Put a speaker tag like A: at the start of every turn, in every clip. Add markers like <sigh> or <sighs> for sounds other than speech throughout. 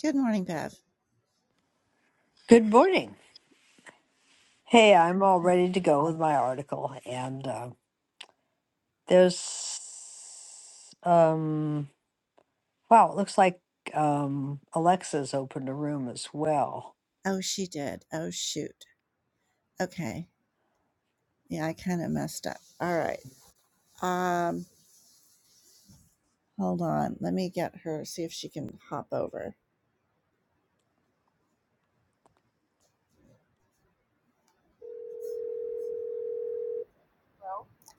A: Good morning, Bev.
B: Good morning. Hey, I'm all ready to go with my article, and uh, there's um wow, it looks like um Alexa's opened a room as well.
A: Oh, she did. Oh, shoot. Okay. Yeah, I kind of messed up. All right. Um, hold on. Let me get her, see if she can hop over.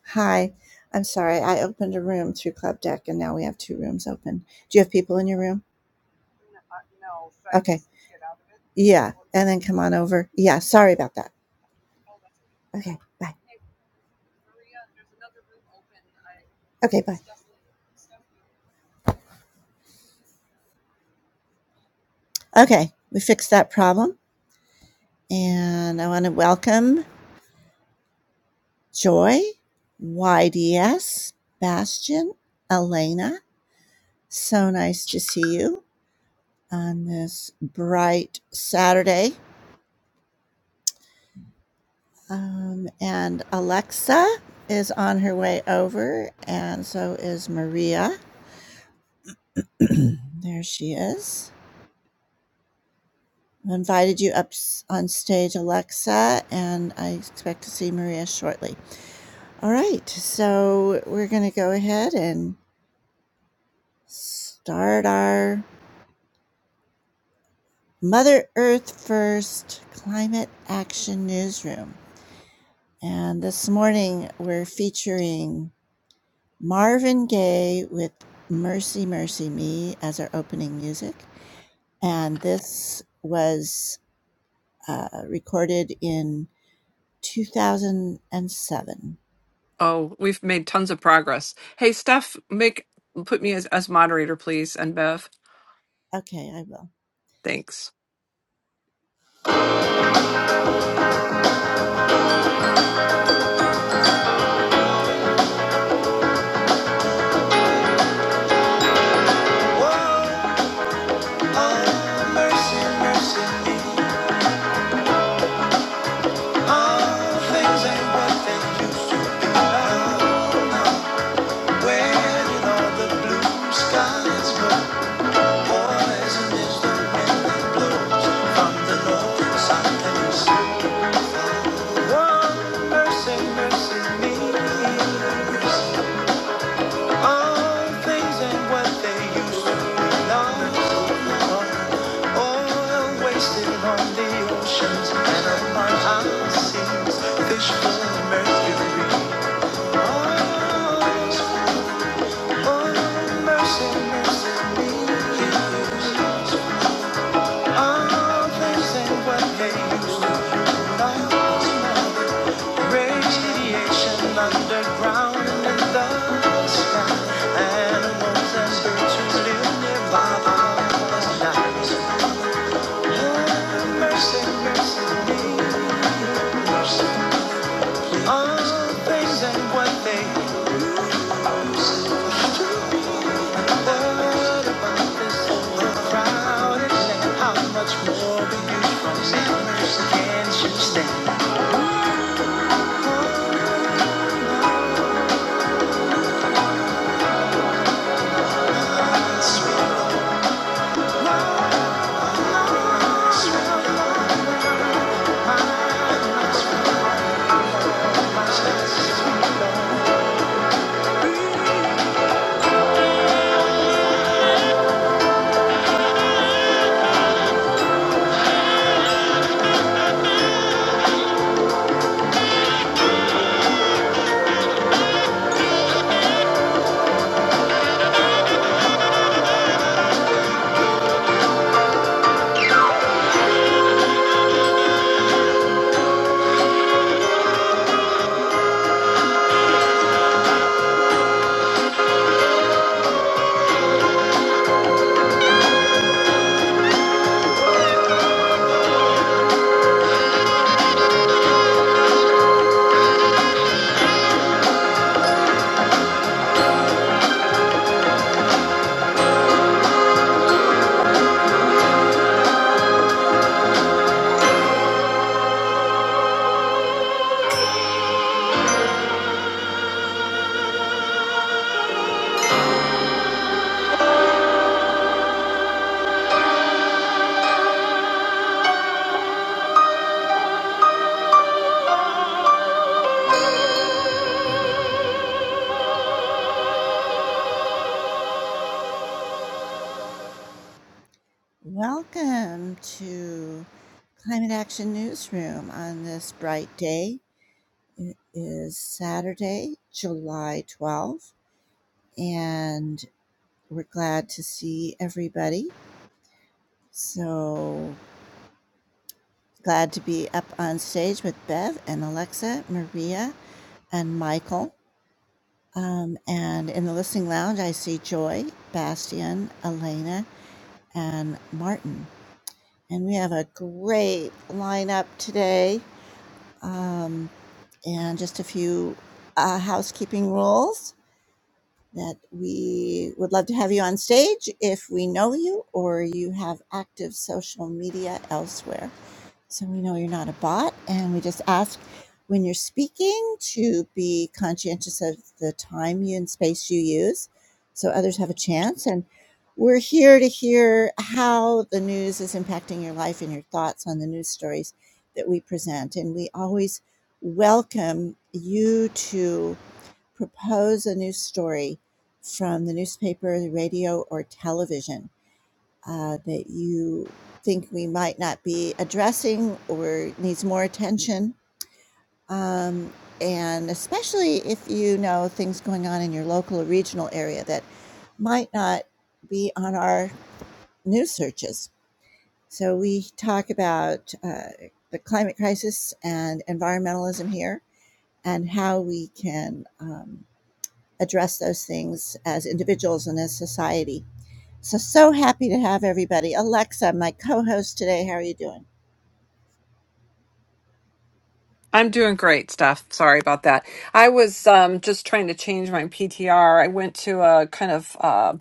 A: Hi. I'm sorry. I opened a room through Club Deck and now we have two rooms open. Do you have people in your room? Yeah. And then come on over. Yeah. Sorry about that. Okay. Bye. Okay. Bye. Okay. We fixed that problem. And I want to welcome Joy, YDS, Bastion, Elena. So nice to see you on this bright Saturday. Um, and Alexa is on her way over, and so is Maria. <clears throat> there she is. I invited you up on stage, Alexa, and I expect to see Maria shortly. All right, so we're going to go ahead and start our Mother Earth First Climate Action Newsroom. And this morning we're featuring Marvin Gaye with Mercy Mercy Me as our opening music. And this was uh, recorded in 2007.
C: Oh, we've made tons of progress. Hey, Steph, make put me as, as moderator, please, and Bev.
A: Okay, I will.
C: Thanks.
A: Whoa, oh, mercy, mercy me. All things ain't what they used to be now. Where did all the blue skies go? Fish full of mercury. Oh, oh, mercy, mercy me. I'm facing what they used to do Radiation underground and in the sky. Animals and birds who live nearby are nice. Have mercy, mercy me. Mercy me. I'm what about this How much more will you from me? Can't you stand? Welcome to Climate Action Newsroom on this bright day. It is Saturday, July 12th, and we're glad to see everybody. So glad to be up on stage with Bev and Alexa, Maria, and Michael. Um, and in the listening lounge, I see Joy, Bastian, Elena, and Martin. And we have a great lineup today. Um, and just a few uh, housekeeping rules that we would love to have you on stage if we know you or you have active social media elsewhere so we know you're not a bot. And we just ask when you're speaking to be conscientious of the time you and space you use so others have a chance. And we're here to hear how the news is impacting your life and your thoughts on the news stories that we present. And we always welcome you to propose a news story from the newspaper, the radio, or television uh, that you think we might not be addressing or needs more attention. Um, and especially if you know things going on in your local or regional area that might not be on our news searches. So we talk about uh, the climate crisis and environmentalism here and how we can. Um, address those things as individuals and as society. So, so happy to have everybody. Alexa, my co host today, how are you doing?
C: I'm doing great, Steph. Sorry about that. I was um, just trying to change my PTR. I went to a kind of uh,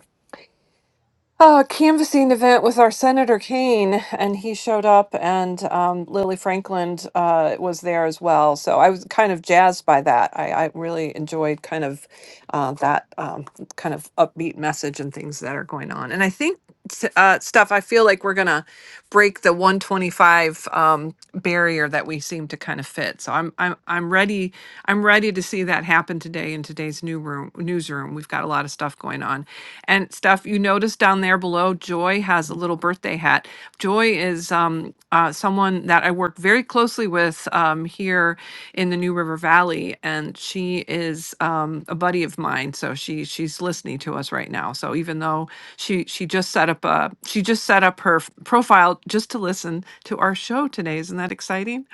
C: uh, canvassing event with our Senator Kane, and he showed up, and um, Lily Franklin uh, was there as well. So I was kind of jazzed by that. I, I really enjoyed kind of uh, that um, kind of upbeat message and things that are going on. And I think s- uh, stuff. I feel like we're gonna break the 125 um, barrier that we seem to kind of fit. So I'm I'm I'm ready I'm ready to see that happen today in today's new room newsroom. We've got a lot of stuff going on, and stuff you notice down there below. Joy has a little birthday hat. Joy is um, uh, someone that I work very closely with um, here in the New River Valley, and she is um, a buddy of mine. So she she's listening to us right now. So even though she she just set up a she just set up her f- profile just to listen to our show today isn't that exciting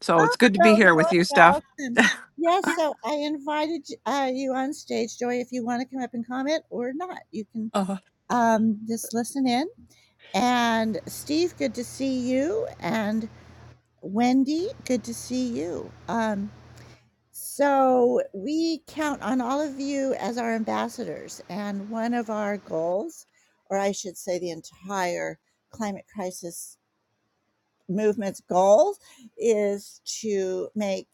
C: so
A: Oh,
C: it's good to be
A: well,
C: here with you
A: Joy
C: steph
A: Allison. Yes, so I invited uh, you on stage, Joy, if you want to come up and comment or not. You can
C: uh,
A: um, just listen in. And Steve, good to see you. And Wendy, good to see you. Um, so we count on all of you as our ambassadors. And one of our goals, or I should say, the entire climate crisis movement's goal is to make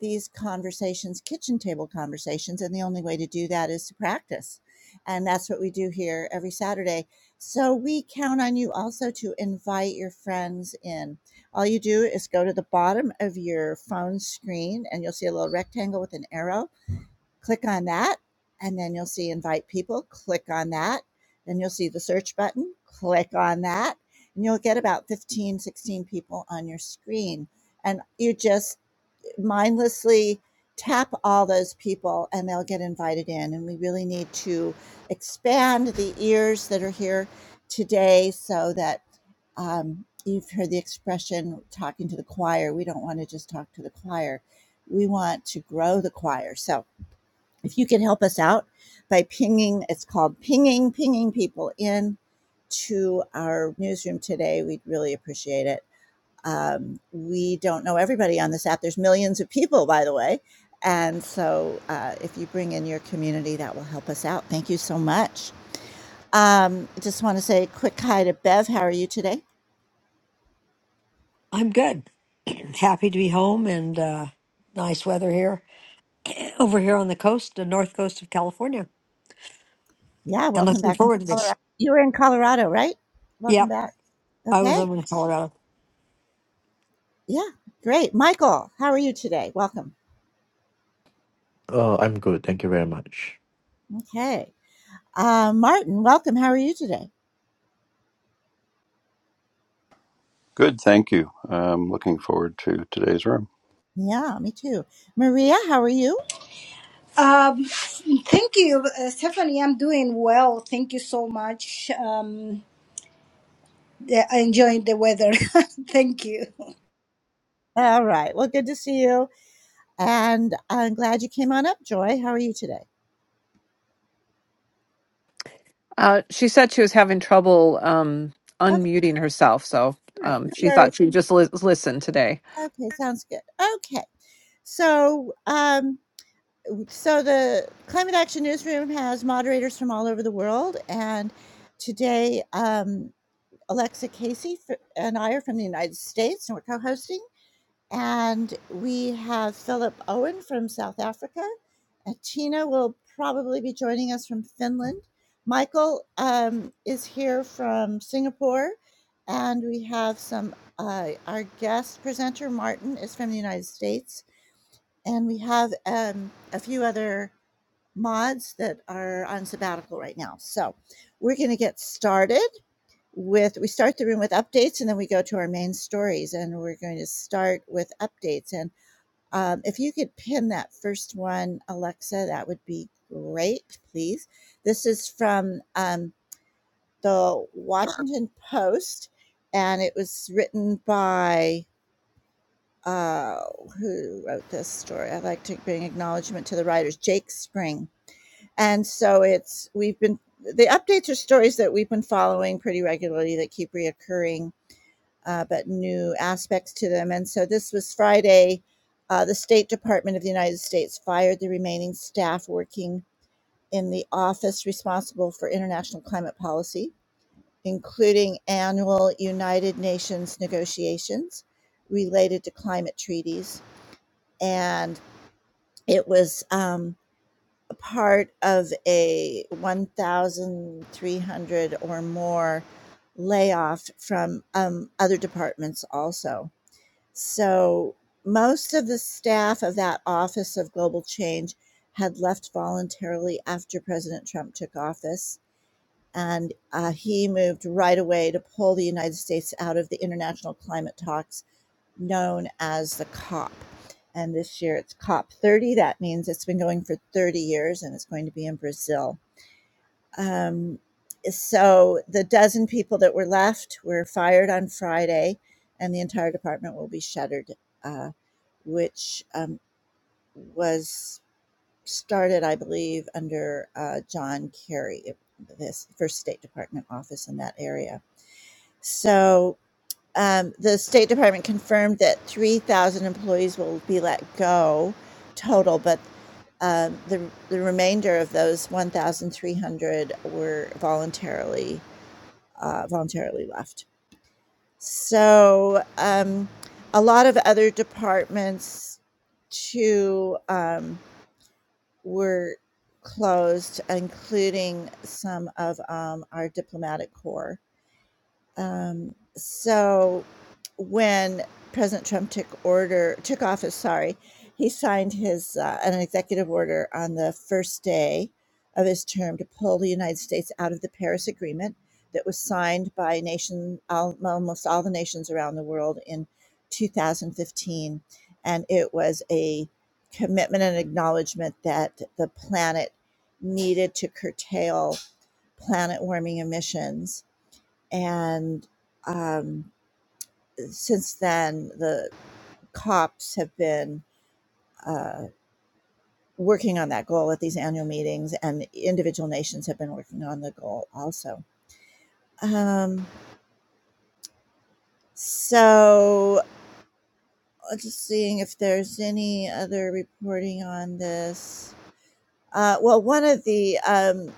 A: these conversations kitchen table conversations and the only way to do that is to practice and that's what we do here every saturday so we count on you also to invite your friends in all you do is go to the bottom of your phone screen and you'll see a little rectangle with an arrow Click on that, and then you'll see invite people. Click on that. Then you'll see the search button. Click on that, and you'll get about 15, 16 people on your screen. And you just mindlessly tap all those people, and they'll get invited in. And we really need to expand the ears that are here today so that um, you've heard the expression talking to the choir. We don't want to just talk to the choir. We want to grow the choir. So if you can help us out by pinging, it's called pinging, pinging people in to our newsroom today, we'd really appreciate it. Um, we don't know everybody on this app. There's millions of people, by the way. And so uh, if you bring in your community, that will help us out. Thank you so much. Um, I just want to say a quick hi to Bev. How are you today?
B: I'm good. <clears throat> Happy to be home and uh, nice weather here <clears throat> over here on the coast, the north coast of California,
A: Yeah,
B: and
A: welcome
B: looking
A: back from
B: forward to this.
A: Colorado. You were in Colorado, right? Welcome
B: Yep,
A: back.
B: I was
A: Okay.
B: over in Colorado,
A: Yeah, great. Michael, how are you today? Welcome.
D: Uh, I'm good. Thank you very much.
A: Okay. Uh, Martin, welcome. How are you today?
E: Good, thank you. I'm looking forward to today's room.
A: Yeah, me too. Maria, how are you?
F: Um, thank you, uh, Stephanie. I'm doing well. Thank you so much. Um, yeah, I enjoyed the weather. <laughs> thank you.
A: All right. Well, good to see you. And I'm glad you came on up, Joy. How are you today?
C: uh, she said she was having trouble um
A: Okay.
C: unmuting herself so
A: All right.
C: um
A: No
C: she
A: worries.
C: thought she'd just lis- listen today
A: Okay. Sounds good. Okay. So, um, so the Climate Action Newsroom has moderators from all over the world, and today um, Alexa Casey f- and I are from the United States, and we're co-hosting. And we have Philip Owen from South Africa. And Tina will probably be joining us from Finland. Michael um, is here from Singapore. And we have some, uh, our guest presenter, Martin, is from the United States. And we have um, a few other mods that are on sabbatical right now. So we're going to get started with, we start the room with updates and then we go to our main stories. And we're going to start with updates. And um, if you could pin that first one, Alexa, that would be great, please. This is from um, the Washington Post, and it was written by uh, who wrote this story? I'd like to bring acknowledgement to the writers, Jake Spring. And so it's we've been the updates are stories that we've been following pretty regularly that keep reoccurring uh, but new aspects to them. And so this was Friday. Uh, the State Department of the United States fired the remaining staff working in the office responsible for international climate policy, including annual United Nations negotiations related to climate treaties. And it was um, part of a 1,300 or more layoff from um, other departments also So most of the staff of that Office of Global Change had left voluntarily after President Trump took office. And uh, he moved right away to pull the United States out of the international climate talks known as the COP. And this year it's COP 30. That means it's been going for 30 years and it's going to be in Brazil. Um, so the dozen people that were left were fired on Friday, and the entire department will be shuttered. Uh, which um, was started, I believe, under uh, John Kerry, this first State Department office in that area. So um, the State Department confirmed that 3,000 employees will be let go total, but um, the, the remainder of those 1,300 were voluntarily uh, voluntarily left. So um, a lot of other departments too. Um, were closed, including some of um, our diplomatic corps. Um, so when President Trump took order took office, sorry, he signed his uh, an executive order on the first day of his term to pull the United States out of the Paris Agreement that was signed by nation al- almost all the nations around the world in 2015, and it was a commitment and acknowledgement that the planet needed to curtail planet warming emissions and um, since then the cops have been uh, working on that goal at these annual meetings and individual nations have been working on the goal also um, so uh, just seeing if there's any other reporting on this uh, well one of the um,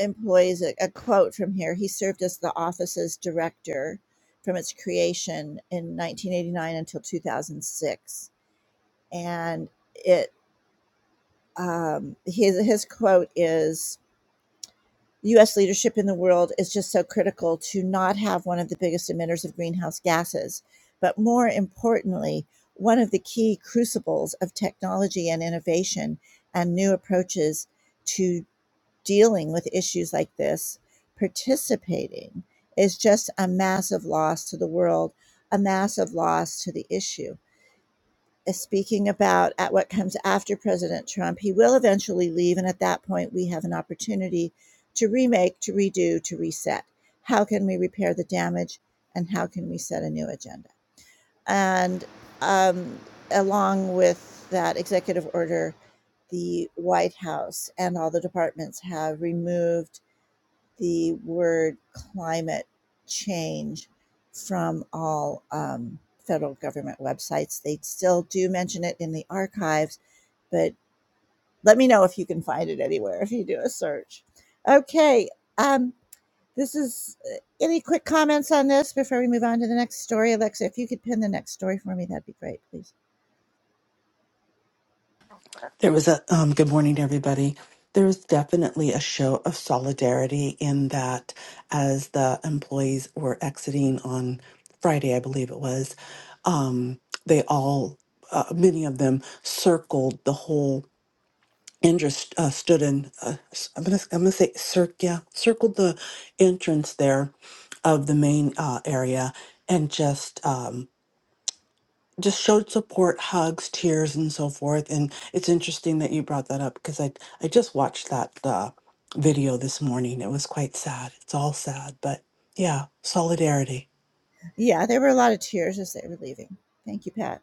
A: employees a, a quote from here he served as the office's director from its creation in 1989 until 2006 and it um, his his quote is U.S. leadership in the world is just so critical to not have one of the biggest emitters of greenhouse gases, but more importantly, one of the key crucibles of technology and innovation and new approaches to dealing with issues like this. Participating is just a massive loss to the world, a massive loss to the issue. speaking about at what comes after President Trump. He will eventually leave, and at that point, we have an opportunity to remake, to redo, to reset. How can we repair the damage, and how can we set a new agenda? And um, along with that executive order, the White House and all the departments have removed the word climate change from all um, federal government websites. They still do mention it in the archives, but let me know if you can find it anywhere if you do a search. Okay, um, this is uh, any quick comments on this before we move on to the next story, Alexa? If you could pin the next story for me, that'd be great, please.
G: There was a um, good morning, everybody. There was definitely a show of solidarity in that as the employees were exiting on Friday, I believe it was, um, they all, uh, many of them, circled the whole entrance, uh, stood in, uh, s- I'm going to I'm gonna say, cir- yeah, circled the entrance there of the main uh, area and just. um, just showed support, hugs, tears, and so forth. And it's interesting that you brought that up because I I just watched that uh, video this morning. It was quite sad. It's all sad, but yeah, solidarity.
A: Yeah, there were a lot of tears as they were leaving. Thank you, Pat.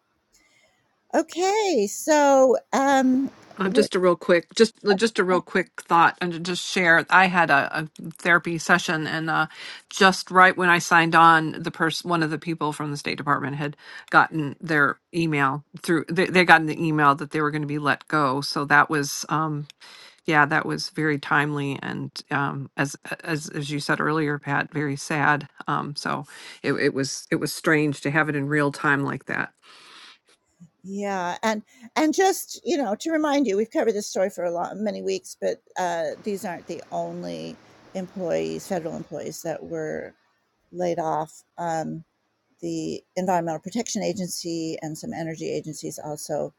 A: Okay, so um,
C: Um,
A: we're
C: just a real quick, just just a real quick thought, and to just share. I had a, a therapy session, and uh, just right when I signed on, the person, one of the people from the State Department, had gotten their email through. They, they gotten the email that they were going to be let go. So that was, um, yeah, that was very timely, and um, as as as you said earlier, Pat, very sad. Um, so it, it was it was strange to have it in real time like that.
A: Yeah, and and just, you know, to remind you, we've covered this story for a lot many weeks, but, uh, these aren't the only employees, federal employees that were laid off, um the Environmental Protection Agency and some energy agencies also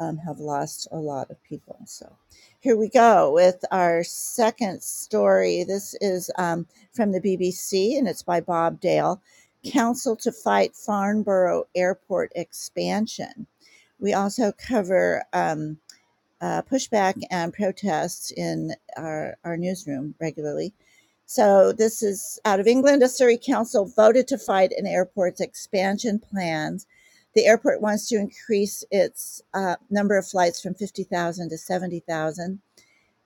A: um, have lost a lot of people. So here we go with our second story. This is um, from the BBC and it's by Bob Dale. Council to fight Farnborough Airport expansion. We also cover. Um, uh, pushback and protests in our, our newsroom regularly. So, this is out of England. A Surrey council voted to fight an airport's expansion plans. The airport wants to increase its uh, number of flights from 50,000 to 70,000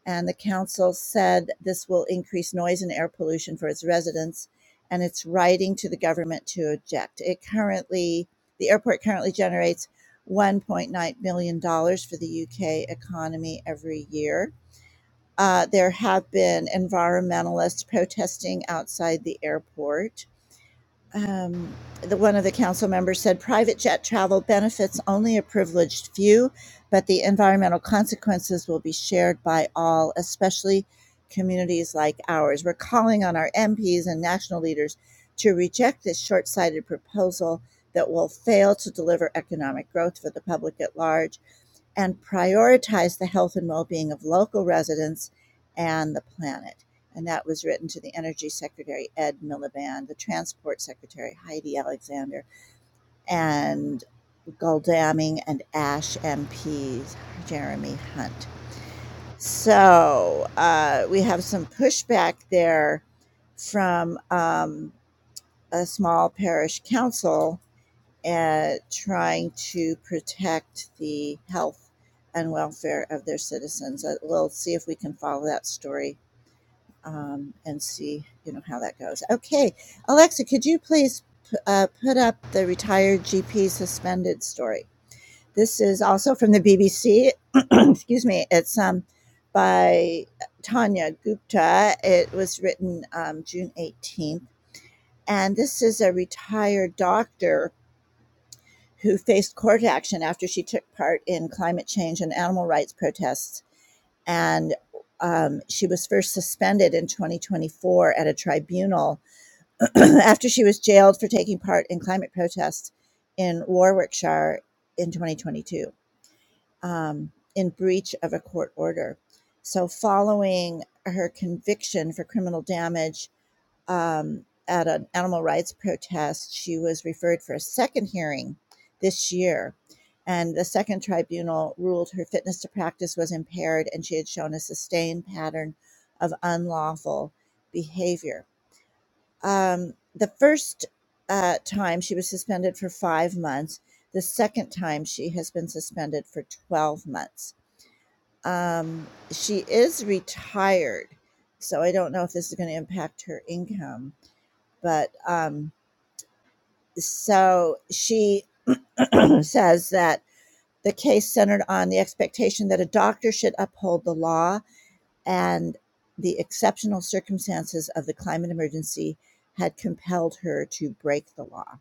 A: and the council said this will increase noise and air pollution for its residents, and it's writing to the government to object. It currently, the airport currently generates $1.9 million dollars for the UK economy every year. Uh, there have been environmentalists protesting outside the airport um, the, one of the council members said private jet travel benefits only a privileged few, but the environmental consequences will be shared by all, especially communities like ours. We're calling on our MPs and national leaders to reject this short sighted proposal that will fail to deliver economic growth for the public at large and prioritize the health and well-being of local residents and the planet. And that was written to the Energy Secretary Ed Miliband, the Transport Secretary Heidi Alexander, and Goldaming and Ash MPs Jeremy Hunt. So uh, we have some pushback there from um, a small parish council at trying to protect the health and welfare of their citizens. Uh, We'll see if we can follow that story um, and see, you know, how that goes. Okay, Alexa, could you please p- uh, put up the retired GP suspended story? This is also from the BBC. <clears throat> Excuse me. It's um, by Tanya Gupta. It was written um, June 18th. And this is a retired doctor who faced court action after she took part in climate change and animal rights protests. And um, she was first suspended in 2024 at a tribunal <clears throat> after she was jailed for taking part in climate protests in Warwickshire in 2022 um, in breach of a court order. So, following her conviction for criminal damage um, at an animal rights protest. She was referred for a second hearing this year, and the second tribunal ruled her fitness to practice was impaired and she had shown a sustained pattern of unlawful behavior. Um, the first uh, time she was suspended for five months. The second time she has been suspended for 12 months. Um, she is retired, so I don't know if this is going to impact her income but um, so she <clears throat> says that the case centered on the expectation that a doctor should uphold the law and the exceptional circumstances of the climate emergency had compelled her to break the law.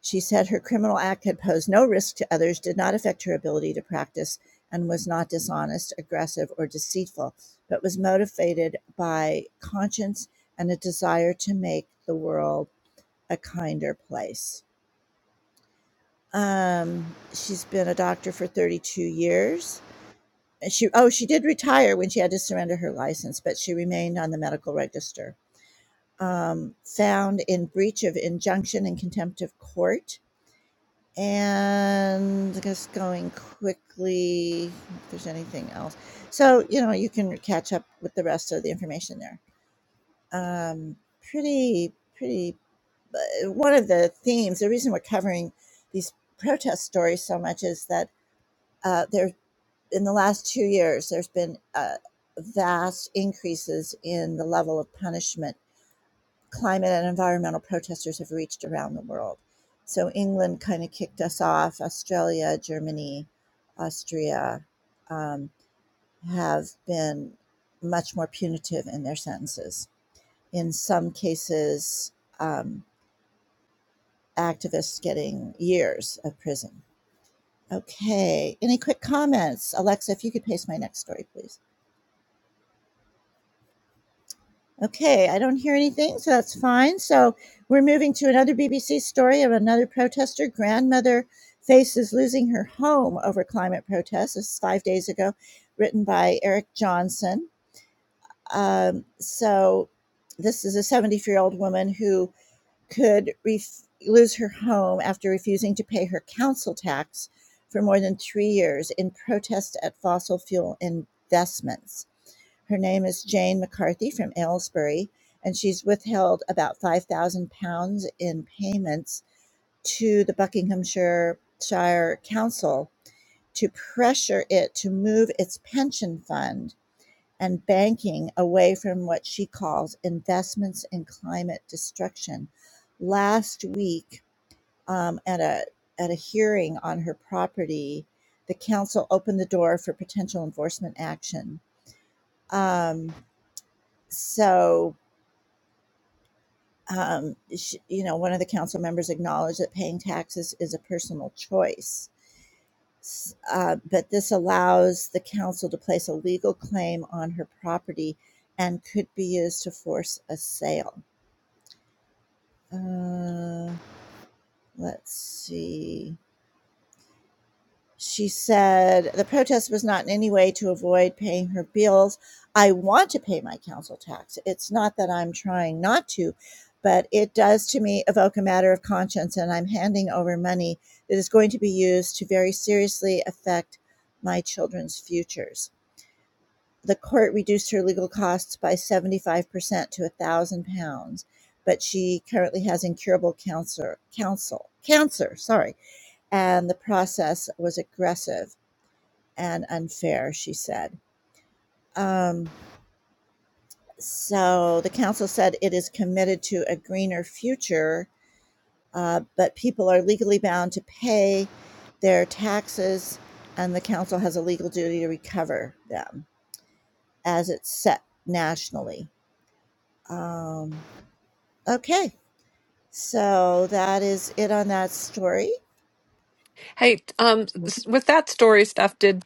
A: She said her criminal act had posed no risk to others, did not affect her ability to practice, and was not dishonest, aggressive, or deceitful, but was motivated by conscience and a desire to make the world a kinder place. Um, she's been a doctor for 32 years. And she oh she did retire when she had to surrender her license, but she remained on the medical register. Um, found in breach of injunction and contempt of court. And just going quickly, if there's anything else. So, you know, you can catch up with the rest of the information there. Um, pretty, pretty uh, one of the themes, the reason we're covering these protest stories so much is that uh, there in the last two years, there's been uh, vast increases in the level of punishment climate and environmental protesters have reached around the world. So England kind of kicked us off. Australia, Germany, Austria um, have been much more punitive in their sentences. In some cases, um, activists getting years of prison. Okay. Any quick comments, Alexa? If you could paste my next story, please. Okay, I don't hear anything, so that's fine. So we're moving to another BBC story of another protester. Grandmother faces losing her home over climate protests. This is five days ago, written by Eric Johnson. Um, so this is a 74 year old woman who could ref- lose her home after refusing to pay her council tax for more than three years in protest at fossil fuel investments. Her name is Jane McCarthy from Aylesbury, and she's withheld about five thousand pounds in payments to the Buckinghamshire Shire Council to pressure it to move its pension fund and banking away from what she calls investments in climate destruction. Last week, um, at a at a hearing on her property, the council opened the door for potential enforcement action. Um, so um, sh you know, one of the council members acknowledged that paying taxes is a personal choice. Uh, but this allows the council to place a legal claim on her property and could be used to force a sale. Uh, let's see. She said the protest was not in any way to avoid paying her bills. I want to pay my council tax. It's not that I'm trying not to, but it does to me evoke a matter of conscience, and I'm handing over money that is going to be used to very seriously affect my children's futures. The court reduced her legal costs by 75% to £1,000, but she currently has incurable cancer, counsel, cancer, sorry, and the process was aggressive and unfair, she said. Um, so the council said it is committed to a greener future, uh, but people are legally bound to pay their taxes, and the council has a legal duty to recover them as it's set nationally. Um, okay, so that is it on that story.
C: Hey, um, s- with that story stuff, did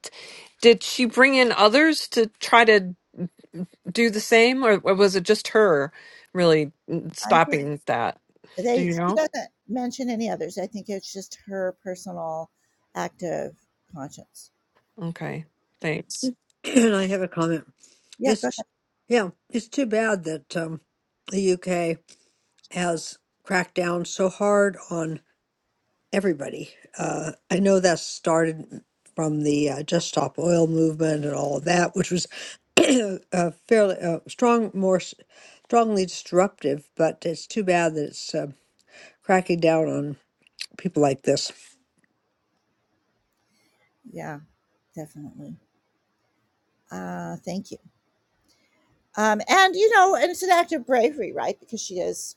C: did she bring in others to try to do the same, or, or was it just her really mm,
A: I think
C: stopping that? Do
A: they
C: you
A: she
C: know?
A: doesn't mention any others. I think it's just her personal act of conscience.
C: Okay,
B: <clears throat>
C: thanks.
B: and I have a comment.
A: Yeah, go
B: It's
A: ahead.
B: yeah, it's too bad that um, the UK. has cracked down so hard on everybody. Uh, I know that started from the uh, Just Stop Oil movement and all of that, which was <clears throat> uh, fairly uh, strong, more s- strongly disruptive. But it's too bad that it's uh, cracking down on people like this.
A: Yeah, definitely. Uh, thank you. Um, and you know, and it's an act of bravery, right? Because she is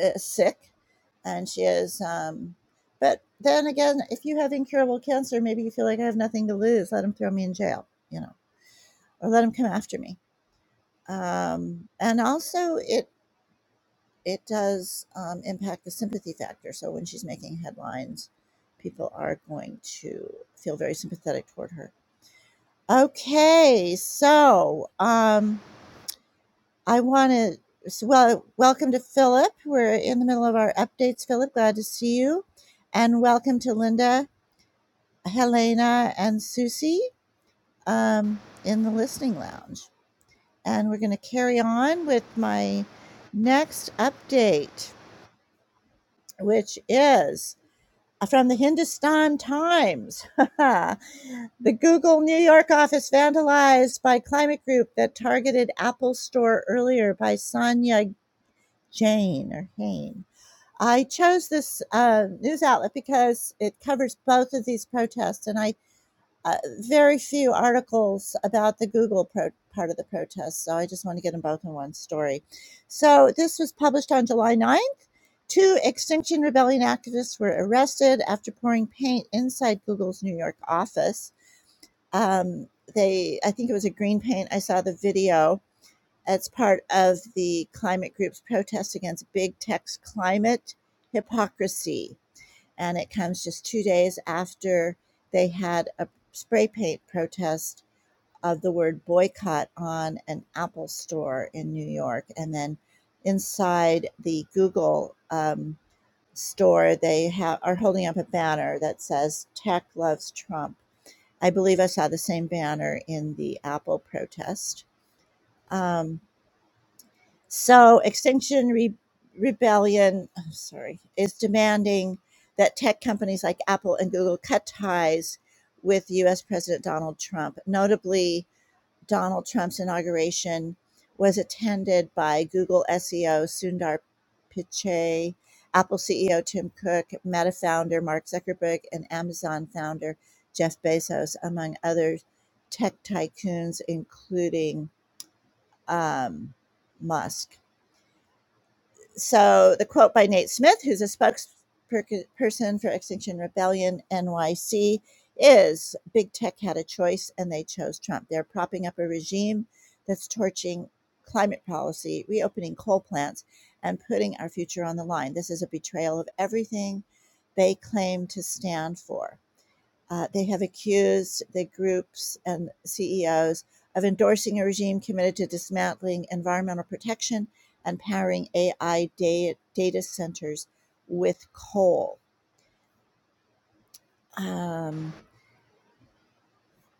A: uh, sick and she is um but then again if you have incurable cancer maybe you feel like i have nothing to lose let them throw me in jail you know or let them come after me um and also it it does um, impact the sympathy factor so when she's making headlines people are going to feel very sympathetic toward her okay so um I want to, so, well, welcome to Philip. We're in the middle of our updates, Philip. Glad to see you. And welcome to Linda, Helena, and Susie um, in the listening lounge. And we're going to carry on with my next update, which is from the Hindustan Times. <laughs> the Google New York office vandalized by climate group that targeted Apple Store earlier by Sonia Jane or Hain. I chose this uh, news outlet because it covers both of these protests, and I uh, very few articles about the Google pro- part of the protest, so I just want to get them both in one story. So this was published on July ninth. Two Extinction Rebellion activists were arrested after pouring paint inside Google's New York office. Um, they, I think it was a green paint. I saw the video it's part of the climate group's protest against big tech's climate hypocrisy. And it comes just two days after they had a spray paint protest of the word boycott on an Apple store in New York. And then inside the Google um, store, they ha- are holding up a banner that says Tech Loves Trump. I believe I saw the same banner in the Apple protest. Um, So Extinction Re- Rebellion, I'm sorry, is demanding that tech companies like Apple and Google cut ties with U.S. President Donald Trump. Notably, Donald Trump's inauguration was attended by Google SEO Sundar Pichai, Apple CEO Tim Cook, Meta founder Mark Zuckerberg, and Amazon founder Jeff Bezos, among other tech tycoons, including um, Musk so the quote by Nate Smith, who's a spokesperson for Extinction Rebellion NYC, is Big Tech had a choice and they chose Trump. They're propping up a regime that's torching climate policy, reopening coal plants, and putting our future on the line. This is a betrayal of everything they claim to stand for. Uh, they have accused the groups and CEOs of endorsing a regime committed to dismantling environmental protection and powering AI da- data centers with coal. Um,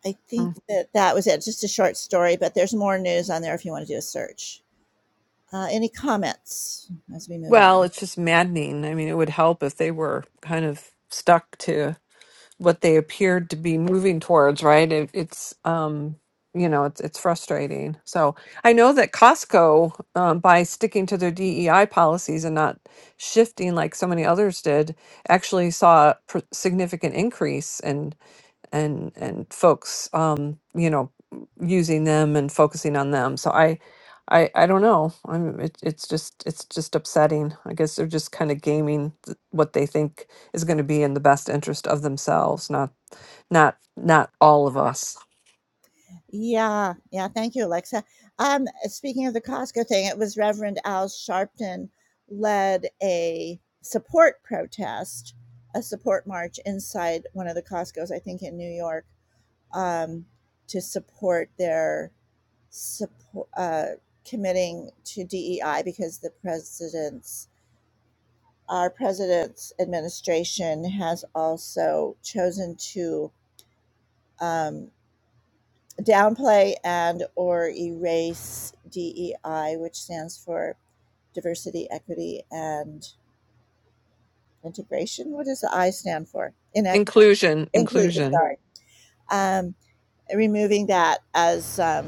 A: I think
C: Mm.
A: that that was it. Just a short story, but there's more news on there if you want to do a search. Uh, any comments as we move
C: Well,
A: on?
C: it's just maddening. I mean, it would help if they were kind of stuck to. what they appeared to be moving towards, right? It, it's um, you know, it's it's frustrating. So I know that Costco, um, by sticking to their DEI policies and not shifting like so many others did, actually saw a pr- significant increase and and folks um you know using them and focusing on them so i i i don't know i'm it, it's just it's just upsetting i guess they're just kind of gaming th- what they think is going to be in the best interest of themselves not not not all of us
A: Yeah, yeah, thank you, Alexa. Um, speaking of the Costco thing, it was Reverend Al Sharpton led a support protest, a support march inside one of the Costco's, I think in New York, um, to support their support uh, committing to DEI because the president's our president's administration has also chosen to. um. downplay and or erase DEI, which stands for diversity, equity, and integration. What does the I stand for? In
C: inclusion
A: inclusive.
C: inclusion
A: Sorry, um, removing that as um,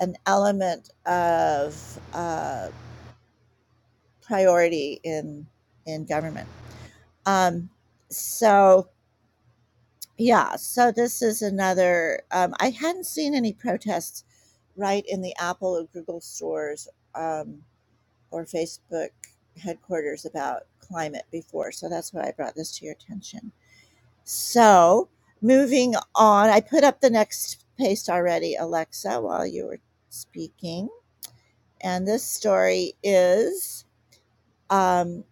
A: an element of uh, priority in in government. Um, so yeah, so this is another. Um, I hadn't seen any protests right in the Apple or Google stores. Um, or Facebook headquarters about climate before. So that's why I brought this to your attention. So moving on, I put up the next paste already, Alexa, while you were speaking. And this story is um,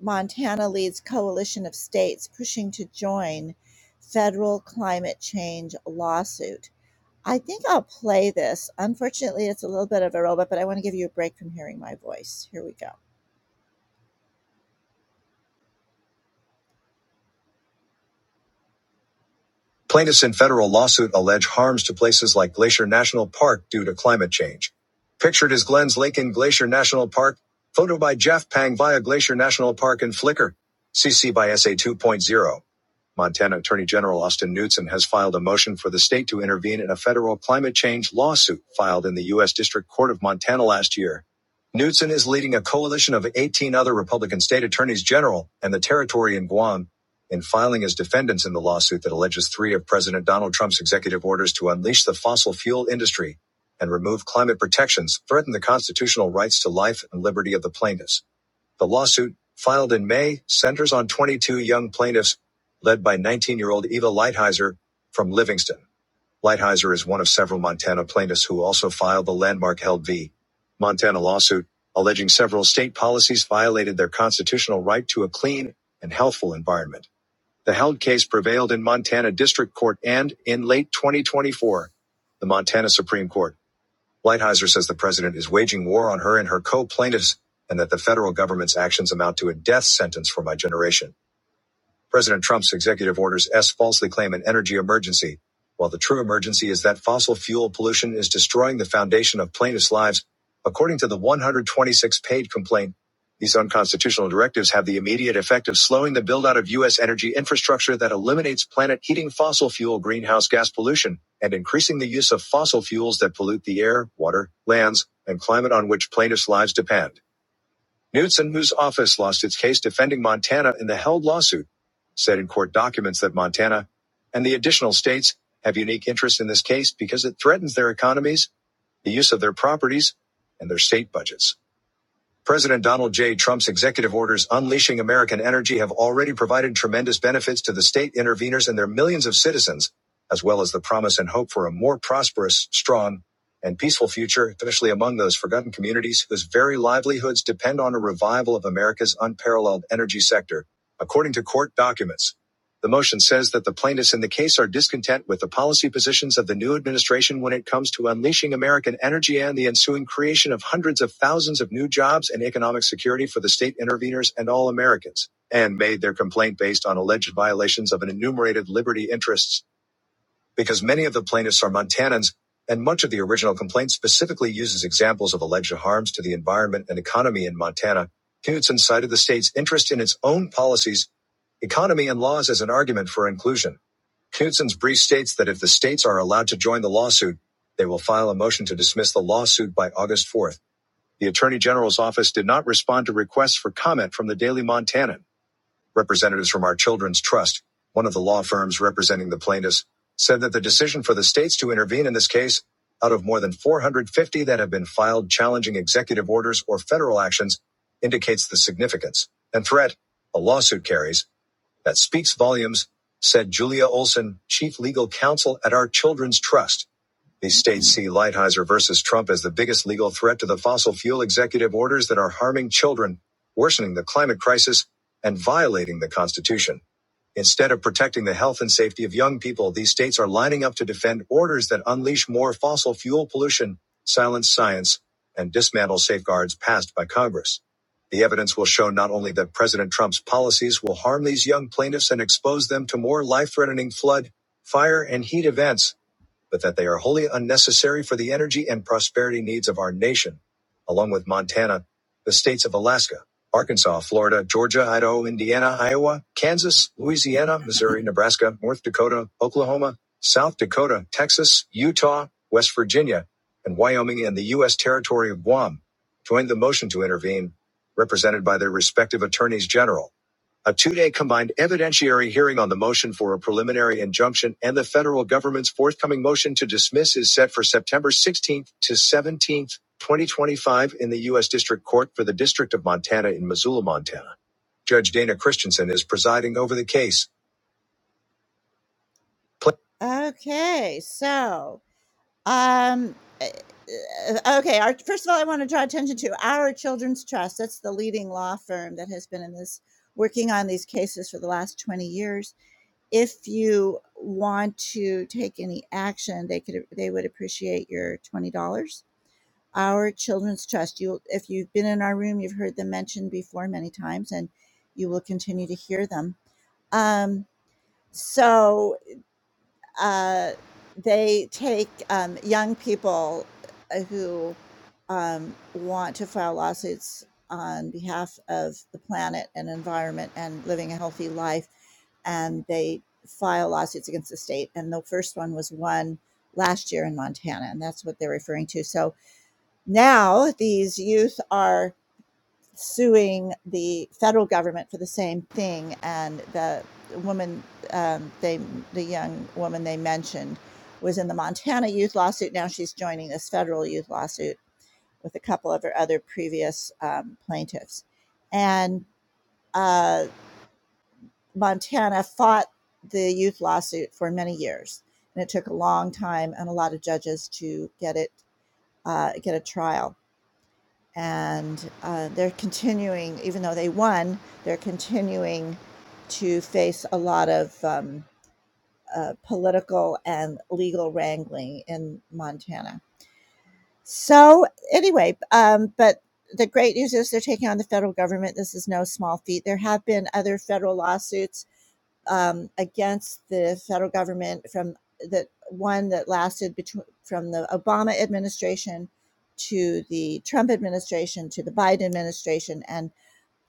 A: Montana leads coalition of states pushing to join federal climate change lawsuit. I think I'll play this. Unfortunately, it's a little bit of a robot, but I want to give you a break from hearing my voice. Here we go. Plaintiffs in federal lawsuit allege harms to places like Glacier National Park due to climate change. Pictured is Glens Lake in Glacier National Park. Photo by Jeff Pang via Glacier National Park and Flickr. CC by SA 2.0. Montana Attorney General Austin Knudsen has filed a motion for the state to intervene in a federal climate change lawsuit filed in the U.S. District Court of Montana last year. Knudsen is leading a coalition of 18 other Republican state attorneys general and the territory in Guam in filing as defendants in the lawsuit that alleges three of President Donald Trump's executive orders to unleash the fossil fuel industry and remove climate protections threaten the constitutional rights to life and liberty of the plaintiffs. The lawsuit, filed in May, centers on 22 young plaintiffs, led by 19 year old Eva Lighthizer from Livingston. Lighthizer is one of several Montana plaintiffs who also filed the landmark Held v. Montana lawsuit, alleging several state policies violated their constitutional right to a clean and healthful environment. The held case prevailed in Montana District Court and, in late 2024, the Montana Supreme Court. Lighthizer says the president is waging war on her and her co plaintiffs and that the federal government's actions amount to a death sentence for my generation. President Trump's executive orders S falsely claim an energy emergency, while the true emergency is that fossil fuel pollution is destroying the foundation of plaintiffs' lives. According to the 126 page complaint, these unconstitutional directives have the immediate effect of slowing the build out of U.S. energy infrastructure that eliminates planet heating fossil fuel greenhouse gas pollution and increasing the use of fossil fuels that pollute the air, water, lands, and climate on which plaintiffs' lives depend. Knudsen, whose office lost its case defending Montana in the held lawsuit, said in court documents that Montana and the additional states have unique interests in this case because it threatens their economies, the use of their properties, and their state budgets. President Donald J. Trump's executive orders unleashing American energy have already provided tremendous benefits to the state interveners and their millions of citizens, as well as the promise and hope for a more prosperous, strong, and peaceful future, especially among those forgotten communities whose very livelihoods depend on a revival of America's unparalleled energy sector, according to court documents. The motion says that the plaintiffs in the case are discontent with the policy positions of the new administration when it comes to unleashing American energy and the ensuing creation of hundreds of thousands of new jobs and economic security for the state interveners and all Americans, and made their complaint based on alleged violations of an enumerated liberty interests because many of the plaintiffs are Montanans, and much of the original complaint specifically uses examples of alleged harms to the environment and economy in Montana, Knudsen cited the state's interest in its own policies, economy, and laws as an argument for inclusion. Knudsen's brief states that if the states are allowed to join the lawsuit, they will file a motion to dismiss the lawsuit by August 4th. The Attorney General's office did not respond to requests for comment from the Daily Montanan. Representatives from Our Children's Trust, one of the law firms representing the plaintiffs, said that the decision for the states to intervene in this case, out of more than 450 that have been filed challenging executive orders or federal actions, indicates the significance and threat a lawsuit carries that speaks volumes, said Julia Olson, chief legal counsel at Our Children's Trust. These states see Lighthizer versus Trump as the biggest legal threat to the fossil fuel executive orders that are harming children, worsening the climate crisis, and violating the Constitution. Instead of protecting the health and safety of young people, these states are lining up to defend orders that unleash more fossil fuel pollution, silence science, and dismantle safeguards passed by Congress. The evidence will show not only that President Trump's policies will harm these young plaintiffs and expose them to more life threatening flood, fire, and heat events, but that they are wholly unnecessary for the energy and prosperity needs of our nation, along with Montana, the states of Alaska, Arkansas, Florida, Georgia, Idaho, Indiana, Iowa, Kansas, Louisiana, Missouri, <laughs> Nebraska, North Dakota, Oklahoma, South Dakota, Texas, Utah, West Virginia, and Wyoming and the U.S. territory of Guam, joined the motion to intervene, represented by their respective attorneys general. A two day combined evidentiary hearing on the motion for a preliminary injunction and the federal government's forthcoming motion to dismiss is set for September 16th to 17th, 2025, in the U.S. District Court for the District of Montana in Missoula, Montana. Judge Dana Christensen is presiding over the case. Pla- Okay, so, um, uh, okay, our, first of all, I want to draw attention to our Children's Trust. That's the leading law firm that has been in this, working on these cases for the last 20 years if you want to take any action, they could they would appreciate your twenty dollars. Our Children's Trust. You, if you've been in our room, you've heard them mentioned before many times, and you will continue to hear them. Um, so uh, they take, um, young people, uh, who, um, want to file lawsuits on behalf of the planet and environment and living a healthy life, and they file lawsuits against the state. And the first one was won last year in Montana, and that's what they're referring to. So now these youth are suing the federal government for the same thing, and the woman um, they the young woman they mentioned was in the Montana youth lawsuit. Now she's joining this federal youth lawsuit with a couple of her other previous um, plaintiffs, and uh, Montana fought the youth lawsuit for many years, and it took a long time and a lot of judges to get it uh, get a trial and uh, they're continuing, even though they won, they're continuing to face a lot of um, uh, political and legal wrangling in Montana. So, anyway, um, but the great news is they're taking on the federal government. This is no small feat. There have been other federal lawsuits um, against the federal government from the one that lasted between from the Obama administration to the Trump administration to the Biden administration and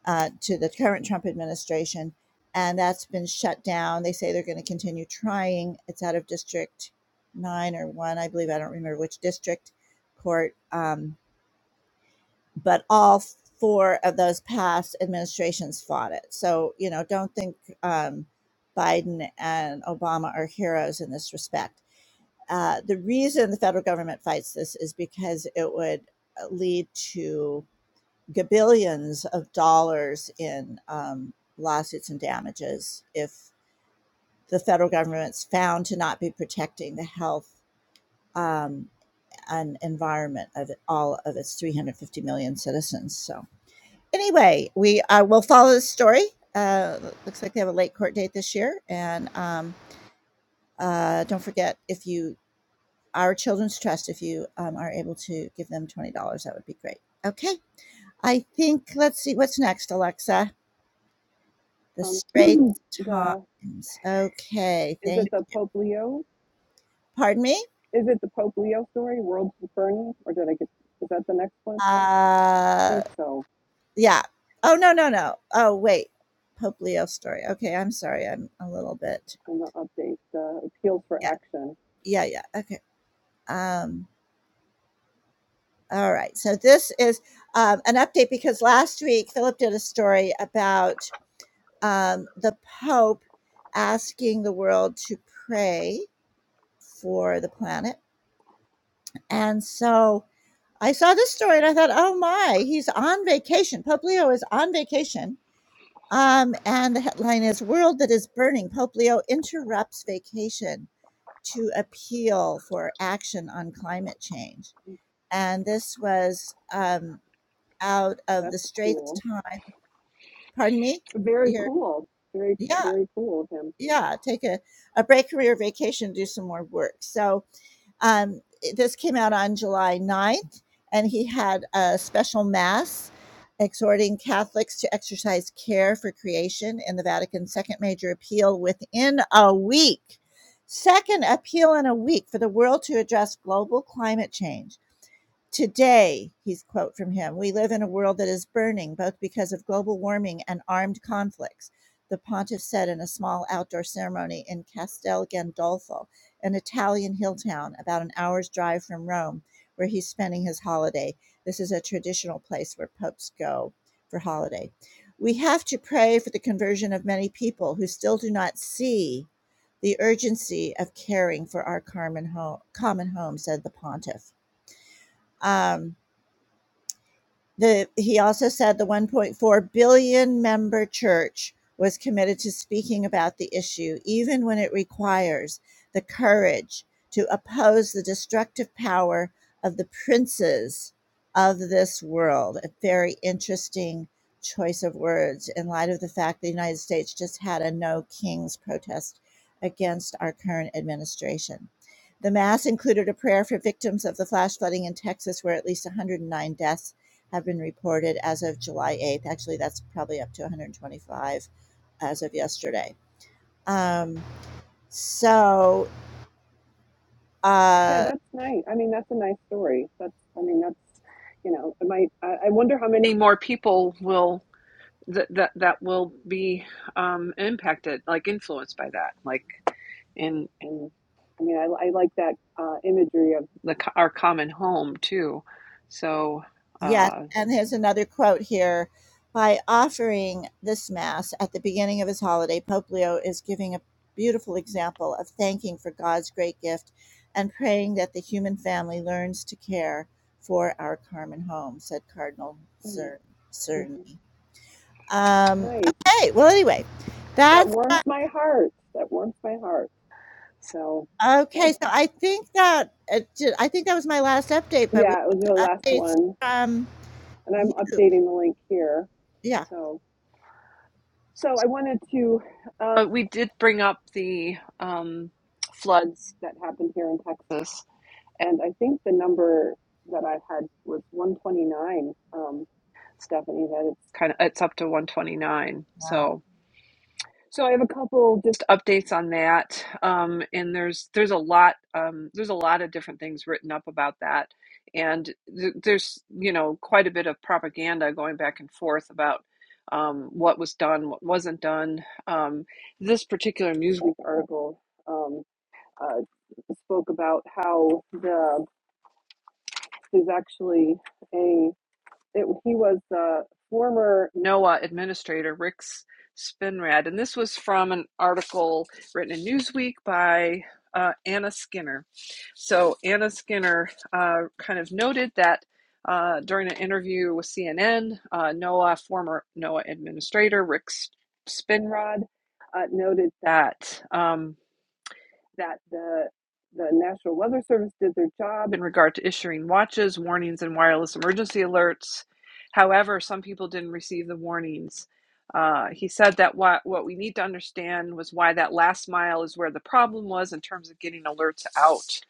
A: uh, to the current Trump administration, and that's been shut down. They say they're going to continue trying. It's out of District Nine or One, I believe. I don't remember which district court. Um, but all four of those past administrations fought it. So, you know, don't think um, Biden and Obama are heroes in this respect. Uh, the reason the federal government fights this is because it would uh, lead to gabillions of dollars in um, lawsuits and damages if the federal government's found to not be protecting the health um, and environment of all of its 350 million citizens. So, anyway, we uh, will follow the story. Uh, looks like they have a late court date this year, and um, uh, don't forget if you our children's trust, if you um, are able to give them twenty dollars, that would be great. Okay, I think let's see what's next, Alexa. The
C: Um, <clears throat>
A: Straight
C: the
A: Times. Okay,
C: is
A: thank.
C: it
A: you.
C: the Pope Leo?
A: Pardon me.
C: Is it the Pope Leo story, World Burning, or did I get? Is that the next one? I
A: Uh,
C: think so.
A: yeah. Oh no no no. Oh wait, Pope Leo story. Okay, I'm sorry. I'm a little bit.
C: On the update, the appeals for
A: Yeah
C: action.
A: yeah yeah. Okay. Um, All right. So this is um, an update because last week Philip did a story about um, the Pope asking the world to pray for the planet. And so I saw this story and I thought, oh my, he's on vacation. Pope Leo is on vacation. Um, and the headline is World That Is Burning. Pope Leo interrupts vacation to appeal for action on climate change. And this was um, out of
C: That's
A: the Straits
C: cool.
A: Time Pardon me?
C: Very
A: You're
C: cool. Very,
A: yeah,
C: very cool of him.
A: yeah, take a a break career vacation, do some more work. So, um, this came out on July ninth, and he had a special mass exhorting Catholics to exercise care for creation in the Vatican's 2nd major appeal within a week. 2nd appeal in a week for the world to address global climate change. Today, he's quote from him, we live in a world that is burning both because of global warming and armed conflicts, the pontiff said in a small outdoor ceremony in Castel Gandolfo, an Italian hill town about an hour's drive from Rome, where he's spending his holiday. This is a traditional place where popes go for holiday. We have to pray for the conversion of many people who still do not see the urgency of caring for our common home, common home said the pontiff. Um, the, he also said the 1.4 billion member church was committed to speaking about the issue, even when it requires the courage to oppose the destructive power of the princes of this world. A very interesting choice of words in light of the fact the United States just had a no kings protest against our current administration. The mass included a prayer for victims of the flash flooding in Texas, where at least 109 deaths have been reported as of July 8th. Actually, that's probably up to 125 as of yesterday. Um, so,
C: Yeah,
A: uh,
C: that's nice. I mean, that's a nice story. That's, I mean, that's, you know, it might, I, I wonder how many more people will, that, that, that will be um, impacted, like influenced by that. Like in, in, I mean, I, I like that uh, imagery of the, co- our common home too. So,
A: yes,
C: uh,
A: and here's another quote here. By offering this Mass at the beginning of his holiday, Pope Leo is giving a beautiful example of thanking for God's great gift and praying that the human family learns to care for our Carmen home, said Cardinal
C: mm,
A: Cer-
C: mhm.
A: Cerny. Um,
C: nice.
A: okay, well, anyway, that's
C: That warms my heart. That warms my heart. So
A: Okay,
C: that's,
A: so I think that uh, j- I think that was my last update, but we
C: yeah, it was your
A: have some
C: last
A: updates
C: one.
A: from
C: and
A: y-
C: I'm updating the link here.
A: yeah.
C: So, so I wanted to, um, But we did bring up the um, floods that happened here in Texas. and I think the number that I had was 129, um, Stephanie. That it's Kind of, it's up to 129. So.
A: Wow.
C: So I have a couple just updates on that, um, and there's there's a lot um, there's a lot of different things written up about that, and th- there's you know quite a bit of propaganda going back and forth about um, what was done, what wasn't done. Um, this particular Newsweek article um, uh, spoke about how the there's actually a it, he was the former NOAA administrator, Rick Spinrad. And this was from an article written in Newsweek by uh, Anna Skinner. So, Anna Skinner uh, kind of noted that uh, during an interview with CNN, uh, NOAA, former NOAA administrator, Rick Spinrad, uh, noted that. Um, that the the National Weather Service did their job in regard to issuing watches, warnings, and wireless emergency alerts. However, some people didn't receive the warnings. Uh, he said that what, what we need to understand was why that last mile is where the problem was in terms of getting alerts out.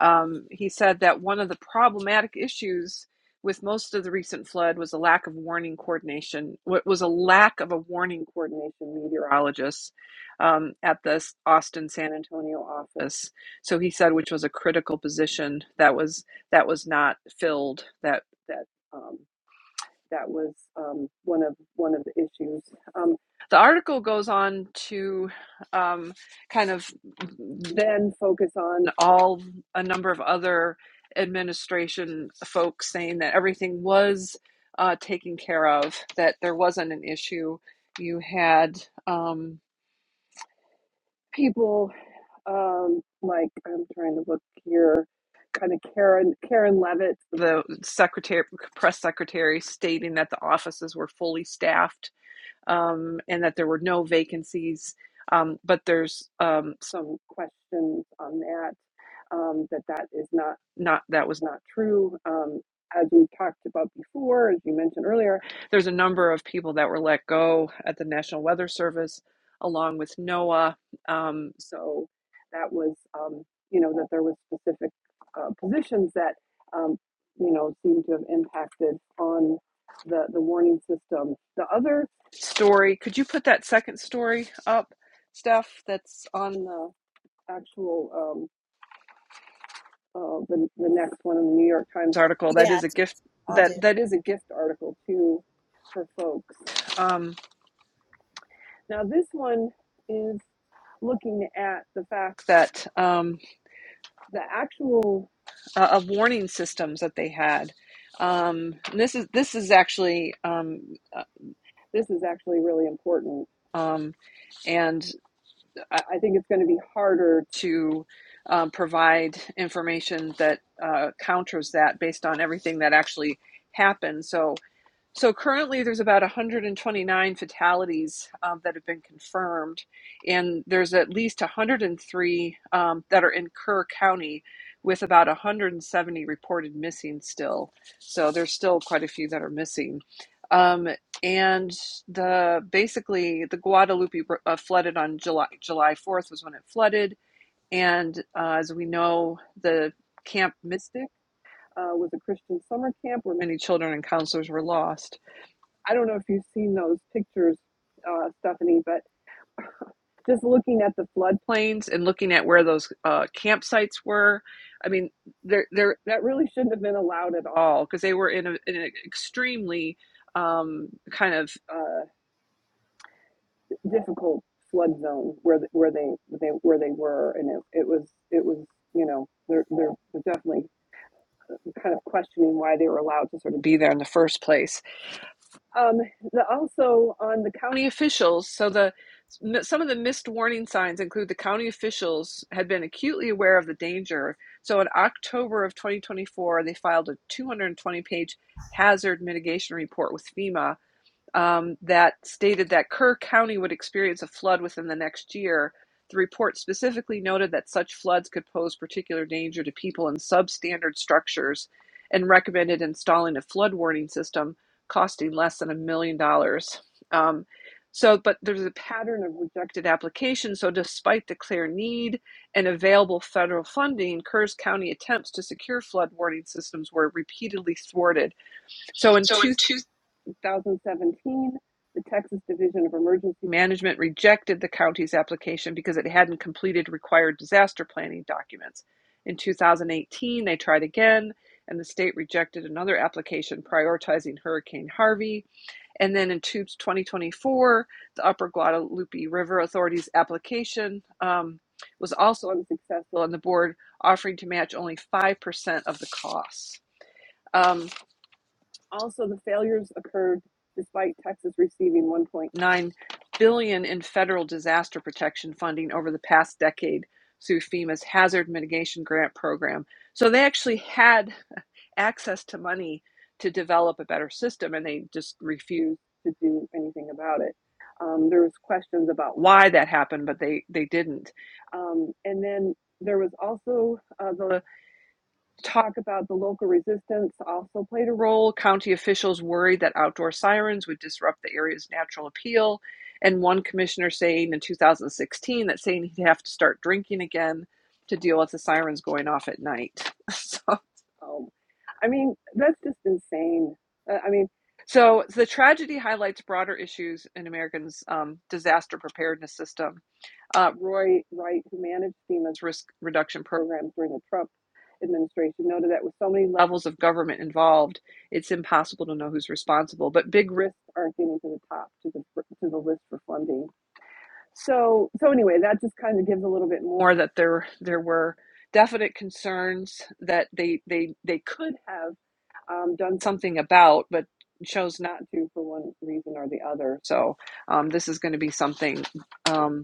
C: Um, he said that one of the problematic issues with most of the recent flood was a lack of warning coordination. What was a lack of a warning coordination meteorologist um, at the Austin San Antonio office. So he said, which was a critical position that was that was not filled. That that. um, that was um, one of one of the issues. Um, the article goes on to um, kind of then focus on all a number of other administration folks saying that everything was uh, taken care of, that there wasn't an issue. You had um, people um, like I'm trying to look here kind of Karen Karen Levitt, the secretary, press secretary, stating that the offices were fully staffed um, and that there were no vacancies. Um, but there's um, some questions on that um, that that is not not that was not true. Um, as we talked about before, as you mentioned earlier, there's a number of people that were let go at the National Weather Service, along with NOAA. Um, so that was um, you know that there was specific uh, positions that um, you know seemed to have impacted on the the warning system. The other story, could you put that second story up, Steph? That's on the actual. um, uh, the the next one in the New York Times article. That
A: Yes,
C: is a gift.
A: I'll
C: That
A: do.
C: that is a gift article too for folks. Um, now this one is looking at the fact that um, the actual uh, of warning systems that they had. Um, and this is this is actually um, uh, this is actually really important. Um, and I, I think it's going to be harder to um, provide information that uh, counters that based on everything that actually happened. So so currently, there's about 129 fatalities um, that have been confirmed, and there's at least 103 um, that are in Kerr County, with about 170 reported missing still. So there's still quite a few that are missing. Um, and the basically the Guadalupe uh, flooded on July July 4th was when it flooded, and uh, as we know, the Camp Mystic uh, was a Christian summer camp where many children and counselors were lost. I don't know if you've seen those pictures, uh, Stephanie, but <laughs> just looking at the floodplains and looking at where those uh, campsites were, I mean, there, there, that really shouldn't have been allowed at all because they were in, a, in an extremely um, kind of uh, difficult flood zone where th- where they, they where they were, and it, it was it was you know they're they're definitely kind of questioning why they were allowed to sort of be there in the first place Um, the, also on the county officials, so the some of the missed warning signs include the county officials had been acutely aware of the danger. So in October of 2024, they filed a 220 page hazard mitigation report with FEMA um, that stated that Kerr County would experience a flood within the next year. The report specifically noted that such floods could pose particular danger to people in substandard structures and recommended installing a flood warning system costing less than a million dollars. Um, so, but there's a pattern of rejected applications. So, despite the clear need and available federal funding, Kerrs County attempts to secure flood warning systems were repeatedly thwarted. So, in two 2017, the Texas Division of Emergency Management rejected the county's application because it hadn't completed required disaster planning documents. In 2018, they tried again, and the state rejected another application prioritizing Hurricane Harvey. And then in 2024, the Upper Guadalupe River Authority's application um, was also unsuccessful, and the board offering to match only 5% of the costs. Um, also, the failures occurred despite Texas receiving 1.9 billion dollars in federal disaster protection funding over the past decade through FEMA's hazard mitigation grant program. So they actually had access to money to develop a better system and they just refused to do anything about it. Um, there was questions about why that happened, but they, they didn't. Um, and then there was also uh, the Talk about the local resistance also played a role. County officials worried that outdoor sirens would disrupt the area's natural appeal. And one commissioner saying in 2016 that saying he'd have to start drinking again to deal with the sirens going off at night. <laughs> So, um, I mean, that's just insane. Uh, I mean, so the tragedy highlights broader issues in Americans' um, disaster preparedness system uh, Roy Wright, who managed FEMA's risk reduction program during the Trump administration, noted that with so many levels of government involved, it's impossible to know who's responsible. But big risks aren't getting to the top to the to the list for funding. So so anyway, that just kind of gives a little bit more that there there were definite concerns that they they they could have um, done something about, but chose not to for one reason or the other. So um, this is going to be something. um,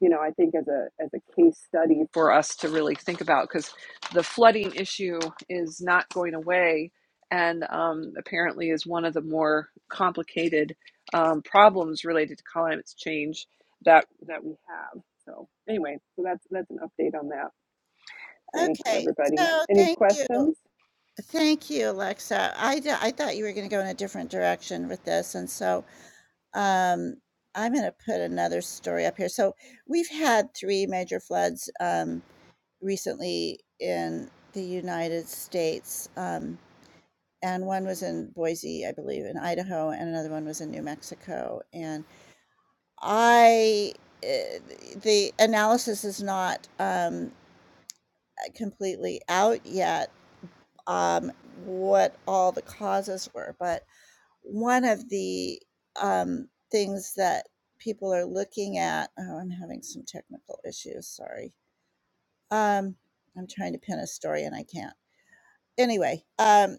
C: you know, I think as a as a case study for us to really think about because the flooding issue is not going away, and um, apparently is one of the more complicated um, problems related to climate change that that we have. So anyway, so that's that's an update on that. Thanks
A: Okay,
C: everybody.
A: so
C: Any
A: thank you,
C: questions?
A: thank you, Alexa. I d- I thought you were going to go in a different direction with this, and so um, I'm going to put another story up here. So we've had three major floods um, recently in the United States. Um, and one was in Boise, I believe, in Idaho, and another one was in New Mexico. And I, uh, the analysis is not um, completely out yet um, what all the causes were, but one of the um, things that people are looking at. Oh, I'm having some technical issues. Sorry. Um, I'm trying to pin a story and I can't. Anyway, um,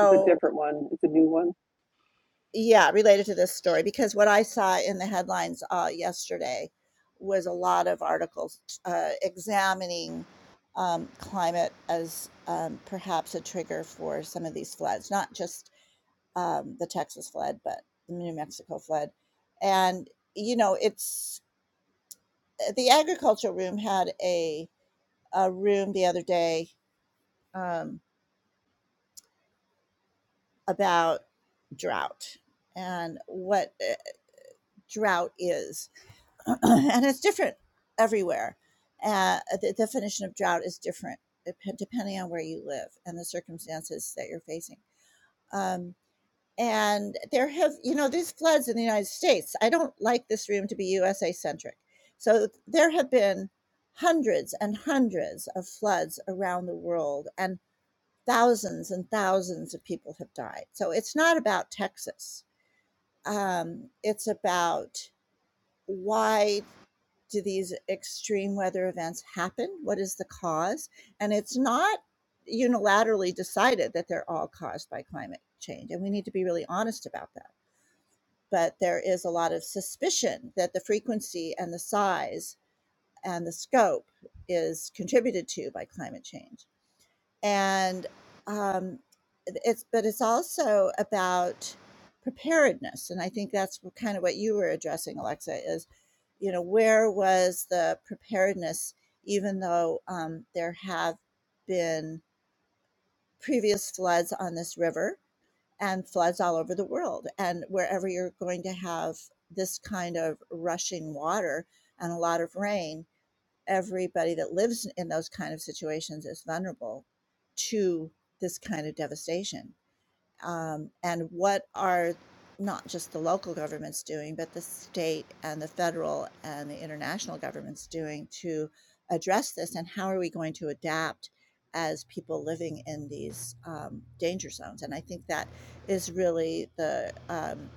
C: It's a different one. It's a new one.
A: Yeah, related to this story, because what I saw in the headlines, uh, yesterday was a lot of articles, uh, examining, um, climate as, um, perhaps a trigger for some of these floods, not just, um, the Texas flood, but the New Mexico flood. And, you know, it's uh, the agriculture room had a a room the other day, um, about drought and what, uh, drought is. <clears throat> and it's different everywhere. Uh, the definition of drought is different depending on where you live and the circumstances that you're facing. Um, and there have, you know, these floods in the United States, I don't like this room to be USA centric. So there have been hundreds and hundreds of floods around the world, and thousands and thousands of people have died. So it's not about Texas, um, it's about why do these extreme weather events happen? What is the cause? And it's not unilaterally decided that they're all caused by climate change. And we need to be really honest about that. But there is a lot of suspicion that the frequency and the size and the scope is contributed to by climate change and um, it's but it's also about preparedness and i think that's kind of what you were addressing alexa is you know where was the preparedness even though um, there have been previous floods on this river and floods all over the world and wherever you're going to have this kind of rushing water and a lot of rain everybody that lives in those kind of situations is vulnerable to this kind of devastation. Um, and what are not just the local governments doing, but the state and the federal and the international governments doing to address this? And how are we going to adapt as people living in these um, danger zones? And I think that is really the um,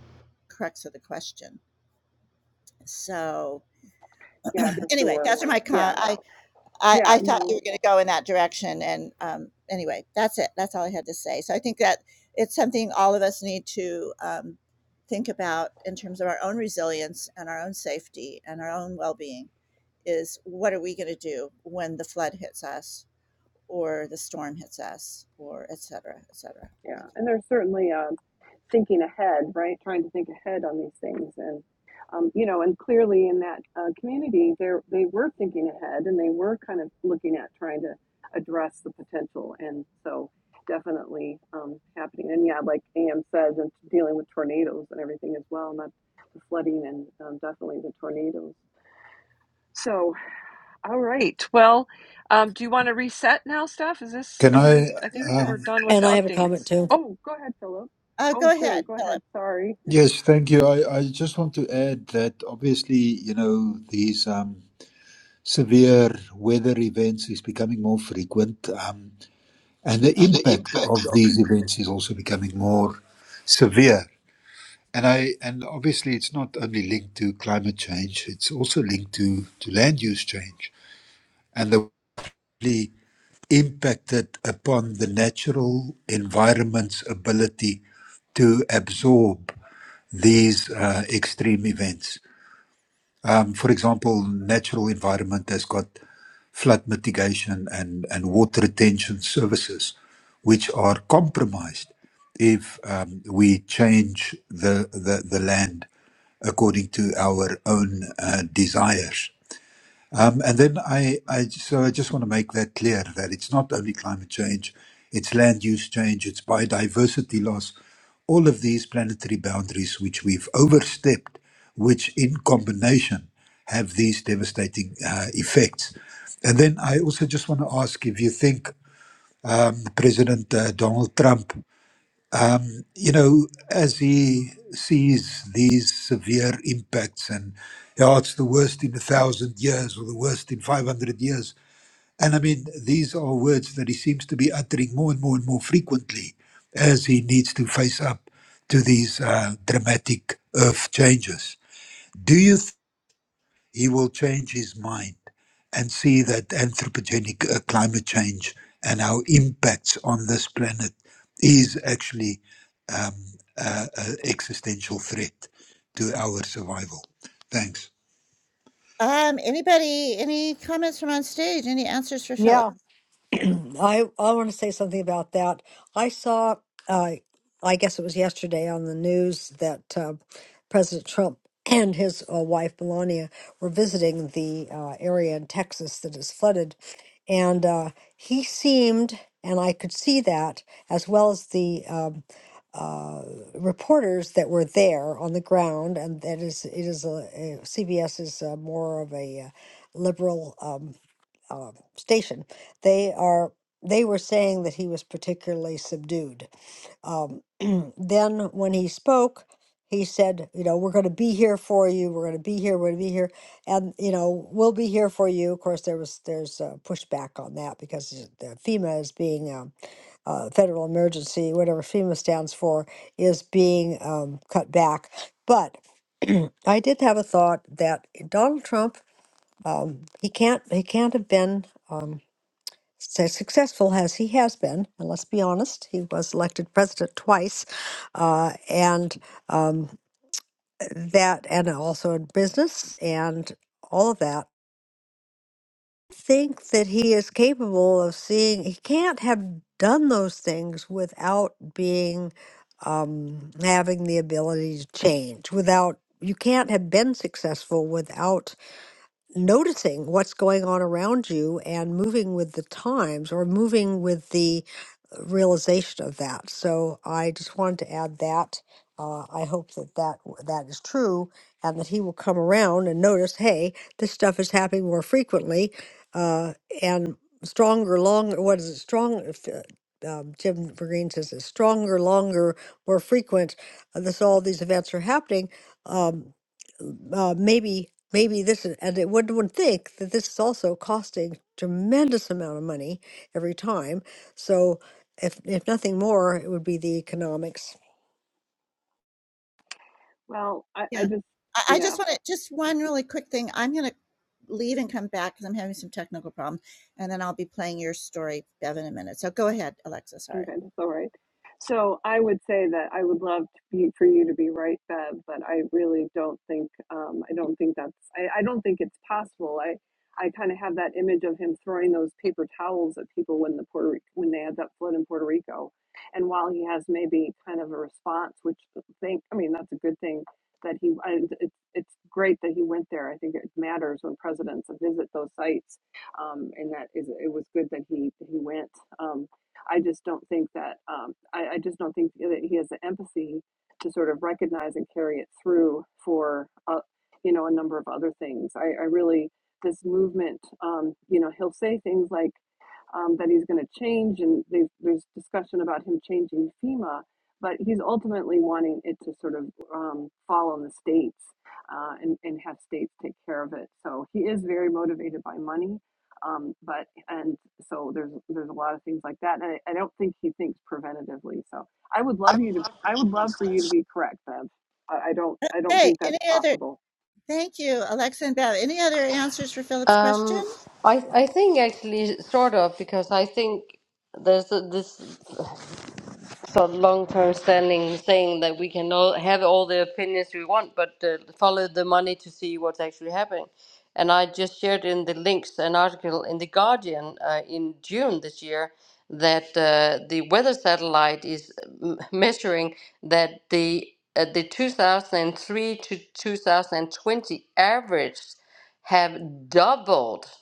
A: crux of the question. So,
C: Yeah, for
A: anyway,
C: sure.
A: those are my com-
C: Yeah,
A: I I,
C: yeah.
A: I thought
C: No,
A: you were going to go in that direction. And um, anyway, that's it. That's all I had to say. So I think that it's something all of us need to um, think about in terms of our own resilience and our own safety and our own well being is what are we going to do when the flood hits us or the storm hits us or et cetera, et cetera.
C: Yeah,
A: Thank
C: and there's certainly um, thinking ahead, right? Trying to think ahead on these things, and um, you know, and clearly in that uh, community, there they were thinking ahead, and they were kind of looking at trying to address the potential, and so definitely um, happening. And yeah, like Am says, and dealing with tornadoes and everything as well, not the flooding and um, definitely the tornadoes. So. All right. Well, um, do you want to reset now, Steph? Is this,
H: Can
C: are we,
H: I?
C: I
A: you.
C: think
A: Yeah.
C: we're
H: Um,
C: done with
B: And
C: the
B: I have a comment
C: updates.
B: too.
C: Oh, go ahead, Philip.
A: Uh,
C: Oh,
A: go
C: sure.
A: ahead,
C: Go ahead.
A: Philip.
C: Sorry.
H: yes, thank you. I, I just want to add that obviously, you know, these um, severe weather events is becoming more frequent, um, and the
A: And the
H: impact
A: impact.
H: of these events is also becoming more severe. And I and obviously, it's not only linked to climate change; it's also linked to to land use change and the impacted upon the natural environment's ability to absorb these uh, extreme events. Um, for example, natural environment has got flood mitigation and, and water retention services, which are compromised if um, we change the, the, the land according to our own uh, desires. Um, and then I, I, so I just want to make that clear that it's not only climate change, it's land use change, it's biodiversity loss, all of these planetary boundaries which we've overstepped, which in combination have these devastating uh, effects. And then I also just want to ask if you think um, President uh, Donald Trump, you know, as he sees these severe impacts and, yeah, it's the worst in a thousand years or the worst in 500 years, and I mean, these are words that he seems to be uttering more and more and more frequently as he needs to face up to these uh, dramatic earth changes. Do you think he will change his mind and see that anthropogenic uh, climate change and our impacts on this planet is actually um, an existential threat to our survival? Thanks.
A: Um, anybody, any comments from on stage? Any answers for
B: Yeah.
A: Philip?
B: I I want to say something about that. I saw, uh, I guess it was yesterday on the news that uh, President Trump <clears throat> and his uh, wife Melania were visiting the uh, area in Texas that is flooded, and uh, he seemed, and I could see that as well as the. Um, uh, reporters that were there on the ground, and that is it is a, CBS is uh more of a uh, liberal um, uh, station, they are they were saying that he was particularly subdued. Um, <clears throat> then when he spoke, he said, "You know, we're going to be here for you. We're going to be here. We're going to be here, and you know, we'll be here for you." Of course, there was there's uh, pushback on that because the FEMA is being um, uh, federal emergency, whatever FEMA stands for, is being um, cut back. But <clears throat> I did have a thought that Donald Trump, um, he can't he can't have been. Um, as successful as he has been, and let's be honest, he was elected president twice, uh, and um, that, and also in business and all of that, think that he is capable of seeing, he can't have done those things without being, um, having the ability to change, without, you can't have been successful without noticing what's going on around you and moving with the times or moving with the uh, realization of that. So I just wanted to add that. Uh, I hope that, that that is true and that he will come around and notice, hey, this stuff is happening more frequently uh, and stronger, longer. What is it? Strong. if, uh, Um, Jim Vergreen says it's stronger, longer, more frequent. uh, This all these events are happening. Um, uh, maybe maybe this is, and it would would think that this is also costing tremendous amount of money every time. So if if nothing more, it would be the economics.
C: Well, I, I
A: Yeah.
C: just,
A: I, I
C: yeah.
A: just want to, just one really quick thing. I'm going to leave and come back because I'm having some technical problem. And then I'll be playing your story, Bev, in a minute. So go ahead, Alexa.
C: Okay,
A: Sorry.
C: that's all right. So I would say that I would love to be, for you to be right, Bev, but I really don't think um, I don't think that's I, I don't think it's possible. I I kind of have that image of him throwing those paper towels at people when the Puerto Ri- when they had that flood in Puerto Rico, and while he has maybe kind of a response, which think I mean that's a good thing that he I, it's it's great that he went there. I think it matters when presidents visit those sites, um, and that is it was good that he he went. Um. I just don't think that um, I, I just don't think that he has the empathy to sort of recognize and carry it through for uh, you know a number of other things. I, I really this movement, um, you know, he'll say things like um, that he's going to change, and there's there's discussion about him changing FEMA, but he's ultimately wanting it to sort of um, fall on the states uh, and and have states take care of it. So he is very motivated by money um, but and so there's there's a lot of things like that, and I, I don't think he thinks preventatively. So I would love you to I would love for you to be correct, Bev. I, I don't I don't
A: Hey,
C: think
A: any
C: that's
A: other,
C: possible.
A: thank you, Alexa and Bev. Any other answers for Philip's question?
I: Um, I I think actually sort of because I think there's a, this sort of long-term standing saying that we can all have all the opinions we want, but uh, follow the money to see what's actually happening. And I just shared in the links an article in the Guardian uh, in June this year that uh, the weather satellite is m- measuring that the uh, the 2003 to 2020 average have doubled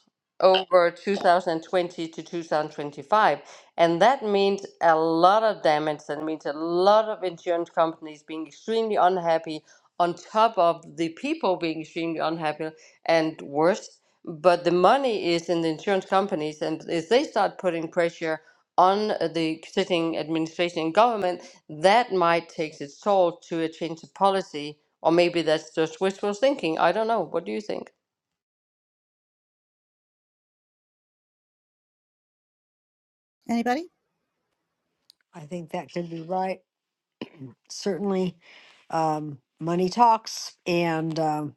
I: over 2020 to 2025. And that means a lot of damage. That means a lot of insurance companies being extremely unhappy, on top of the people being extremely unhappy and worse. But the money is in the insurance companies. And if they start putting pressure on the sitting administration and government, that might take its toll to a change of policy. Or maybe that's just wishful thinking. I don't know. What do you think?
A: Anybody?
B: I think that could be right. Certainly, um, money talks, and um,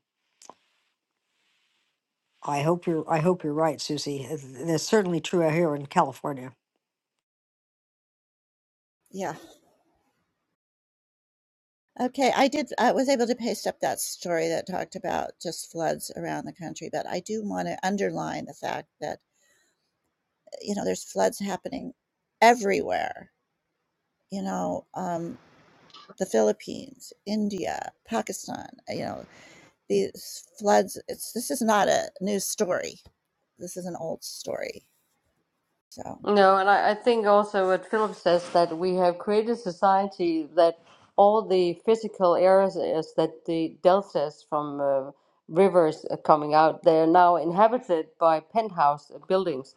B: I hope you're I hope you're right, Susie. Uh, That's certainly true out here in California.
A: Yeah. Okay. I did, I was able to paste up that story that talked about just floods around the country, but I do want to underline the fact that you know there's floods happening everywhere you know um the philippines india pakistan uh, you know these floods it's this is not a news story this is an old story so
I: No, and I, I think also what Philip says that we have created society that all the physical areas that the deltas from uh, rivers are coming out, they are now inhabited by penthouse uh, buildings.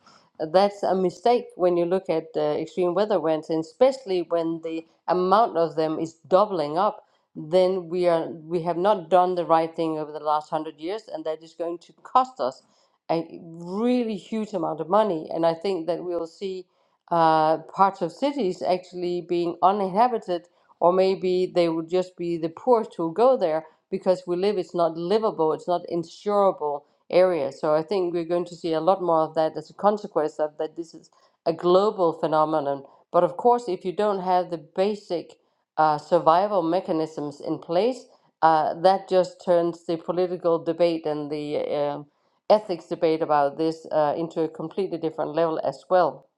I: That's a mistake when you look at uh, extreme weather events, and especially when the amount of them is doubling up. Then we are we have not done the right thing over the last hundred years, and that is going to cost us a really huge amount of money. And I think that we'll see uh, parts of cities actually being uninhabited, or maybe they would just be the poorest who go there because we live, it's not livable, it's not insurable area. So I think we're going to see a lot more of that as a consequence of that this is a global phenomenon. But of course, if you don't have the basic uh, survival mechanisms in place, uh, that just turns the political debate and the uh, ethics debate about this uh, into a completely different level as well.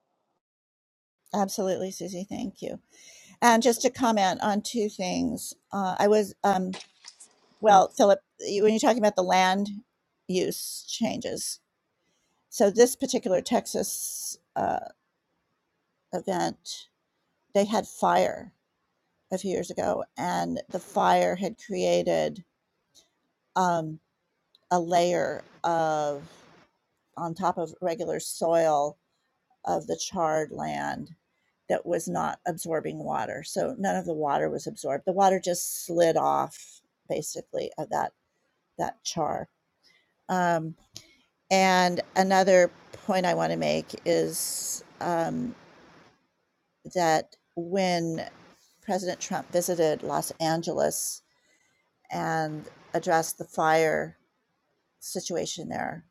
A: absolutely susie thank you and just to comment on two things uh, i was um well philip when you're talking about the land use changes so this particular texas uh, event they had fire a few years ago, and the fire had created um, a layer of, on top of regular soil of the charred land that was not absorbing water. So none of the water was absorbed. The water just slid off, basically, of that that char. Um, and another point I want to make is um, that when President Trump visited Los Angeles and addressed the fire situation there.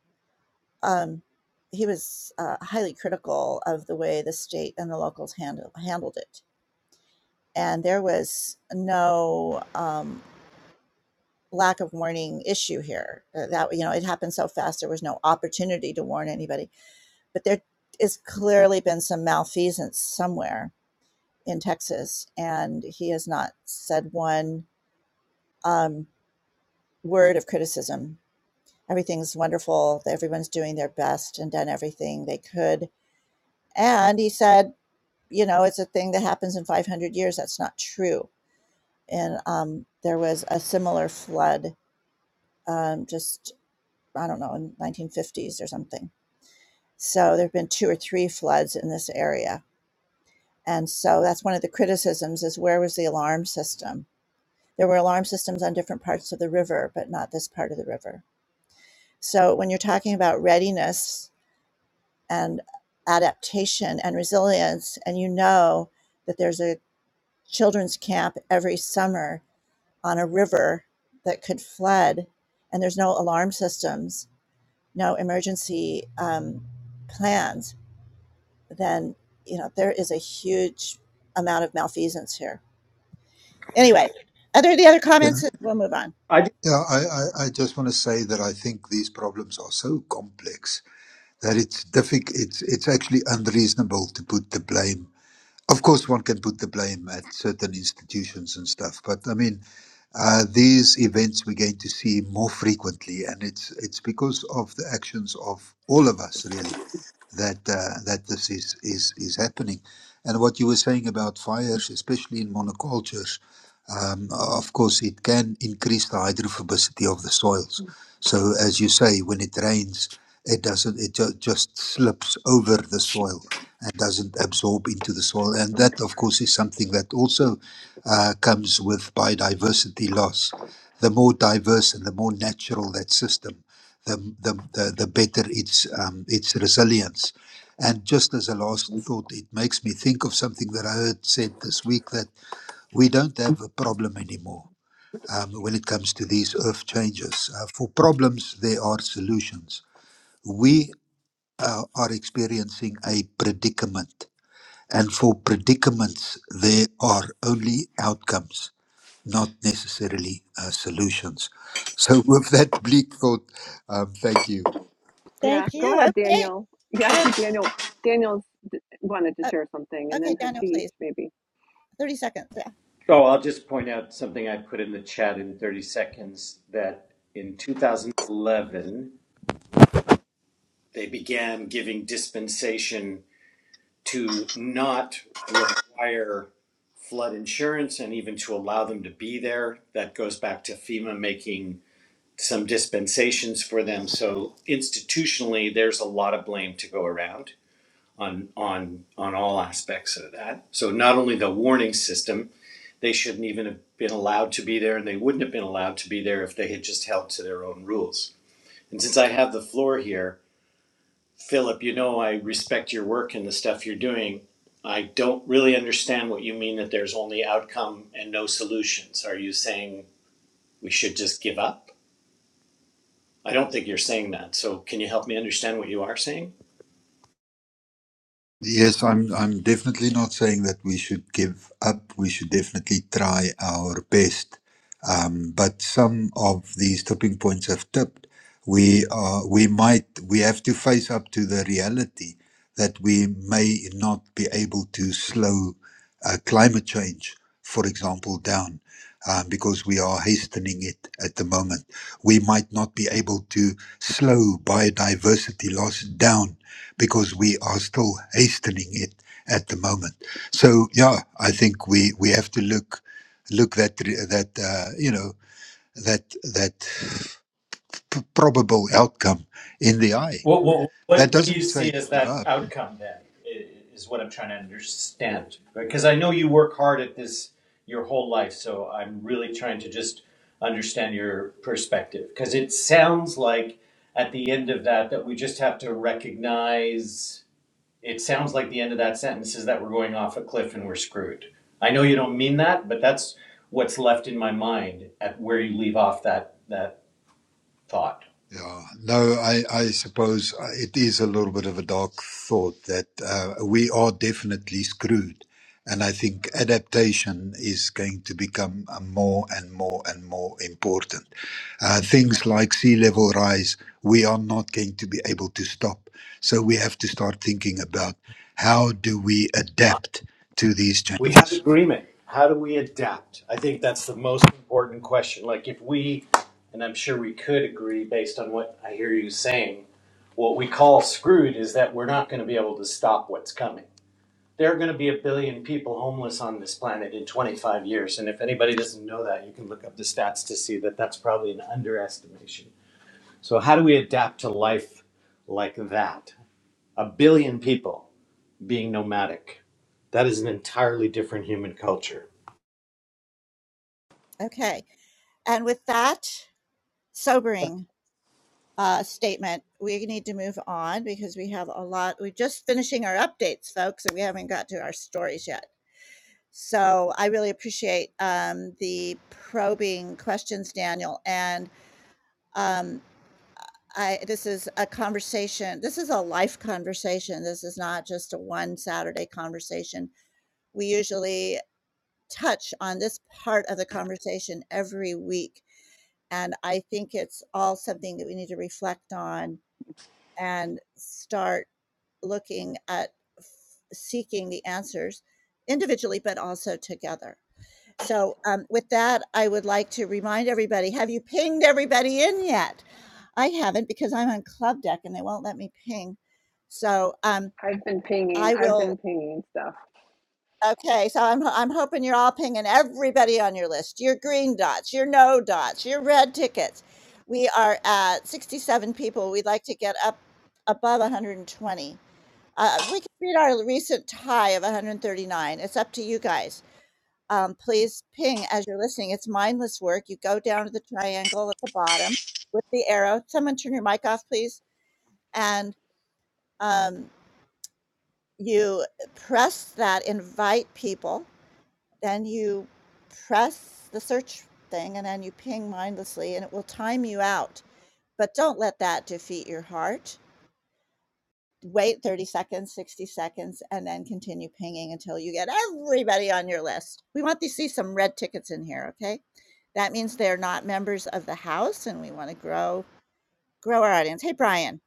A: Um, he was uh, highly critical of the way the state and the locals handle, handled it. And there was no um, lack of warning issue here. Uh, that you know, it happened so fast. There was no opportunity to warn anybody. But there has clearly been some malfeasance somewhere in Texas, and he has not said one um, word of criticism. Everything's wonderful. Everyone's doing their best and done everything they could And he said, you know, it's a thing that happens in 500 years. That's not true. And um, there was a similar flood um, just, I don't know, in 1950s or something. So there have been two or three floods in this area. And so that's one of the criticisms is where was the alarm system? There were alarm systems on different parts of the river, but not this part of the river. So when you're talking about readiness and adaptation and resilience, and you know that there's a children's camp every summer on a river that could flood, and there's no alarm systems, no emergency um, plans, then you know there is a huge amount of malfeasance here. Anyway, are there the other
H: Yeah,
A: comments? We'll move on.
J: I just,
H: yeah I, I, I just want to say that I think these problems are so complex that it's difficult. It's it's actually unreasonable to put the blame. Of course, one can put the blame at certain institutions and stuff, but I mean, uh, these events we're going to see more frequently, and it's it's because of the actions of all of us really that uh, that this is is is happening. And what you were saying about fires, especially in monocultures. Um, of course, it can increase the hydrophobicity of the soils. So, as you say, when it rains, it doesn't, it ju- just slips over the soil and doesn't absorb into the soil. And that, of course, is something that also uh, comes with biodiversity loss. The more diverse and the more natural that system, the, the, the, the better its, um, its resilience. And just as a last thought, it makes me think of something that I heard said this week that we don't have a problem anymore um, when it comes to these earth changes. Uh, for problems, there are solutions. We uh, are experiencing a predicament, and for predicaments, there are only outcomes, not necessarily uh, solutions. So, <laughs> with that bleak thought, um, thank you.
C: Yeah,
A: Thank
C: go
A: you.
C: ahead,
A: Okay,
C: Daniel. Yeah, I
A: and
C: see Daniel. Daniel's d- wanted to
A: uh,
C: share something, and then
A: okay, Daniel,
C: Hashish
A: please,
C: maybe.
A: thirty seconds. Yeah,
J: oh,
A: thanks.
J: I'll just point out something I put in the chat in 30 seconds that in 2011, they began giving dispensation to not require flood insurance and even to allow them to be there. That goes back to FEMA making some dispensations for them. So institutionally, there's a lot of blame to go around. on on on all aspects of that. So not only the warning system, they shouldn't even have been allowed to be there, and they wouldn't have been allowed to be there if they had just held to their own rules. And since I have the floor here, Philip, you know I respect your work and the stuff you're doing. I don't really understand what you mean that there's only outcome and no solutions. Are you saying we should just give up? I don't think you're saying that. So can you help me understand what you are saying?
H: Yes, I'm I'm definitely not saying that we should give up. We should definitely try our best. Um, but some of these tipping points have tipped. We are we might we have to face up to the reality that we may not be able to slow uh, climate change, for example, down um, because we are hastening it at the moment. We might not be able to slow biodiversity loss down because we are still hastening it at the moment. So yeah, I think we we have to look look that that uh, you know that that p- probable outcome in the eye.
J: What, what,
H: That
J: what, what do you
H: doesn't say
J: see as
H: give
J: that
H: up.
J: outcome then? i- Is what I'm trying to understand. Because I know you work hard at this your whole life, so I'm really trying to just understand your perspective. Because it sounds like at the end of that, that we just have to recognize it sounds like the end of that sentence is that we're going off a cliff and we're screwed. I know you don't mean that, but that's what's left in my mind at where you leave off that, that thought.
H: Yeah. No, I, I suppose uh, it is a little bit of a dark thought that uh, we are definitely screwed. And I think adaptation is going to become uh, more and more and more important. Uh, things like sea level rise, we are not going to be able to stop. So we have to start thinking about how do we adapt to these
J: we have
H: changes.
J: agreement. How do we adapt? I think that's the most important question. Like, if we, and I'm sure we could agree based on what I hear you saying, what we call screwed is that we're not going to be able to stop what's coming. There are going to be a billion people homeless on this planet in 25 years. And if anybody doesn't know that, you can look up the stats to see that that's probably an underestimation. So, how do we adapt to life like that? A billion people being nomadic. That is an entirely different human culture
A: Okay, and with that, sobering. uh, statement, we need to move on because we have a lot. We're just finishing our updates, folks, and we haven't got to our stories yet. So I really appreciate um, the probing questions, Daniel. And um, I, this is a conversation. This is a life conversation. This is not just a one Saturday conversation. We usually touch on this part of the conversation every week. And I think it's all something that we need to reflect on and start looking at seeking the answers individually, but also together. So, um, with that, I would like to remind everybody have you pinged everybody in yet? I haven't because I'm on Club Deck and they won't let me ping. So, um,
C: I've been pinging.
A: I
C: I've been
A: will.
C: pinging stuff.
A: Okay, so I'm, I'm hoping you're all pinging everybody on your list your green dots, your no dots, your red tickets. We are at 67 people. We'd like to get up above 120. Uh, we can beat our recent high of 139. It's up to you guys. Um, please ping as you're listening. It's mindless work. You go down to the triangle at the bottom with the arrow. Someone turn your mic off, please. And um, you press that invite people. Then you press the search thing and then you ping mindlessly and it will time you out. But don't let that defeat your heart. wait 30 seconds, 60 seconds, and then continue pinging until you get everybody on your list. We want to see some red tickets in here, okay? That means they're not members of the house and we want to grow grow our audience. Hey Brian,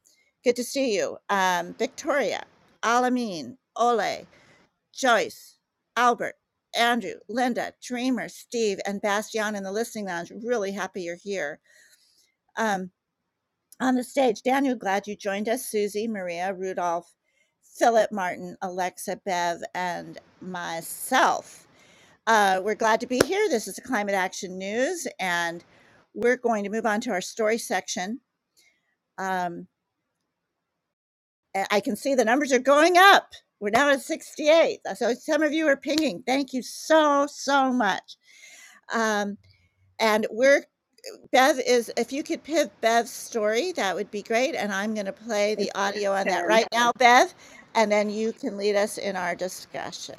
A: good to see you. Um, Victoria, Alameen, Ole, Joyce, Albert, Andrew, Linda, Dreamer, Steve, and Bastian in the listening lounge. Really happy you're here. Um, on the stage, Daniel, glad you joined us. Susie, Maria, Rudolph, Philip, Martin, Alexa, Bev, and myself. Uh, we're glad to be here. This is the Climate Action News, and we're going to move on to our story section. Um, a- I can see the numbers are going up. We're now at 68. So some of you are pinging. Thank you so, so much. Um, and we're Bev is if you could pivot Bev's story, that would be great, and I'm gonna play
C: It's
A: the
C: it's
A: audio on that
C: pinned.
A: right now, Bev, and then you can lead us in our discussion.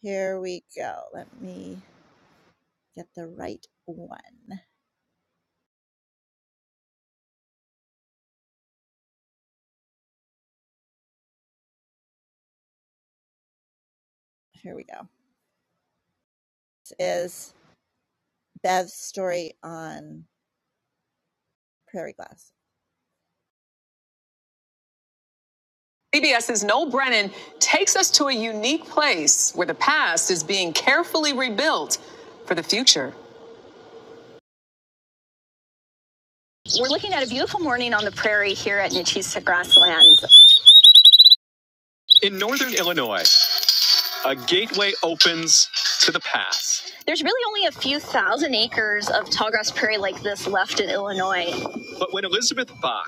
A: Here we go. Let me get the right one. Here we go. This is Bev's story on prairie glass. CBS's Noel Brennan takes us to a unique place where the past is being carefully rebuilt for the future. We're looking at a beautiful morning on the prairie here at Nechisa Grasslands. In northern Illinois, A gateway opens to the pass. There's really only a few thousand acres of tallgrass prairie like this left in Illinois. But when Elizabeth Bach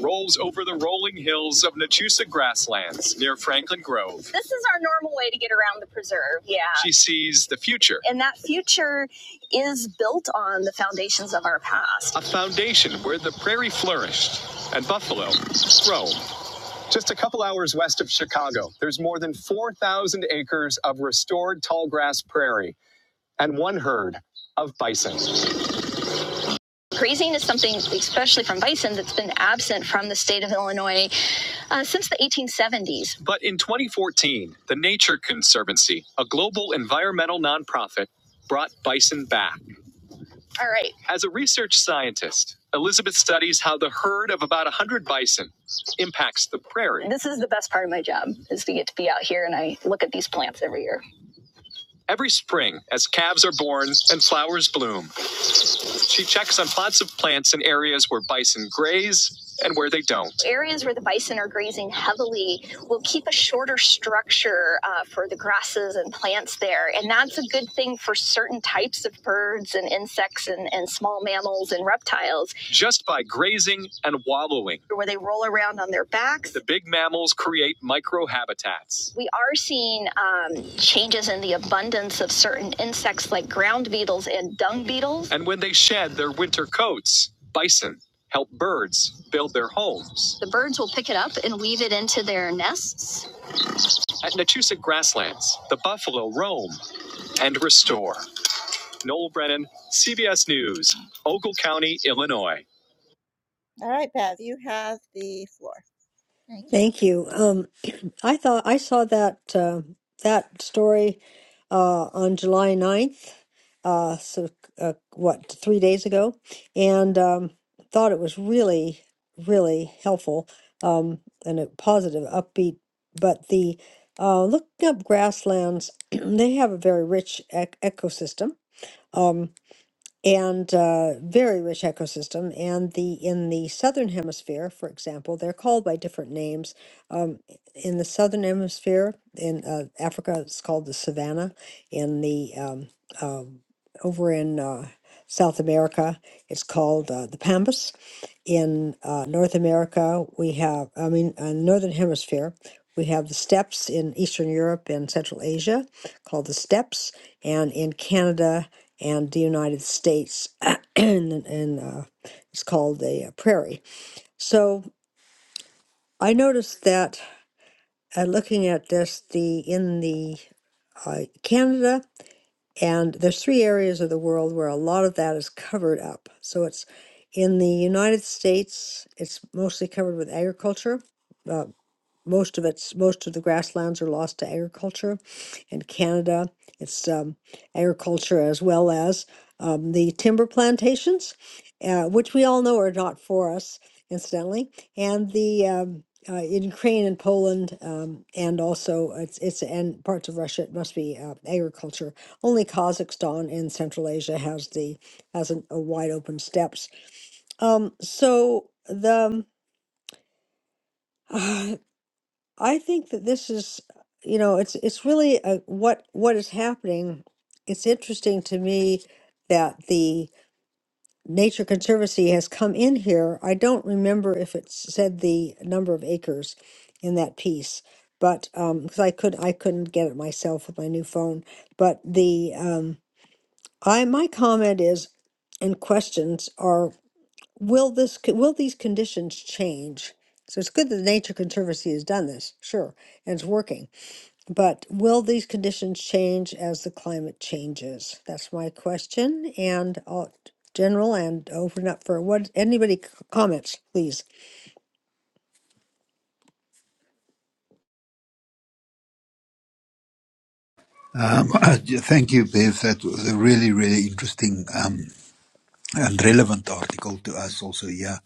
A: rolls over the rolling hills of Nachusa grasslands near Franklin Grove, this is our normal way to get around the preserve, yeah. She sees the future. And that future is built on the foundations of our past. A foundation where the prairie flourished and buffalo, roamed. Just a couple hours west of Chicago, there's more than 4,000 acres of restored tall grass prairie and one herd of bison. Grazing is something, especially from bison, that's been absent from the state of Illinois uh, since the 1870s. But in 2014, the Nature Conservancy, a global environmental nonprofit, brought bison back. All right. As a research scientist, Elizabeth studies how the herd of about 100 bison impacts the prairie. This is the best part of my job is to get to be out here and I look at these plants every year. Every spring, as calves are born and flowers bloom, she checks on plots of plants in areas where bison graze and where they don't. Areas where the bison are grazing heavily will keep a shorter structure uh, for the grasses and plants there. And that's a good thing for certain types of birds and insects and, and small mammals and reptiles just by grazing and wallowing. Where they roll around on their backs. The big mammals create microhabitats. We are seeing um, changes in the abundance of certain insects like ground beetles and dung beetles. And when they shed their winter coats, bison help birds build their homes. The birds will pick it up and weave it into their nests. At Natusa Grasslands, the buffalo roam and restore. Noel Brennan, CBS News, Ogle County, Illinois. All right, Bev, you have the floor. Thank you.
B: Thank you. Um, <clears throat> I thought I saw that uh, that story uh, on July ninth. uh, so, uh, what, three days ago, and um, thought it was really, really helpful um, and a positive, upbeat. But the uh, looking up grasslands, <clears throat> they have a very rich ec- ecosystem. Um, and uh, very rich ecosystem. And the in the southern hemisphere, for example, they're called by different names. Um, in the southern hemisphere, in uh, Africa, it's called the savanna. In the um, uh, over in uh, South America, it's called uh, the pampas. In uh, North America, we have, I mean, uh, northern hemisphere. We have the steppes in Eastern Europe and Central Asia, called the steppes, and in Canada and the United States, <clears throat> and, and uh, it's called the uh, prairie. So I noticed that uh, looking at this, the in the uh, Canada and there's three areas of the world where a lot of that is covered up. So it's in the United States, it's mostly covered with agriculture. uh, most of its most of the grasslands are lost to agriculture in canada it's um, agriculture as well as um, the timber plantations uh, which we all know are not for us incidentally and the um, uh, in Ukraine and Poland, um, and also it's it's and parts of Russia. It must be uh, agriculture. Only Kazakhstan in Central Asia has the has an, a wide open steppes. Um, so the <sighs> I think that this is, you know, it's it's really uh what what is happening. It's interesting to me that the Nature Conservancy has come in here. I don't remember if it said the number of acres in that piece, but um, because I could I couldn't get it myself with my new phone. But the um, I my comment is, and questions are: Will this co- will these conditions change? So it's good that the Nature Conservancy has done this, sure, and it's working but will these conditions change as the climate changes? That's my question and all general and open up for what anybody c- comments, please.
H: Um, <laughs> uh, j- thank you, Bev. That was a really, really interesting. um, and relevant article to us also here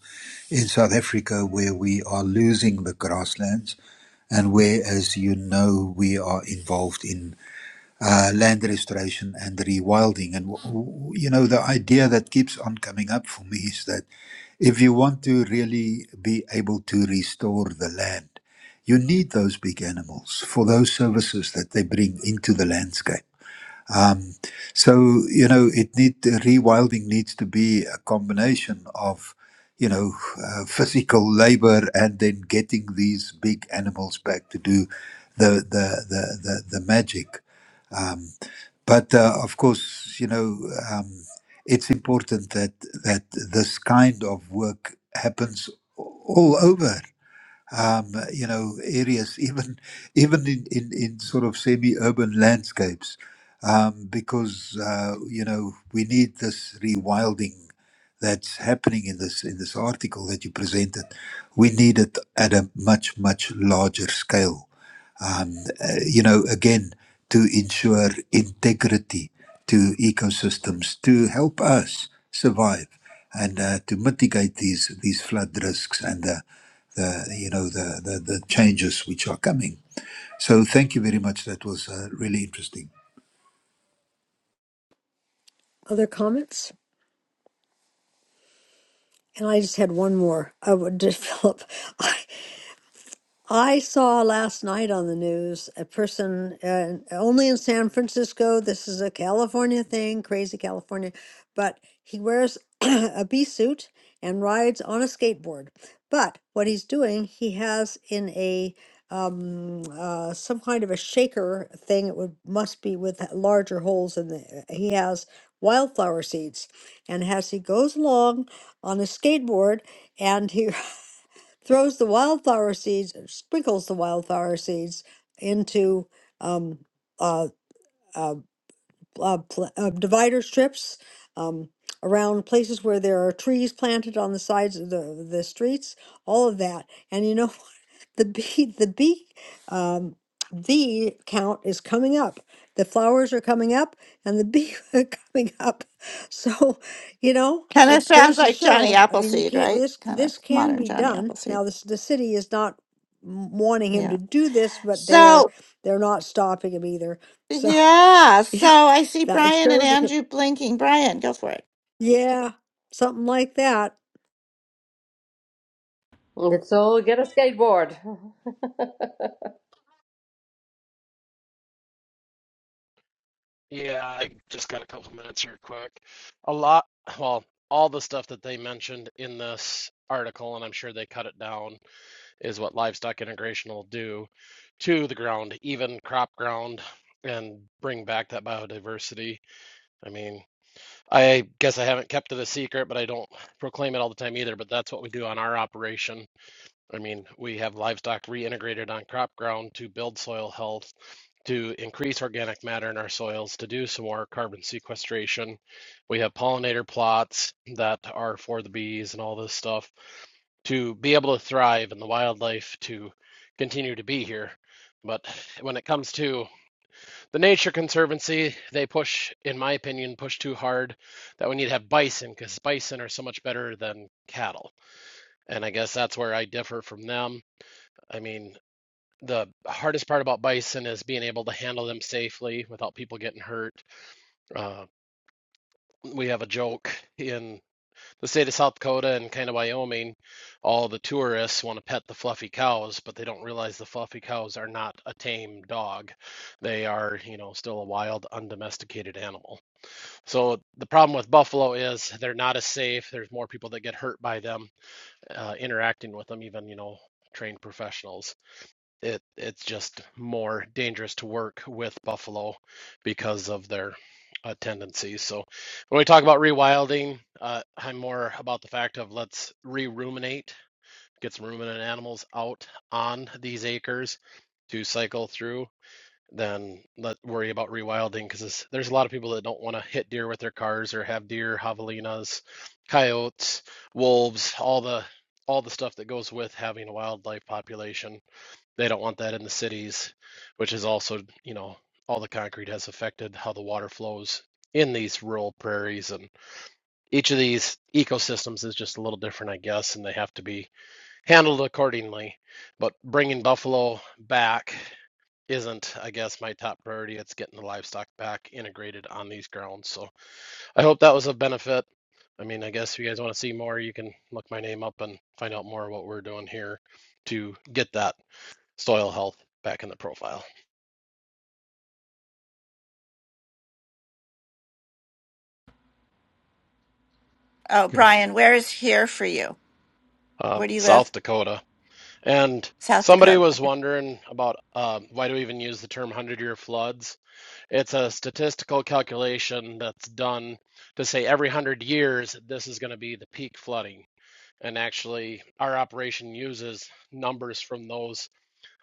H: in South Africa, where we are losing the grasslands, and where, as you know, we are involved in uh, land restoration and rewilding. And, w- w- you know, the idea that keeps on coming up for me is that if you want to really be able to restore the land, you need those big animals for those services that they bring into the landscape um, so you know, it need the rewilding needs to be a combination of you know uh, physical labor and then getting these big animals back to do the the the the, the magic. Um, but uh, of course, you know, um, it's important that that this kind of work happens all over um, you know, areas, <laughs> even even in, in, in sort of semi-urban landscapes, um, because uh, you know we need this rewilding that's happening in this in this article that you presented. We need it at a much much larger scale um, uh, you know, again, to ensure integrity to ecosystems, to help us survive and uh, to mitigate these these flood risks and the, the you know the, the the changes which are coming. So thank you very much. That was uh, really interesting.
B: Other comments? And I just had one more. I would develop. <laughs> I saw last night on the news a person uh, only in San Francisco. This is a California thing, crazy California, but he wears <clears throat> a bee suit and rides on a skateboard. But what he's doing, he has in a um, uh, some kind of a shaker thing. It would must be with larger holes in the. uh, He has wildflower seeds, and as he goes along on a skateboard, and he <laughs> throws the wildflower seeds, sprinkles the wildflower seeds into um, uh, uh, uh, pl- uh, divider strips um, around places where there are trees planted on the sides of the, the streets, all of that. And you know, <laughs> the bee, the bee, um, bee count is coming up. The flowers are coming up and the bee <laughs> are coming up. So, you know,
A: Kind of
B: it
A: sounds
B: goes to
A: like Johnny
B: show, I mean, you
A: Appleseed,
B: can't,
A: right?
B: this,
A: Kind of
B: this can
A: modern
B: be
A: Johnny
B: done.
A: Appleseed.
B: Now, this, the city is not m- wanting him to
A: Yeah.
B: do this, but they are,
A: So,
B: they're not stopping him either. So. <laughs>
A: yeah.
B: You
A: So
B: know,
A: I see
B: that it
A: Brian and
B: shows it.
A: Andrew blinking. Brian, go for it.
B: Yeah, something like that.
I: Let's all get a skateboard. <laughs>
K: Yeah, I just got a couple minutes here quick. A lot, well, all the stuff that they mentioned in this article, and I'm sure they cut it down, is what livestock integration will do to the ground, even crop ground, and bring back that biodiversity. I mean, I guess I haven't kept it a secret, but I don't proclaim it all the time either, but that's what we do on our operation. I mean, we have livestock reintegrated on crop ground to build soil health to increase organic matter in our soils to do some more carbon sequestration. We have pollinator plots that are for the bees and all this stuff to be able to thrive and the wildlife to continue to be here. But when it comes to the Nature Conservancy, they push, in my opinion, push too hard that we need to have bison because bison are so much better than cattle. And I guess that's where I differ from them. I mean, the hardest part about bison is being able to handle them safely without people getting hurt. Uh, we have a joke in the state of South Dakota and kind of Wyoming. All the tourists want to pet the fluffy cows, but they don't realize the fluffy cows are not a tame dog. They are, you know, still a wild, undomesticated animal. So the problem with buffalo is they're not as safe. There's more people that get hurt by them uh, interacting with them, even, you know, trained professionals it it's just more dangerous to work with buffalo because of their uh, tendencies. So when we talk about rewilding, uh, I'm more about the fact of let's re-ruminate, get some ruminant animals out on these acres to cycle through. Then let worry about rewilding because there's a lot of people that don't want to hit deer with their cars or have deer, javelinas, coyotes, wolves, all the all the stuff that goes with having a wildlife population they don't want that in the cities, which is also, you know, all the concrete has affected how the water flows in these rural prairies. And each of these ecosystems is just a little different, I guess, and they have to be handled accordingly. But bringing buffalo back isn't, I guess, my top priority. It's getting the livestock back integrated on these grounds. So I hope that was of benefit. I mean, I guess if you guys want to see more, you can look my name up and find out more what we're doing here to get that soil health back in the profile.
A: Oh,
L: Good.
A: Brian, where is here for you?
K: uh,
A: Where do you live?
K: South Dakota. And
A: South
K: somebody
A: Dakota.
K: was
A: Okay.
K: wondering about uh, why do we even use the term 100 year floods? It's a statistical calculation that's done to say every 100 years, this is going to be the peak flooding. And actually, our operation uses numbers from those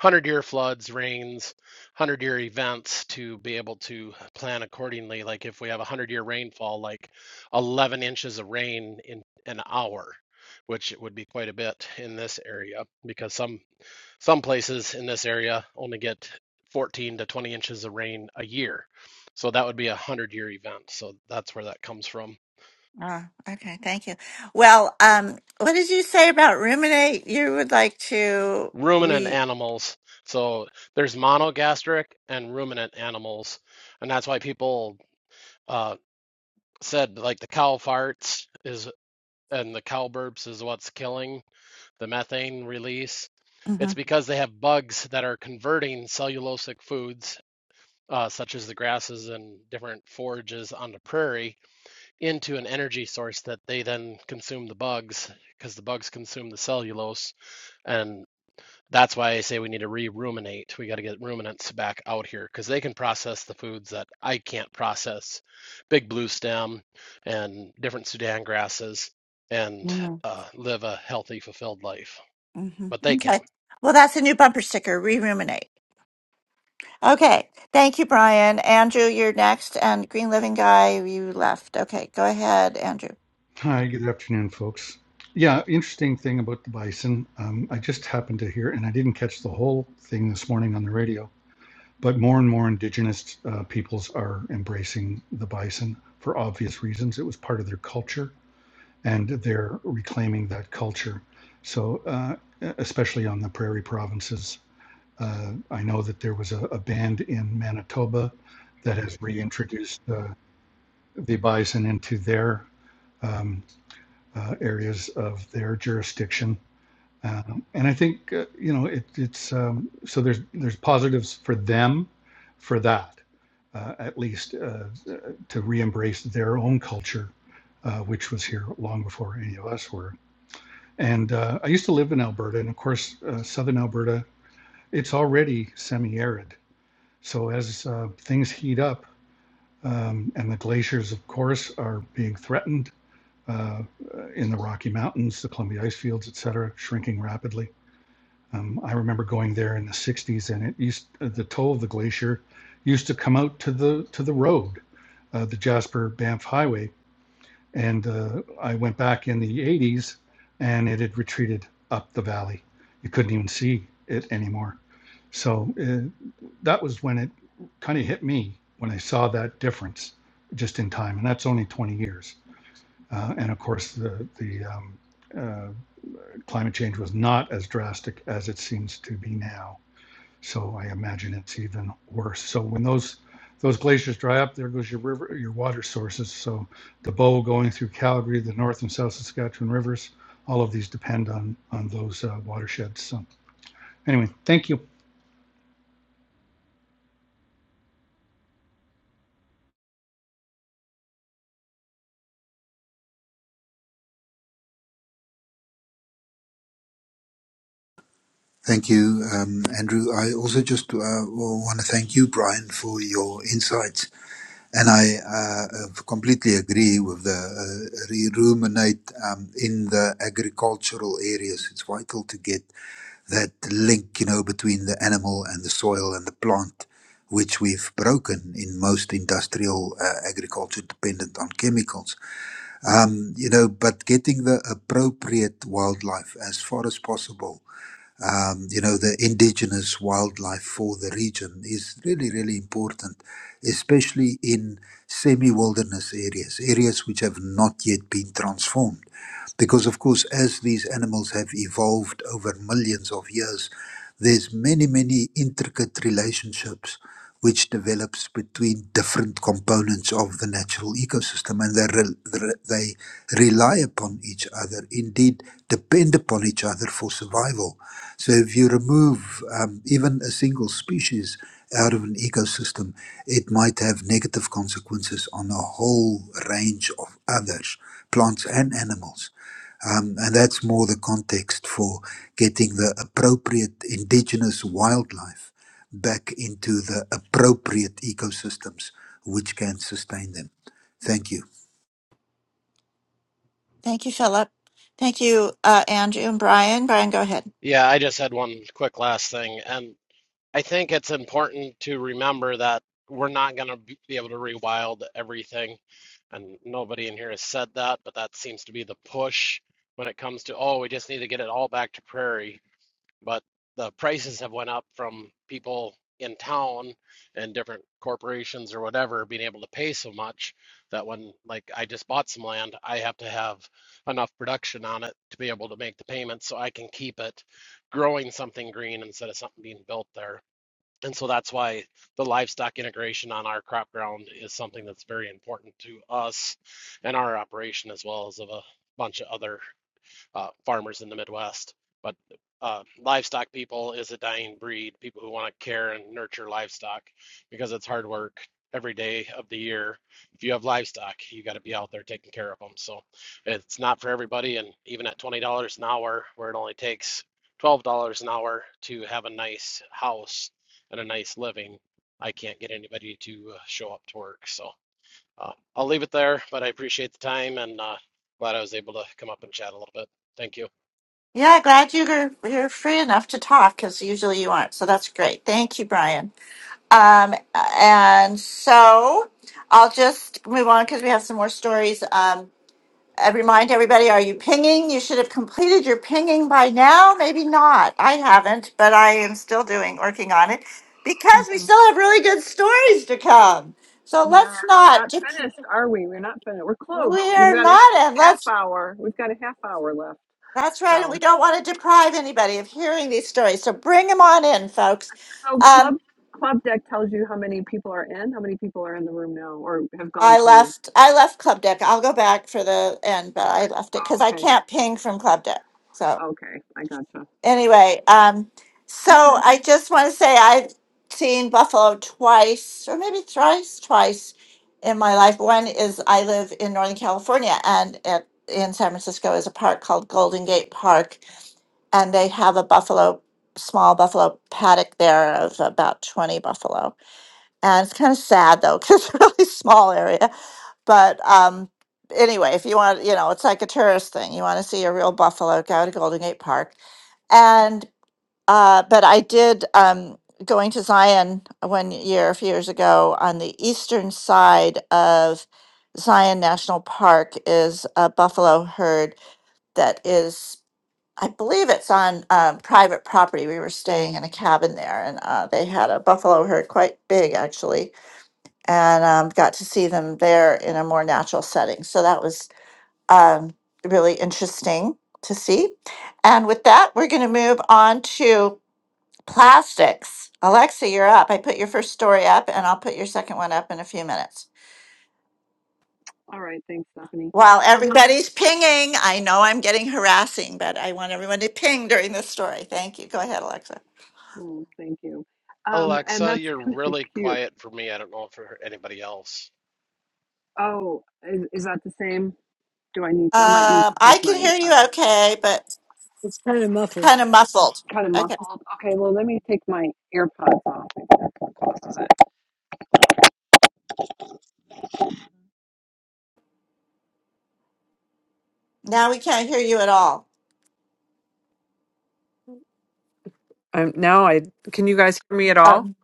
K: 100 year floods, rains, 100 year events to be able to plan accordingly. Like if we have a 100 year rainfall, like 11 inches of rain in an hour which it would be quite a bit in this area because some some places in this area only get 14 to 20 inches of rain a year so that would be a 100 year event so that's where that comes from
A: Oh, okay. Thank you. Well, um, what did you say about ruminate? You would like to
K: ruminant
A: re.
K: animals. So there's monogastric and ruminant animals, and that's why people uh, said like the cow farts is and the cow burps is what's killing the methane release.
A: hmm
K: It's because they have bugs that are converting cellulosic foods, uh, such as the grasses and different forages on the prairie, into an energy source that they then consume the bugs because the bugs consume the cellulose and. That's why I say we need to re-ruminate. We got to get ruminants back out here because they can process the foods that I can't process. Big blue stem and different Sudan grasses and
A: hmm
K: uh, live a healthy, fulfilled life.
A: hmm
K: But they can.
A: Okay. Well, that's a new bumper sticker. Re ruminate. Okay. Thank you, Brian. Andrew, you're next. And Green Living Guy, you left. Okay. Go ahead, Andrew.
L: Hi, good afternoon, folks. Yeah, interesting thing about the bison. Um, I just happened to hear, and I didn't catch the whole thing this morning on the radio, but more and more indigenous uh, peoples are embracing the bison for obvious reasons. It was part of their culture, and they're reclaiming that culture. So, uh, especially on the prairie provinces, uh, I know that there was a, a band in Manitoba that has reintroduced uh, the bison into their Um, uh, areas of their jurisdiction. Um, and I think uh, you know it, it's um, so there's there's positives for them for that uh, at least uh, to re-embrace their own culture, uh, which was here long before any of us were. And uh, I used to live in Alberta, and of course, uh, southern Alberta, it's already semi-arid. So as uh, things heat up, um, and the glaciers, of course, are being threatened, uh, in the Rocky Mountains, the Columbia ice fields, et cetera, shrinking rapidly. Um, I remember going there in the 60s, and it used uh, the toe of the glacier used to come out to the to the road, uh, the Jasper Banff Highway. And uh, I went back in the 80s, and it had retreated up the valley. You couldn't even see it anymore. So uh, that was when it kind of hit me when I saw that difference just in time, and that's only 20 years. Uh, and of course, the, the um, uh, climate change was not as drastic as it seems to be now. So I imagine it's even worse. So when those those glaciers dry up, there goes your river, your water sources. So the bow going through Calgary, the North and South Saskatchewan rivers, all of these depend on on those uh, watersheds. So anyway, thank you.
H: Thank you, um, Andrew. I also just uh, want to thank you, Brian, for your insights And I uh, uh, completely agree with the uh, re- ruminate um, in the agricultural areas. It's vital to get that link, you know, between the animal and the soil and the plant, which we've broken in most industrial uh, agriculture dependent on chemicals. Um, you know, but getting the appropriate wildlife as far as possible um, you know, the indigenous wildlife for the region is really, really important, especially in semi wilderness areas, areas which have not yet been transformed because of course as these animals have evolved over millions of years there's many many intricate relationships which develops between different components of the natural ecosystem and they, re- they rely upon each other indeed depend upon each other for survival so if you remove um, even a single species out of an ecosystem it might have negative consequences on a whole range of others plants and animals um, and that's more the context for getting the appropriate indigenous wildlife back into the appropriate ecosystems which can sustain them. Thank you.
A: Thank you, Philip. Thank you, uh, Andrew and Brian. Brian, go ahead.
K: Yeah, I just had one quick last thing. And I think it's important to remember that we're not going to be be able to rewild everything. And nobody in here has said that, but that seems to be the push when it comes to, oh, we just need to get it all back to prairie but the prices have went up from people in town and different corporations or whatever being able to pay so much that when like I just bought some land, I have to have enough production on it to be able to make the payments so I can keep it growing something green instead of something being built there. And so that's why the livestock integration on our crop ground is something that's very important to us and our operation as well as of a bunch of other uh, farmers in the Midwest. But uh, livestock people is a dying breed, people who want to care and nurture livestock because it's hard work every day of the year. If you have livestock, you got to be out there taking care of them. So it's not for everybody. And even at $20 an hour, where it only takes $12 an hour to have a nice house and a nice living, I can't get anybody to uh, show up to work. So uh, I'll leave it there, but I appreciate the time and uh, glad I was able to come up and chat a little bit. Thank you.
A: Yeah, glad you're you're free enough to talk because usually you aren't. So that's great. Thank you, Brian. Um, and so I'll just move on because we have some more stories. Um, I remind everybody, are you pinging? You should have completed your pinging by now. Maybe not. I haven't, but I am still doing, working on it because we
C: hmm
A: still have really good stories to come. So
C: Yeah,
A: let's
C: we're
A: not,
C: not
A: dep-
C: finished, are we? We're not finished. We're close. We've
A: we're
C: got a
A: not, and
C: half
A: let's,
C: hour. We've got a half hour left.
A: that's right. And
C: So.
A: we don't want to deprive anybody of hearing these stories. So bring them on in, folks.
C: So
A: Um,
C: club club deck tells you how many people are in, how many people are in the room now or have gone
A: I
C: through.
A: left, I left Club Deck. I'll go back for the end, but I left it
C: Oh,
A: because I
C: Okay.
A: can't ping from Club Deck. So.
C: Okay. I gotcha.
A: anyway, um, so
C: Okay.
A: I just want to say I've seen Buffalo twice or maybe thrice, twice in my life. One is I live in Northern California and at, in San Francisco is a park called Golden Gate Park, and they have a buffalo, small buffalo paddock there of about 20 buffalo. And it's kind of sad though, <laughs> because it's a really small area. But um, anyway, if you want, you know, it's like a tourist thing. You want to see a real buffalo, go to Golden Gate Park. and uh, but I did um, going to Zion one year, a few years ago, on the eastern side of Zion National Park is a buffalo herd that is, I believe it's on um, private property. We were staying in a cabin there, and uh, they had a buffalo herd, quite big actually, and um, got to see them there in a more natural setting. So that was um, really interesting to see. And with that, we're going to move on to Plastics. Alexa, you're up. I put your first story up and I'll put your second one up in a few minutes.
C: All right. Thanks, Stephanie.
A: While
C: Um
A: everybody's pinging, I know I'm getting harassing, but I want everyone to ping during this story. Thank you. Go ahead, Alexa.
C: mm, thank you. Um and
K: Alexa,
C: that's
K: you're
C: <laughs> kind of
K: really
C: cute.
K: quiet for me. I don't know for anybody else.
C: Oh, is, is that the same? Do I need to I might need
A: Um,
C: to take
A: I can
C: my
A: hear you
C: um
A: okay, but
B: It's kind of muffled.
A: kind of muffled.
C: kind of
A: Okay.
C: muffled. Okay, well let me take my earpods off. Maybe that causes it.
A: Now we can't hear you at all.
C: Um now I can you guys hear me at all?
A: Um,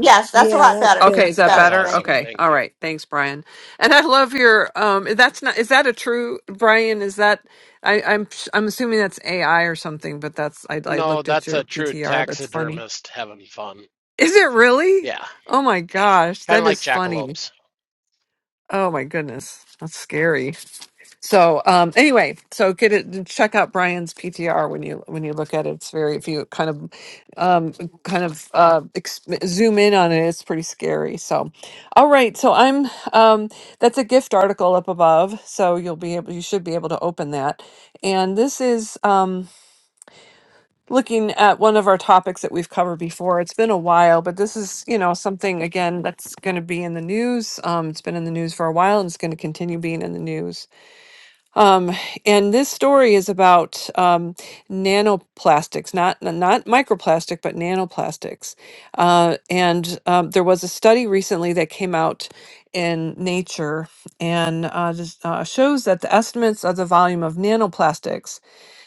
A: yes, that's a
B: Yeah,
A: lot
B: that's
A: better.
C: Okay,
B: good.
C: is that
K: That's
A: Better.
C: better?
A: Thank
K: awesome.
A: you.
C: Okay.
K: Thank
C: All
K: you.
C: right. Thanks, Brian. And I love your um that's not is that a true Brian, is that I I'm I'm assuming that's AI or something, but that's I I
K: No,
C: looked at
K: that's
C: your
K: a true
C: PTR. That's funny.
K: taxidermist having fun.
C: Is it really?
K: Yeah,
C: Oh my gosh,
K: kind of
C: that
K: like
C: is funny.
K: jackalopes.
C: Oh my goodness. That's scary. So um, anyway, so get it. Check out Brian's PTR when you when you look at it. It's very if you kind of um, kind of uh, ex- zoom in on it, it's pretty scary. So, all right. So I'm um, that's a gift article up above. So you'll be able you should be able to open that. And this is um, looking at one of our topics that we've covered before. It's been a while, but this is you know something again that's going to be in the news. Um, it's been in the news for a while, and it's going to continue being in the news um, and this story is about um, nanoplastics, not n- not microplastic, but nanoplastics. Uh, and um, there was a study recently that came out in Nature and uh, this, uh, shows that the estimates of the volume of nanoplastics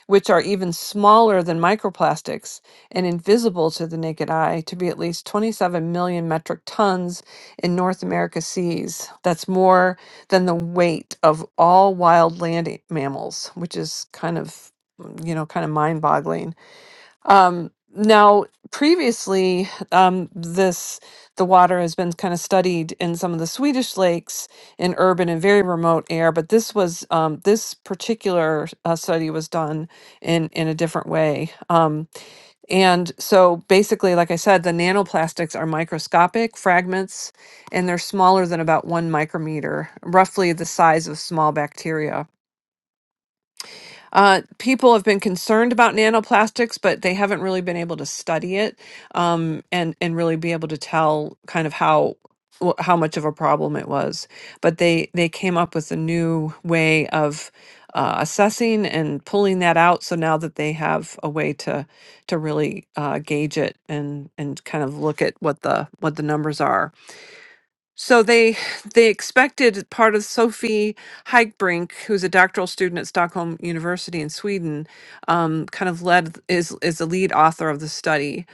C: which are even smaller than microplastics and invisible to the naked eye, to be at least 27 million metric tons in North America's seas. That's more than the weight of all wild land mammals, which is kind of, you know, kind of mind boggling. Um, now, previously, um, this the water has been kind of studied in some of the Swedish lakes in urban and very remote air, but this was um, this particular uh, study was done in in a different way. Um, and so, basically, like I said, the nanoplastics are microscopic fragments, and they're smaller than about one micrometer, roughly the size of small bacteria. Uh, people have been concerned about nanoplastics, but they haven't really been able to study it um, and and really be able to tell kind of how wh- how much of a problem it was. But they they came up with a new way of uh, assessing and pulling that out. So now that they have a way to to really uh, gauge it and and kind of look at what the what the numbers are so they they expected part of Sophie Heikbrink, who's a doctoral student at Stockholm University in Sweden, um, kind of led is is the lead author of the study,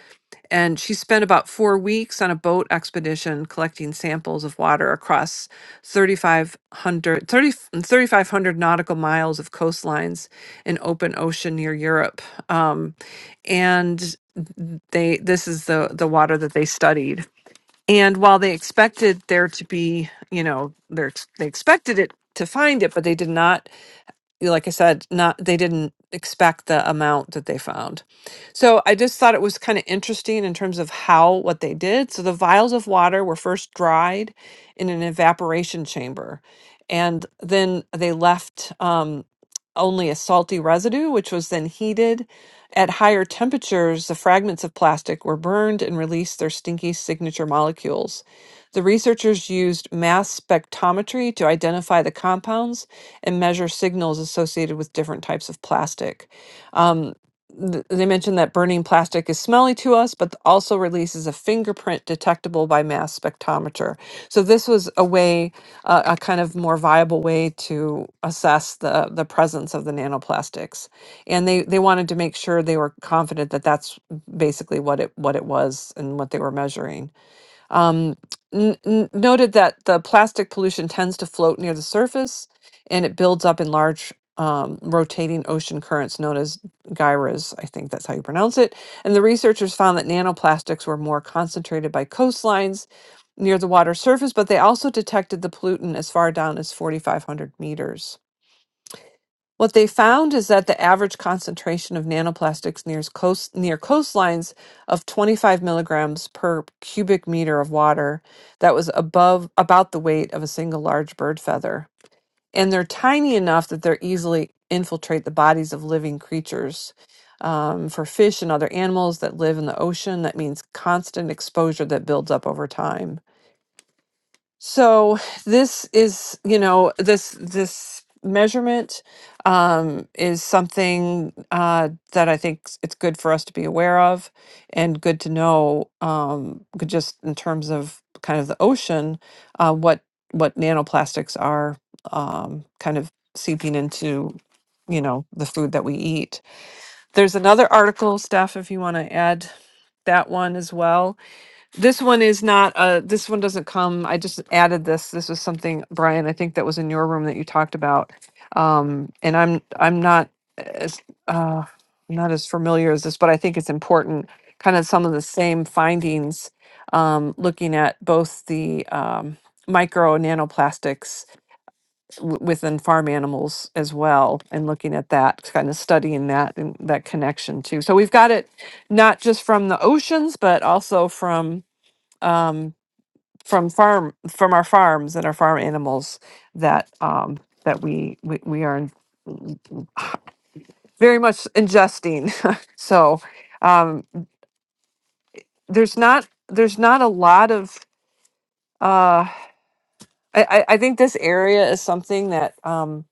C: and she spent about four weeks on a boat expedition collecting samples of water across thirty five hundred thirty thirty five hundred nautical miles of coastlines in open ocean near Europe, um, and they this is the the water that they studied and while they expected there to be, you know, they're, they expected it to find it, but they did not like I said, not they didn't expect the amount that they found. So I just thought it was kind of interesting in terms of how what they did. So the vials of water were first dried in an evaporation chamber, and then they left um, only a salty residue, which was then heated. At higher temperatures, the fragments of plastic were burned and released their stinky signature molecules. The researchers used mass spectrometry to identify the compounds and measure signals associated with different types of plastic. Um, th- they mentioned that burning plastic is smelly to us, but also releases a fingerprint detectable by mass spectrometer. So this was a way, uh, a kind of more viable way to assess the the presence of the nanoplastics, and they they wanted to make sure they were confident that that's basically what it what it was and what they were measuring. Um, n- n- noted that the plastic pollution tends to float near the surface and it builds up in large um, rotating ocean currents known as gyres. I think that's how you pronounce it. And the researchers found that nanoplastics were more concentrated by coastlines near the water surface, but they also detected the pollutant as far down as 4,500 meters. What they found is that the average concentration of nanoplastics near, coast, near coastlines of 25 milligrams per cubic meter of water that was above about the weight of a single large bird feather. And they're tiny enough that they're easily infiltrate the bodies of living creatures. Um, for fish and other animals that live in the ocean, that means constant exposure that builds up over time so this is you know this this measurement um, is something uh, that i think s- it's good for us to be aware of and good to know um, g- just in terms of kind of the ocean uh, what what nanoplastics are um, kind of seeping into you know the food that we eat there's another article steph if you want to add that one as well this one is not, uh, this one doesn't come, I just added this. This was something, Brian, I think that was in your room that you talked about. Um, and I'm, I'm not as, uh, not as familiar as this, but I think it's important, kind of some of the same findings, um, looking at both the, um, micro and nanoplastics w- within farm animals as well and looking at that kind of studying that and that connection too so we've got it not just from the oceans but um, from farm that um that we learn very <laughs> so uh I, I I think this area is something that um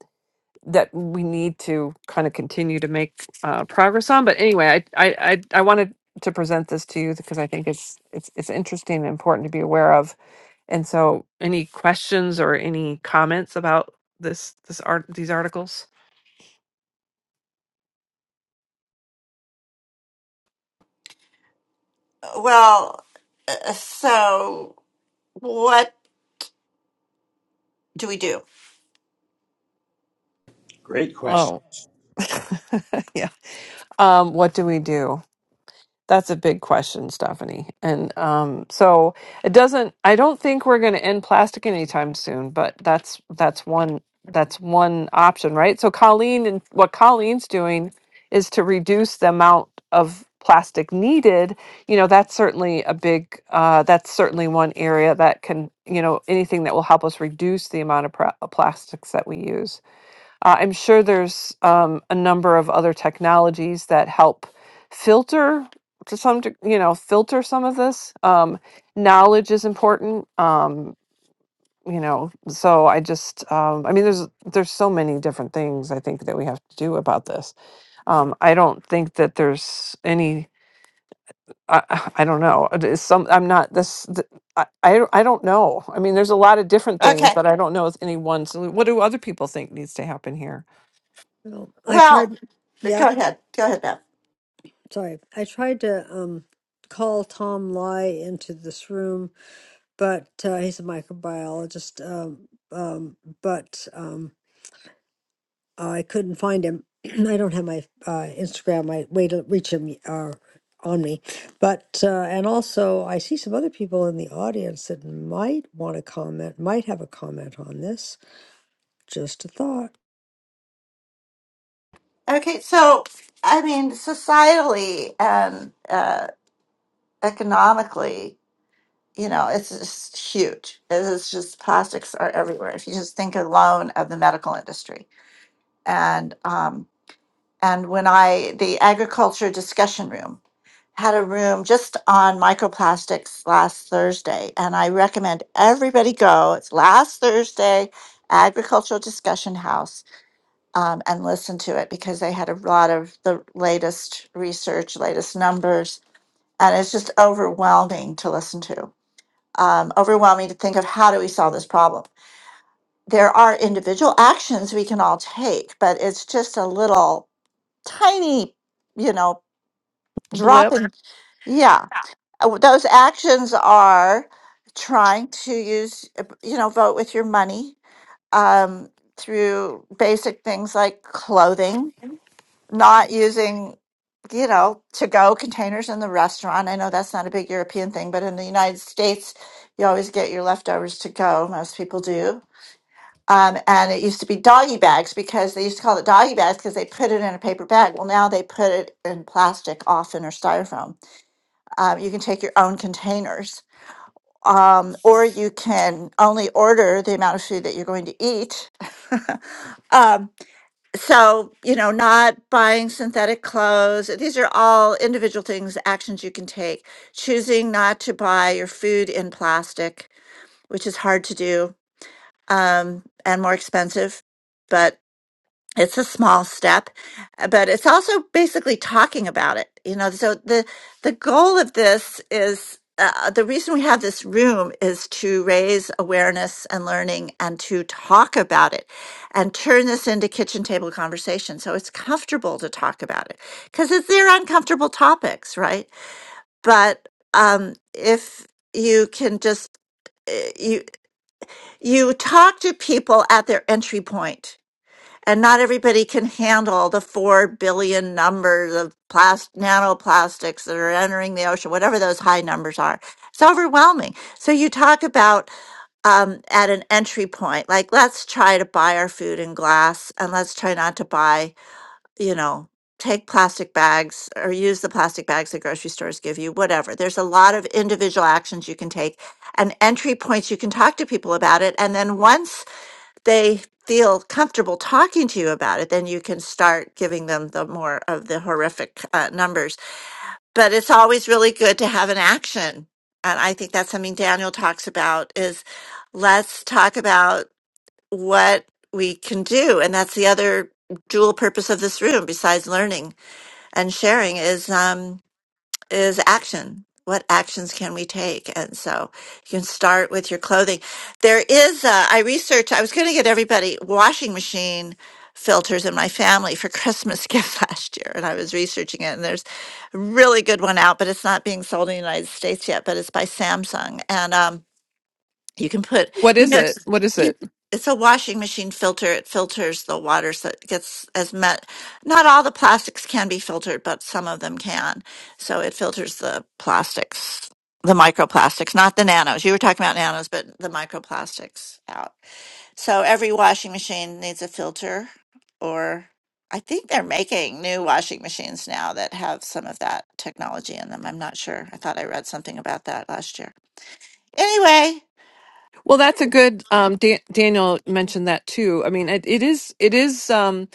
C: that we need to kind of continue make uh progress on but anyway I I I, I wanted to present this to you because I think it's it's it's interesting and important to be aware of and so any questions or any comments about this this art these articles
A: Well, uh, so what do we do?
J: Great question.
C: oh <laughs> yeah um what do we do That's a big question, Stephanie. And um, so it doesn't. I don't think we're going to end plastic anytime soon. But that's that's one that's one option, right? So Colleen and what Colleen's doing is to reduce the amount of plastic needed. You know, that's certainly a big. Uh, that's certainly one area that can. You know, anything that will help us reduce the amount of pra- plastics that we use. Uh, I'm sure there's um, a number of other technologies that help filter to some, deg- you know, filter some of this. Um, knowledge is important, um, you know. So I just, um, I mean, there's there's so many different things I think that we have to do about this. Um, I don't think that there's any I, <sighs> I don't know. It is some I'm not this. th- I, I don't- I don't know. I mean, there's a lot of different things,
A: Okay.
C: but I don't know if any one. So, what do other people think needs to happen here?
B: Well, I
A: Well,
B: tried, yeah,
A: go ahead. Go ahead, Bev.
B: sorry. I tried to um call Tom Lai into this room, but uh, he's a microbiologist. Um, um, but um, Uh, I couldn't find him. <clears throat> I don't have my uh, Instagram, my way to reach him uh, on me. But, uh, and also, I see some other people in the audience that might want to comment, might have a comment on this. Just a thought.
A: Okay, so I mean, societally and uh, economically, you know, it's just huge. It's just plastics are everywhere. If you just think alone of the medical industry, and um, and when I the agriculture discussion room had a room just on microplastics last Thursday, and I recommend everybody go. It's last Thursday, agricultural discussion house um, and listen to it because they had a lot of the latest research, latest numbers, and it's just overwhelming to listen to. Um, overwhelming to think of how do we solve this problem. There are individual actions we can all take, but it's just a little tiny, you know, drop in. Yeah, Uh, those actions are trying to use, uh, you know, vote with your money um, through basic things like clothing not using, you know, to go containers in the restaurant. I know that's not a big European thing, but in the United States, you always get your leftovers to go. Most people do. Um, and it used to be doggy bags because they used to call it doggy bags because they put it in a paper bag. Well, now they put it in plastic often or styrofoam. Um, you can take your own containers. Um, or you can only order the amount of food that you're going to eat. <laughs> um, so you know not buying synthetic clothes these are all individual things actions you can take choosing not to buy your food in plastic which is hard to do um, and more expensive but it's a small step uh, but it's also basically talking about it you know so the the goal of this is uh, the reason we have this room is to raise awareness and learning and to talk about it and turn this into kitchen table conversation so it's comfortable to talk about it because it's they're uncomfortable topics right but um if you can just uh, you you talk to people at their entry point and not everybody can handle the 4 billion numbers of plast- nanoplastics that are entering the ocean whatever those high numbers are it's overwhelming so you talk about um, at an entry point like let's try to buy our food in glass and let's try not to buy you know take plastic bags or use the plastic bags that grocery stores give you whatever there's a lot of individual actions you can take and entry points you can talk to people about it and then once they feel comfortable talking to you about it, then you can start giving them the more of the horrific uh, numbers. But it's always really good to have an action. And I think that's something Daniel talks about is let's talk about what we can do. And that's the other dual purpose of this room besides learning and sharing is, um, is action. What actions can we take? And so you can start with your clothing. There is, uh, I researched, I was going to get everybody washing machine filters in my family for Christmas <laughs> gift last year. And I was researching it, and there's a really good one out, but it's not being sold in the United States yet, but it's by Samsung. And, um, you can put,
C: What
A: you
C: is
A: know, it's,
C: it? What is it?
A: you, it's a washing machine filter. It filters the water so it gets as much. Not all the plastics can be filtered, but some of them can. So it filters the plastics, the microplastics, not the nanos. You were talking about nanos, but the microplastics out. So every washing machine needs a filter, or I think they're making new washing machines now that have some of that technology in them. I'm not sure. I thought I read something about that last year. Anyway.
C: Well, that's a good. Um, Dan- Daniel mentioned that too. I mean, it, it is it is um,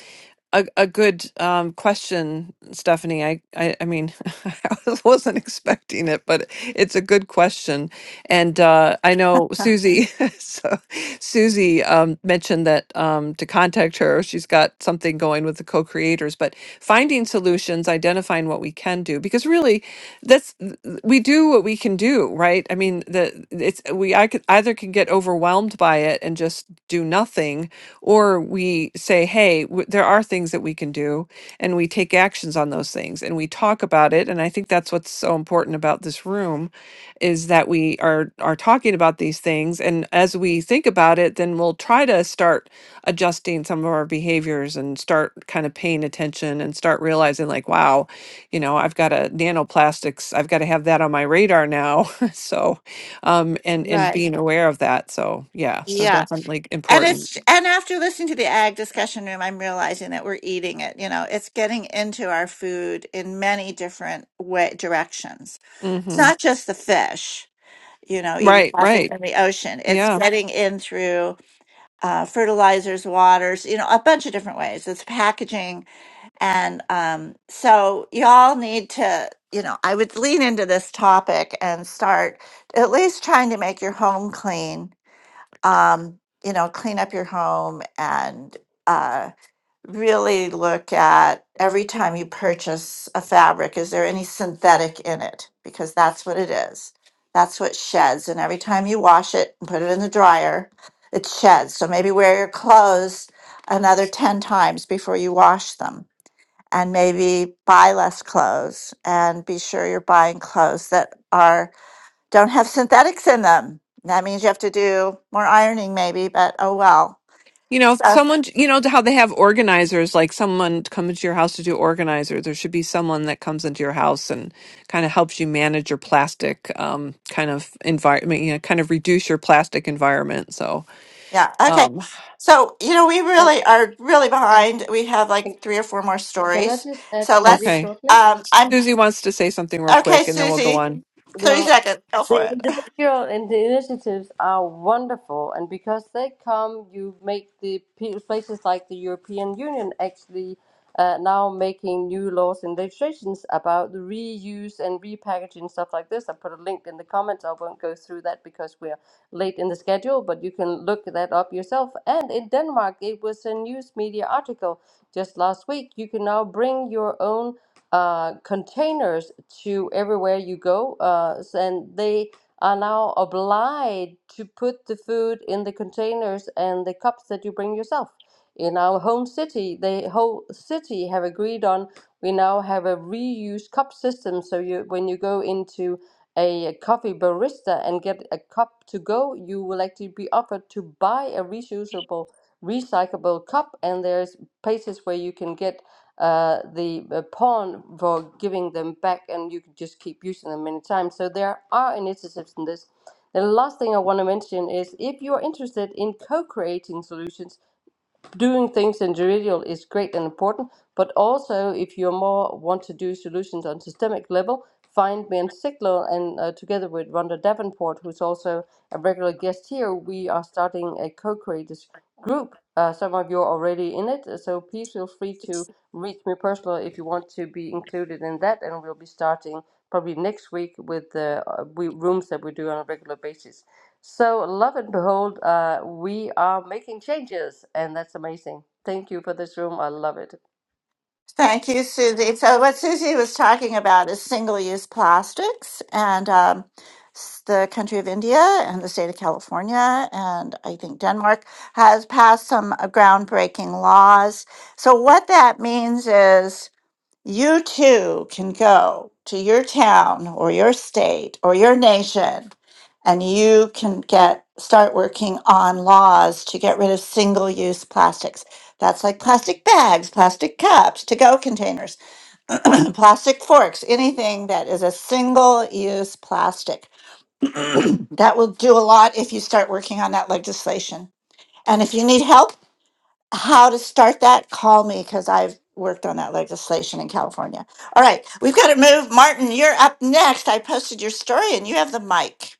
C: a a good um, question, Stephanie. I I, I mean, <laughs> I wasn't expecting it, but it's a good question. And uh, I know
A: <laughs>
C: Susie, <laughs> so Susie um, mentioned that um, to contact her. She's got something going with the co-creators, but finding solutions, identifying what we can do, because really that's we do what we can do right i mean the it's we i could either can get overwhelmed by it and just do nothing or we say hey w- there are things that we can do and we take actions on those things and we talk about it and i think that's what's so important about this room is that we are are talking about these things and as we think about it then we'll try to start adjusting some of our behaviors and start kind of paying attention and start realizing like wow you know i've got to nanoplastics i've got to have that on my radar now <laughs> so um and and
A: Right.
C: being aware of that so yeah so
A: Yeah.
C: definitely
A: And
C: important
A: it's and after listening to the ag discussion room, I'm realizing that we're eating it. You know, it's getting into our food in many different way directions. It's
C: hmm
A: not just the fish, you know, eating
C: right
A: plastics
C: right
A: in the ocean. It's
C: yeah
A: getting in through uh, fertilizers, waters, you know, a bunch of different ways. It's packaging, and um, so y'all need to, you know, I would lean into this topic and start at least trying to make your home clean um, you know, clean up your home and uh, really look at every time you purchase a fabric, is there any synthetic in it? Because that's what it is. That's what sheds. And every time you wash it and put it in the dryer, it sheds. So maybe wear your clothes another 10 times before you wash them. And maybe buy less clothes and be sure you're buying clothes that are don't have synthetics in them. That means you have to do more ironing, maybe, but oh well.
C: you know
A: So,
C: someone you know how they have organizers like someone comes to your house to do organizer there should be someone that comes into your house and kind of helps you manage your plastic um kind of environment you know kind of reduce your plastic environment so
A: yeah, okay.
C: um
A: So, you know, we
I: and
A: really are really behind. We have like
I: and
A: three or four more
I: can I
A: stories.
I: just add
A: So
I: really
A: let's,
C: okay
I: shortly?
A: um, I'm
C: susie wants to say something real
A: okay,
C: quick and then we'll go
A: Susie,
C: on
I: We
A: 30 seconds, go for
I: The
A: it. <laughs>
I: individual and the initiatives are wonderful, and because they come, you make the pe- places like the European Union actually uh, now making new laws and legislations about the reuse and repackaging stuff like this. I put a link in the comments. I won't go through that because we're late in the schedule, but you can look that up yourself. And in Denmark, it was a news media article just last week. You can now bring your own uh, containers to everywhere you go, uh, s- and they are now obliged to put the food in the containers and the cups that you bring yourself. In our home city, the whole city have agreed on. We now have a reuse cup system, so you when you go into a coffee barista and get a cup to go, you will actually be offered to buy a reusable, recyclable cup, and there's places where you can get uh, the uh, pawn for giving them back, and you can just keep using them many times. So there are initiatives in this. The last thing I want to mention is if you're interested in co-creating solutions doing things in the individual is great and important, but also if you more want to do solutions on systemic level, find me and Sigler, and uh, together with Rhonda Davenport, who's also a regular guest here, we are starting a co-creators group. Uh, some of you are already in it, so please feel free to reach me personally if you want to be included in that, and we'll be starting probably next week with the uh, we, rooms that we do on a regular basis. So, love and behold, uh, we are making changes, and that's amazing. Thank you for this room. I love it.
A: Thank you, Susie. So, what Susie was talking about is single use plastics and um, s- the country of India and the state of California, and I think Denmark has passed some uh, groundbreaking laws. So, what that means is you too can go to your town or your state or your nation and you can get start working on laws to get rid of single use plastics. That's like plastic bags, plastic cups, to go containers, <clears throat> plastic forks, anything that is a single use plastic. That will do a lot if you start working on that legislation. And if you need help how to start that, call me because I've worked on that legislation in California. All right, we've got to move. Martin, you're up next. I posted your story and you have the mic.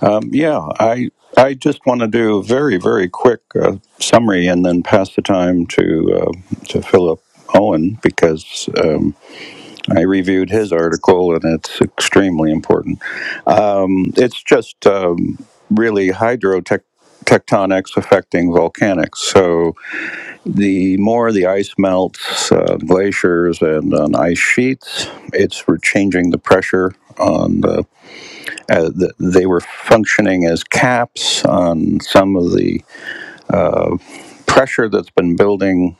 E: Um, yeah, I I just want to do a very very quick uh, summary and then pass the time to uh, to Philip Owen because um, I reviewed his article and it's extremely important. Um, it's just um, really hydrotech. Tectonics affecting volcanics. So, the more the ice melts, uh, glaciers, and on ice sheets, it's re- changing the pressure on the uh, they were functioning as caps on some of the pressure that's been building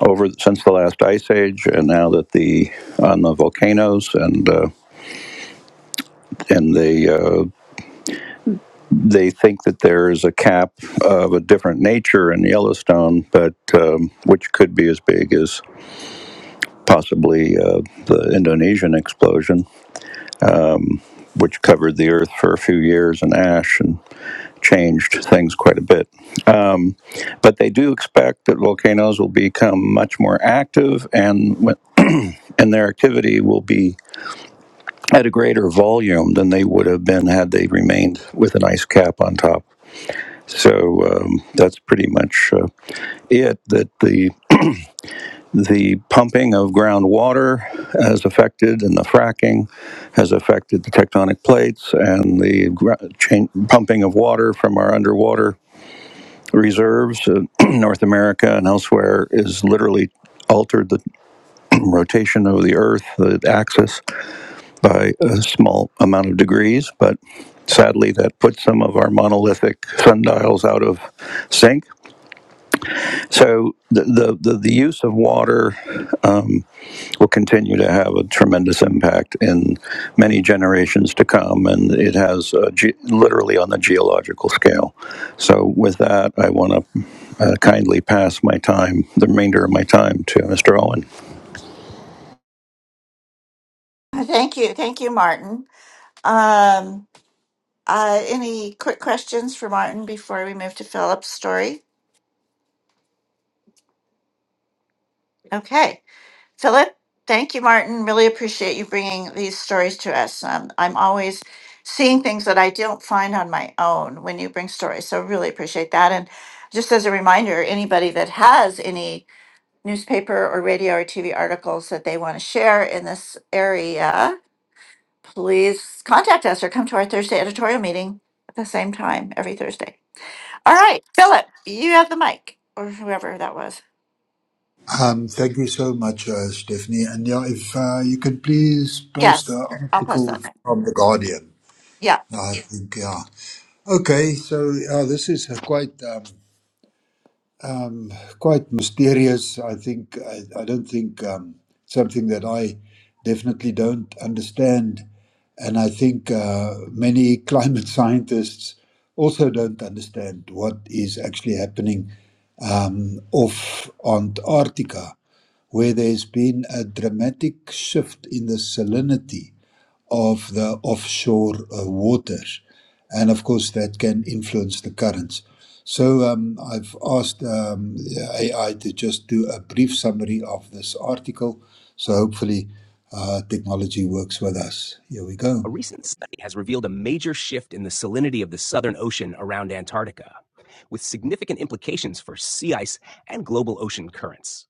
E: over since the last ice age, and now that the on the volcanoes and uh, and they uh, they think that there is a cap of a different nature in Yellowstone, but um, which could be as big as possibly uh, the Indonesian explosion, which covered the Earth for a few years in ash and changed things quite a bit. but they do expect that volcanoes will become much more active and and their activity will be at a greater volume than they would have been had they remained with an ice cap on top. So um, that's pretty much uh, it. That the the pumping of groundwater has affected, and the fracking has affected the tectonic plates, and the gr- chain, pumping of water from our underwater reserves, uh, <clears throat> North America and elsewhere, is literally altered the rotation of the Earth, the axis, by a small amount of degrees. But sadly, that puts some of our monolithic sundials out of sync. So the, the, the, use of water um, will continue to have a tremendous impact in many generations to come, and it has uh, ge- literally on the geological scale. So with that, I want to uh, kindly pass my time, the remainder of my time, to Mr. Owen.
A: Thank you. Thank you, Martin. Um, uh, any quick questions for Martin before we move to Philip's story? Okay. Philip, thank you, Martin. Really appreciate you bringing these stories to us. Um, I'm always seeing things that I don't find on my own when you bring stories. So, really appreciate that. And just as a reminder, anybody that has any newspaper or radio or TV articles that they want to share in this area, please contact us or come to our Thursday editorial meeting at the same time every Thursday. All right, Philip, you have the mic or whoever that was.
H: Um, thank you so much, uh, Stephanie. And yeah, if uh, you can please post the
A: Yes, I'll post that.
H: article
A: now.
H: from The Guardian.
A: Yeah.
H: I think, yeah. Okay, so uh, this is a quite. um, um, quite mysterious. I think I, I don't think um, something that I definitely don't understand, and I think uh, many <laughs> climate scientists also don't understand what is actually happening um, off Antarctica, where there's been a dramatic shift in the salinity of the offshore uh, waters, and of course that can influence the currents. So um, I've asked um, AI to just do a brief summary of this article. So hopefully, uh, technology works with us. Here we go.
M: A recent study has revealed a major shift in the salinity of the Southern Ocean around Antarctica, with significant implications for sea ice and global ocean currents.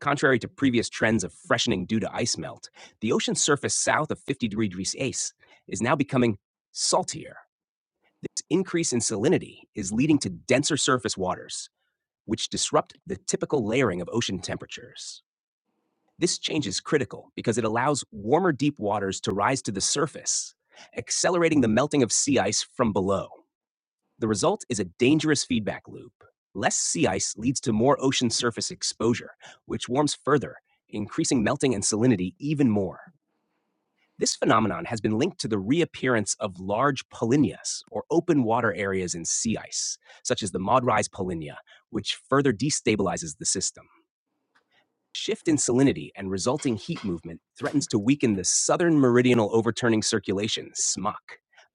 M: Contrary to previous trends of freshening due to ice melt, the ocean surface south of 50 degrees ACE is now becoming saltier. This increase in salinity is leading to denser surface waters, which disrupt the typical layering of ocean temperatures. This change is critical because it allows warmer deep waters to rise to the surface, accelerating the melting of sea ice from below. The result is a dangerous feedback loop. Less sea ice leads to more ocean surface exposure, which warms further, increasing melting and salinity even more. This phenomenon has been linked to the reappearance of large polynyas, or open water areas in sea ice, such as the Maud Rise polynya, which further destabilizes the system shift in salinity and resulting heat movement threatens to weaken the southern meridional overturning circulation, SMOC,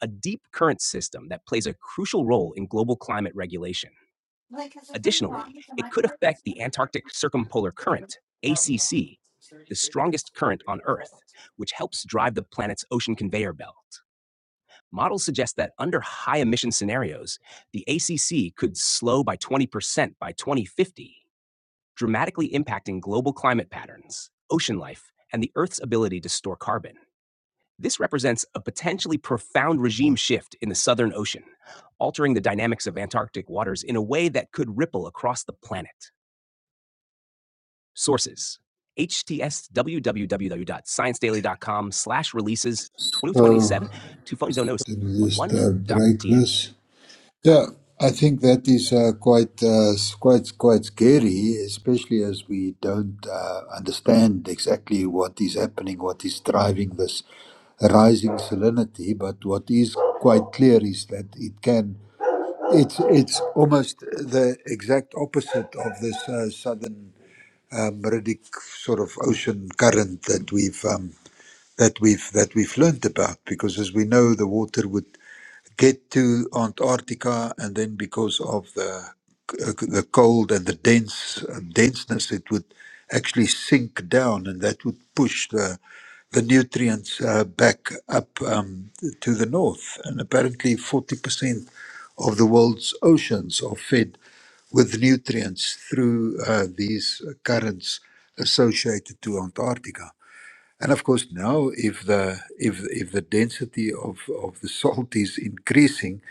M: a deep current system that plays a crucial role in global climate regulation. Additionally, it could affect the Antarctic Circumpolar Current, ACC, the strongest current on Earth, which helps drive the planet's ocean conveyor belt. Models suggest that under high emission scenarios, the ACC could slow by 20% by 2050 dramatically impacting global climate patterns, ocean life, and the Earth's ability to store carbon. This represents a potentially profound regime shift in the Southern Ocean, altering the dynamics of Antarctic waters in a way that could ripple across the planet. Sources HTS www.sciencedaily.com slash releases
H: So
M: 2027 to phone zone
H: let me just uh, break
M: 01.1.tf.
H: this. Yeah, I think that is uh, quite uh, s- quite quite scary, especially as we don't uh, understand exactly what is happening, what is driving this rising salinity. But what is quite clear is that it can. It's it's almost the exact opposite of this uh, southern uh, meridic sort of ocean current that we've um, that we've that we've learnt about. Because as we know, the water would get to Antarctica, and then because of the the cold and the dense denseness, it would actually sink down, and that would push the the nutrients uh, back up um, to the north. And apparently, forty percent of the world's oceans are fed with nutrients through uh, these currents associated to Antarctica. And of course, now if the if if the density of of the salt is increasing,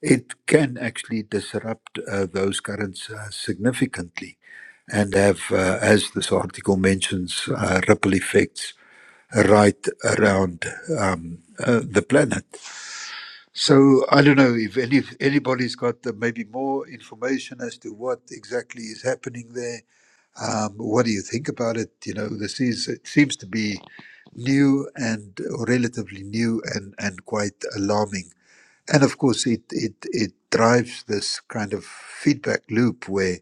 H: it can actually disrupt uh, those currents uh, significantly, and have, uh, as this article mentions, uh, ripple effects right around um, uh, the planet. So I don't know if any anybody's got uh, maybe more information as to what exactly is happening there um, what do you think about it? You know, this is it seems to be new and relatively new and and quite alarming. And of course, it it it drives this kind of feedback loop where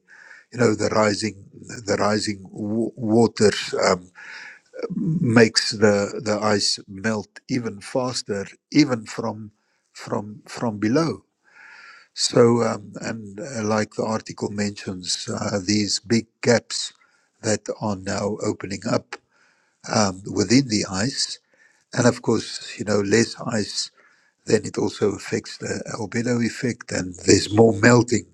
H: you know the rising the rising w- water um, makes the the ice melt even faster, even from from from below so, um, and uh, like the article mentions, uh, these big gaps that are now opening up um, within the ice. And of course, you know, less ice, then it also affects the albedo effect and there's more melting.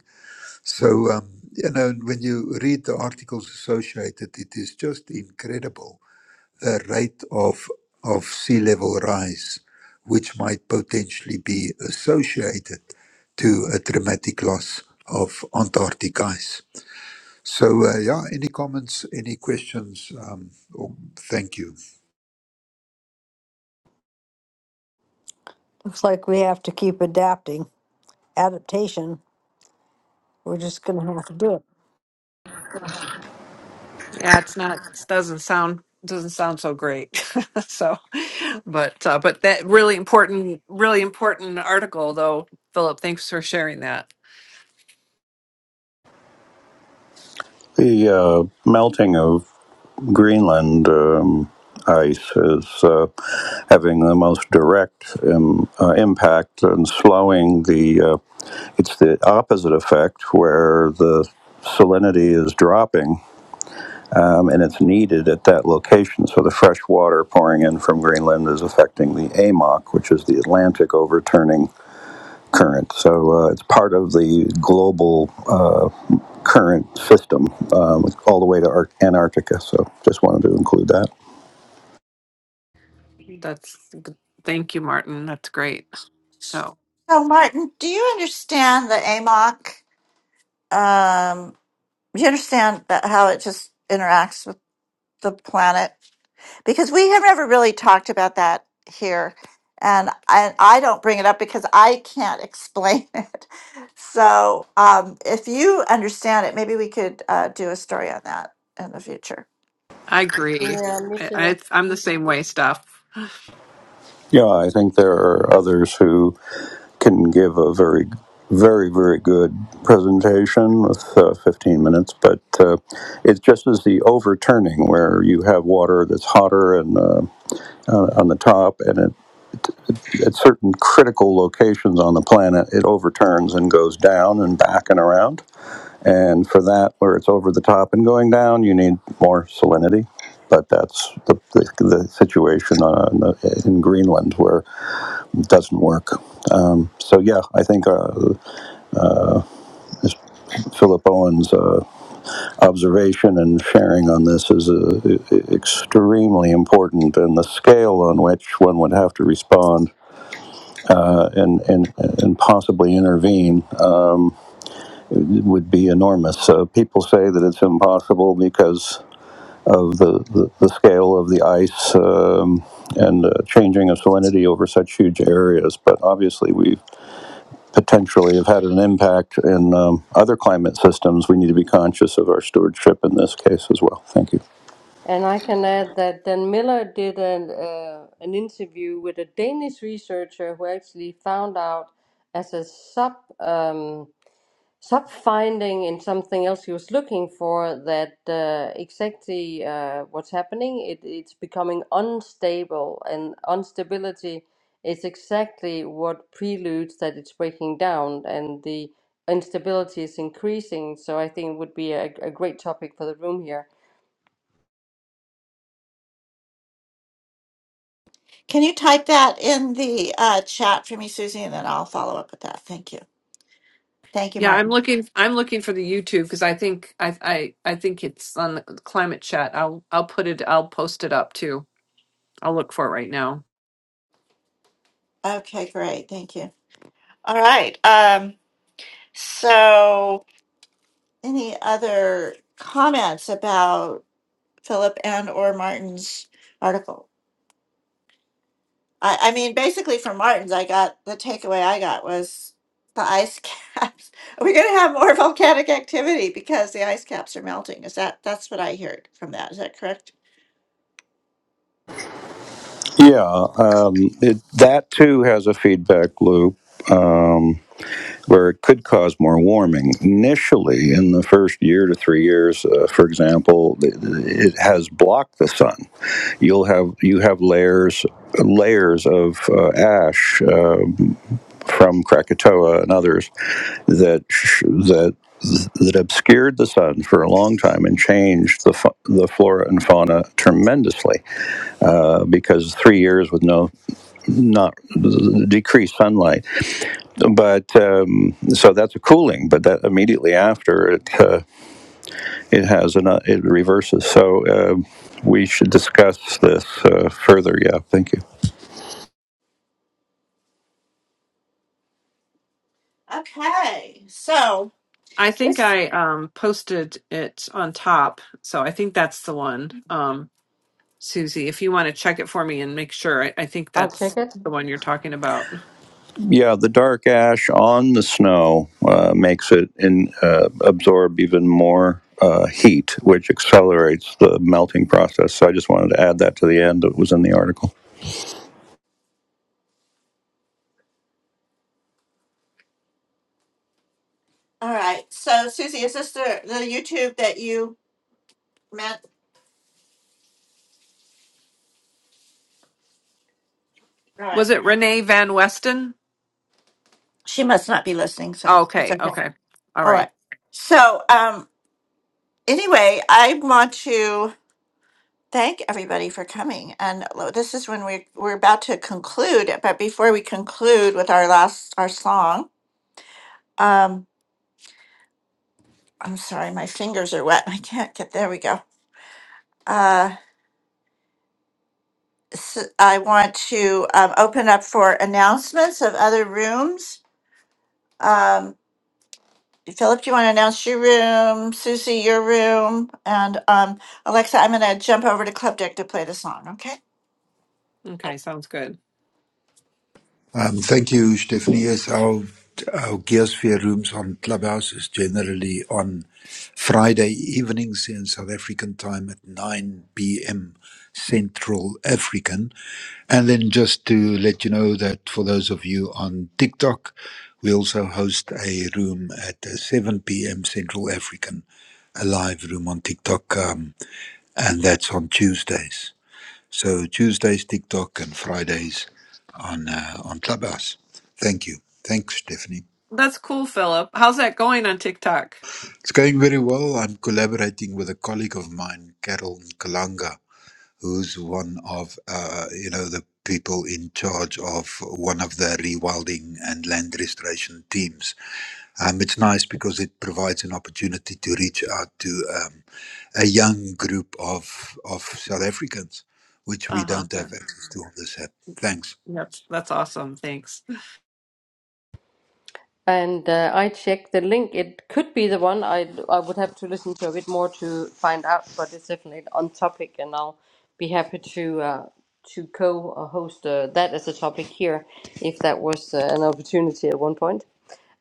H: So, um, you know, and when you read the articles associated, it is just incredible a rate of of sea level rise, which might potentially be associated to a dramatic loss of Antarctic ice. So uh, yeah, any comments, any questions? Um, oh, thank you.
B: Looks like we have to keep adapting. Adaptation. We're just going to have to do it.
C: Yeah, it's not it doesn't sound doesn't sound so great. <laughs> so, but uh, but that really important really important article though, Philip. Thanks for sharing that.
E: The uh, melting of Greenland um, ice is uh, having the most direct um, uh, impact and slowing the. Uh, it's the opposite effect where the salinity is dropping um, and it's needed at that location. So the fresh water pouring in from Greenland is affecting the AMOC, which is the Atlantic overturning current. So uh, it's part of the global uh, current system um, all the way to Ar- Antarctica. So just wanted to include that.
C: That's g- thank you, Martin. That's great. So
A: So, Martin, do you understand the AMOC? Um, do you understand that how it just interacts with the planet? Because we have never really talked about that here, and I, I don't bring it up because I can't explain <laughs> it. So, um, if you understand it, maybe we could uh, do a story on that in the future.
C: I agree.
I: Yeah, me
C: I,
I: too.
C: I I'm the same way, stuff.
E: Yeah, I think there are others who can give a very, very, very good presentation with uh, 15 minutes, but uh, it's just as the overturning where you have water that's hotter and uh, on on the top, and it, at certain critical locations on the planet, it overturns and goes down and back and around. And for that, where it's over the top and going down, you need more salinity. But that's the, the, the situation on, in Greenland where doesn't work. Um, so yeah, I think uh, Philip Owen's uh, observation and sharing on this is uh, e- e- extremely important, and the scale on which one would have to respond uh, and and and possibly intervene uh, would be enormous. Uh, people say that it's impossible because of the, the, the scale of the ice um, and uh, changing of salinity over such huge areas, but obviously we potentially have had an impact in um, other climate systems, we need to be conscious of our stewardship in this case as well. Thank you.
I: And I can add that Dan Miller did an, uh, an interview with a Danish researcher who actually found out as a sub um, sub finding in something else he was looking for that uh, exactly uh, what's happening. It, it's becoming unstable, and instability is exactly what preludes that it's breaking down, and the instability is increasing. So I think it would be a, a great topic for the room here.
A: Can you type that in the uh, chat for me, Susie, and then I'll follow up with that. Thank you. Thank you,
C: Yeah, I'm
A: Martin.
C: looking. I'm looking for the YouTube because I think I I I think it's on the climate chat. I'll I'll put it. I'll post it up too. I'll look for it right now.
A: Okay, great. Thank you. All right. Um, So, any other comments about Philip and or Martin's article? I, I mean, basically from Martin's, I got the takeaway I got was the ice caps. <laughs> Are we going to have more volcanic activity because the ice caps are melting? Is that that's what I heard from that? Is that correct?
E: Yeah, um, it, that too has a feedback loop um, where it could cause more warming. Initially, in the first year to three years, uh, for example, it, it has blocked the sun. You'll have you have layers layers of uh, ash. uh, from Krakatoa and others that that that obscured the sun for a long time and changed the the flora and fauna tremendously uh, because three years with no not decreased sunlight but um, so that's a cooling but that immediately after it uh, it has an uh, it reverses so uh, we should discuss this uh, further yeah thank you
A: Okay, so
C: I think
A: this.
C: I um, posted it on top, so I think that's the one, um, Susie. If you want to check it for me and make sure, I, I think
I: I'll
C: that's
I: check it.
C: the one you're talking about.
E: yeah, the dark ash on the snow uh, makes it in, uh, absorb even more uh, heat, which accelerates the melting process. So I just wanted to add that to the end that was in the article.
A: All right, so Susie, is this the the YouTube that you meant? All right,
C: Was it Renee Van Westen?
A: she must not be listening, so
C: Oh,
A: it's
C: Okay,
A: okay.
C: okay, all
A: All
C: right,
A: right. So, um, anyway, I want to thank everybody for coming. And lo- this is when we're we're about to conclude. But before we conclude with our last our song, um, I'm sorry, my fingers are wet. <laughs> I can't get there. We go. Uh, s I I want to um, open up for announcements of other rooms. Um, Philip, do you want to announce your room? Susie, your room, and um, Alexa, I'm going to jump over to Club Deck to play the song. Okay.
C: okay, sounds good.
H: Um, thank you, Stephanie. Yes, our our Gearsphere rooms on Clubhouse is generally on Friday evenings in South African time at 9 p.m. Central African. And then just to let you know that for those of you on TikTok, we also host a room at uh, 7 p.m. Central African, a live room on TikTok, um, and that's on Tuesdays. So Tuesdays TikTok and Fridays on uh, on Clubhouse. Thank you. Thanks, Stephanie.
C: That's cool, Philip. How's that going on TikTok?
H: It's going very well. I'm collaborating with a colleague of mine, Carol Kalanga, who's one of uh, you know the people in charge of one of the rewilding and land restoration teams. Um, it's nice because it provides an opportunity to reach out to um, a young group of of South Africans, which
C: Uh
H: we
C: huh.
H: don't have access to on this app. Thanks.
C: Yep, that's awesome. Thanks.
I: And uh, I checked the link. It could be the one. I I would have to listen to a bit more to find out, but it's definitely on topic, and I'll be happy to uh, to co-host uh, that as a topic here, if that was uh, an opportunity at one point.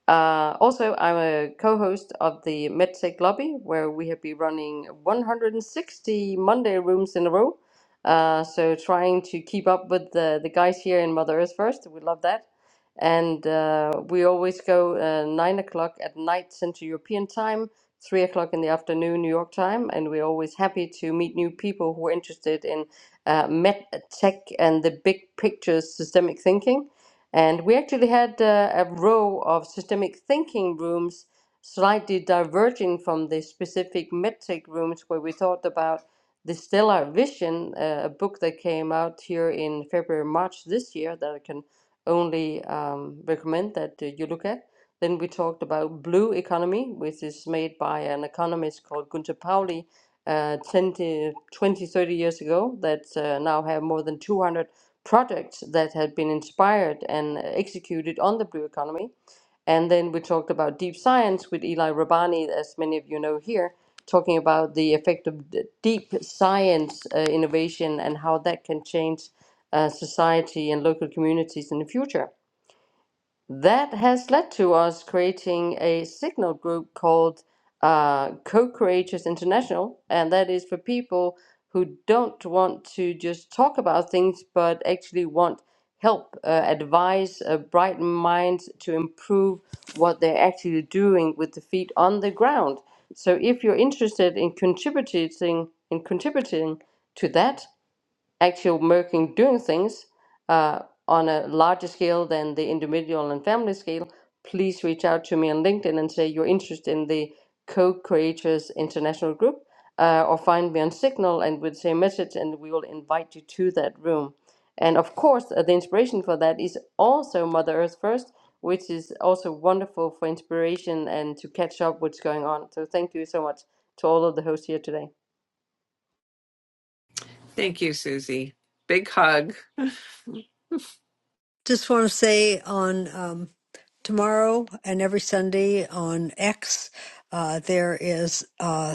I: Uh, also, I'm a co-host of the MedTech Lobby, where we have been running 160 Monday rooms in a row. Uh, so trying to keep up with the, the guys here in Mother Earth first. We love that. And uh, we always go uh, 9 o'clock at night Central European time, 3 o'clock in the afternoon New York time. And we're always happy to meet new people who are interested in uh, med tech and the big picture systemic thinking. And we actually had uh, a row of systemic thinking rooms, slightly diverging from the specific metric rooms where we thought about the Stellar Vision, uh, a book that came out here in February, March this year that I can only um, recommend that uh, you look at. Then we talked about Blue Economy, which is made by an economist called Gunter Pauli uh, 20, twenty, thirty years ago, that uh, now have more than 200 projects that had been inspired and executed on the blue economy. And then we talked about deep science with Eli Rabani, as many of you know here, talking about the effect of d- deep science uh, innovation and how that can change uh, society and local communities in the future. That has led to us creating a signal group called uh, Co Creators International, and that is for people who don't want to just talk about things but actually want help, uh, advice, uh, bright minds to improve what they're actually doing with the feet on the ground. So if you're interested in contributing in contributing to that, actual working doing things uh, on a larger scale than the individual and family scale, please reach out to me on LinkedIn and say you're interested in the Co-Creators International Group, uh, or find me on Signal and with the same message, and we will invite you to that room. And of course, uh, the inspiration for that is also Mother Earth First, which is also wonderful for inspiration and to catch up what's going on. So thank you so much to all of the hosts here today.
C: Thank you, Susie. Big hug. <laughs>
B: Just want to say on um, tomorrow and every Sunday on X, uh, there is. Uh,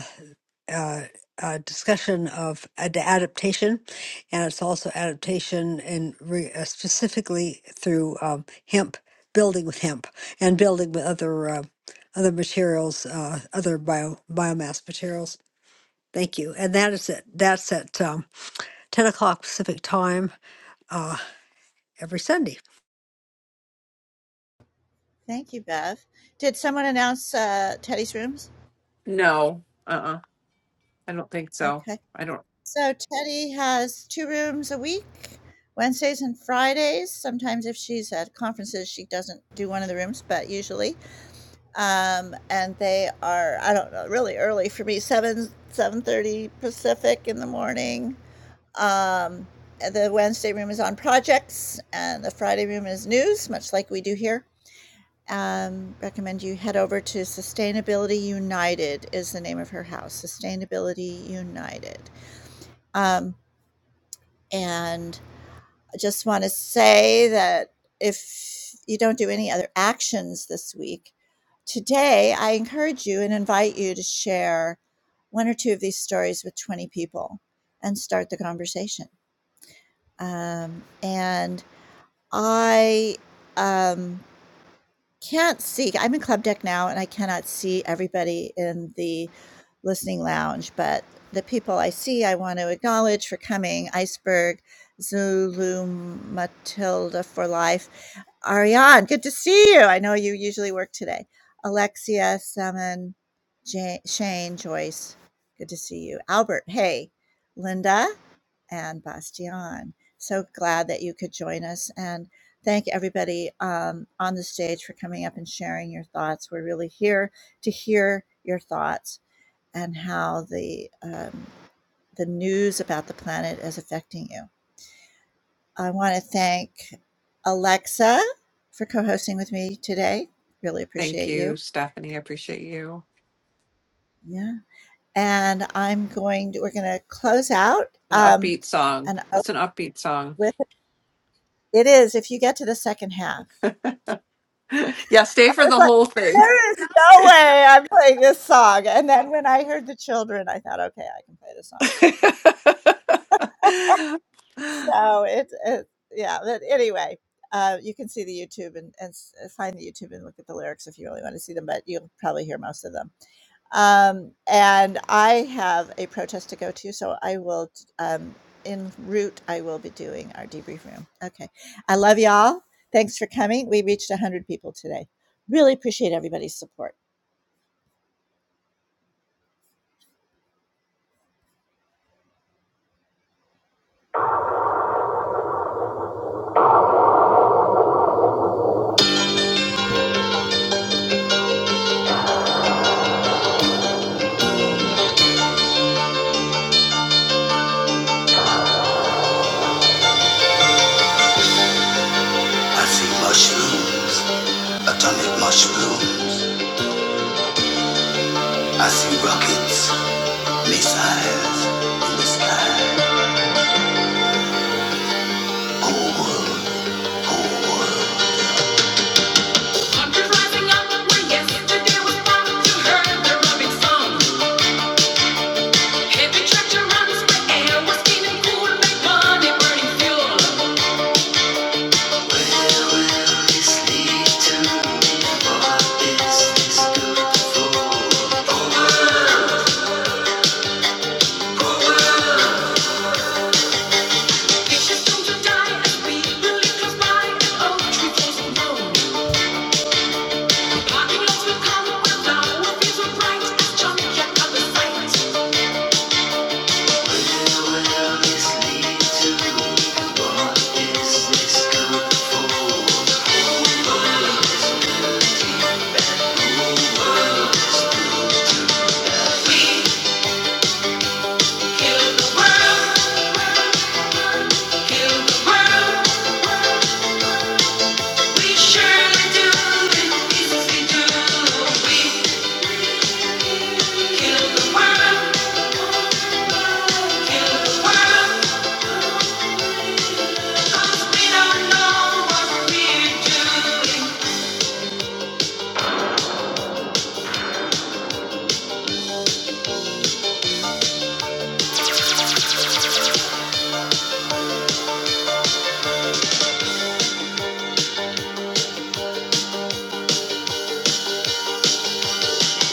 B: uh, uh, discussion of ad- adaptation, and it's also adaptation and re- uh, specifically through um, hemp, building with hemp, and building with other uh, other materials, uh, other bio biomass materials. Thank you, and that is it. That's at um, ten o'clock Pacific time uh, every Sunday.
A: Thank you, Bev. Did someone announce uh, Teddy's rooms?
C: No, uh-uh. I don't think so.
A: Okay.
C: I don't.
A: So Teddy has two rooms a week, Wednesdays and Fridays. Sometimes, if she's at conferences, she doesn't do one of the rooms, but usually, um, and they are I don't know really early for me seven seven thirty Pacific in the morning. Um, the Wednesday room is on projects, and the Friday room is news, much like we do here. um, recommend you head over to Sustainability United is the name of her house. Sustainability United. Um, and I just want to say that if you don't do any other actions this week, today I encourage you and invite you to share one or two of these stories with 20 people and start the conversation. Um, and I um, Can't see I'm in club deck now, and I cannot see everybody in the listening lounge, but the people I see, I want to acknowledge for coming. Iceberg, Zulu, Matilda for life, Ariane, good to see you. I know you usually work today. Alexia, Simon, Ja Shane, Joyce, good to see you. Albert, hey, Linda, and Bastian. So glad that you could join us. And thank everybody um, on the stage for coming up and sharing your thoughts. We're really here to hear your thoughts and how the um, the news about the planet is affecting you. I want to thank Alexa for co-hosting with me today. Really
C: Thank
A: appreciate
C: you,
A: you.
C: Stephanie. I appreciate you.
A: Yeah, and I'm going to. We're going to close out
C: An
A: um,
C: upbeat song.
A: and open
C: It's an upbeat song.
A: with it is if you get to the second half.
C: <laughs> Yeah, stay for
A: was
C: the
A: like,
C: whole thing.
A: there is no way I'm playing this song. And then when I heard the children, I thought, okay, I can play this song.
C: <laughs>
A: So it's, it, yeah, but anyway, uh, you can see the YouTube and, and s- find the YouTube and look at the lyrics if you really want to see them, but you'll probably hear most of them. Um, and I have a protest to go to, so I will, um, en route, I will be doing our debrief room. Okay. I love y'all. Thanks for coming. We reached 100 people today. Really appreciate everybody's support. I see mushrooms, atomic mushrooms. I see rockets, missiles in the sky. Whole world, whole world. Kill the world, kill the world. We surely do it. we do. We kill the world, kill the world.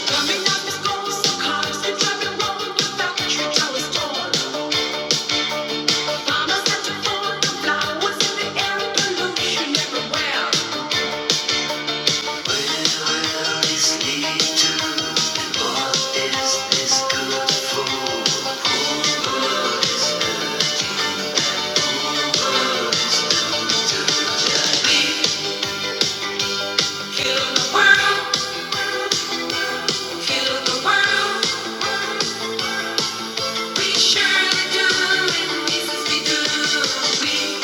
A: Coming up is gold, so cars they driving round the factory towers tall. Mama said to fall, the flowers in the air, pollution everywhere. When will this lead to? what is this good for? Kill the world, kill the world. We surely do it. we do.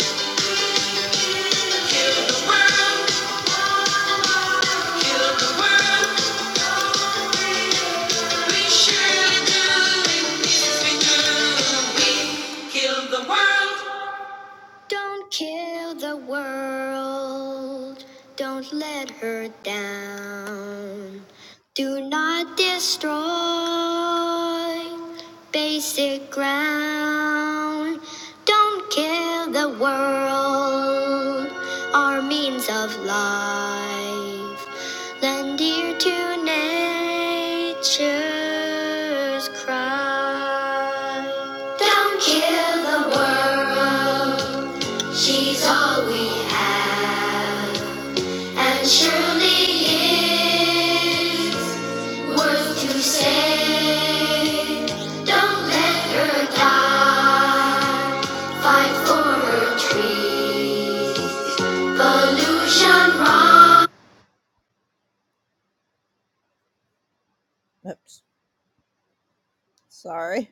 A: Don't kill the world. Don't let her down. Do not destroy basic ground. Don't kill the world. Our means of life. Lend ear to nature. Don't Oops. Sorry.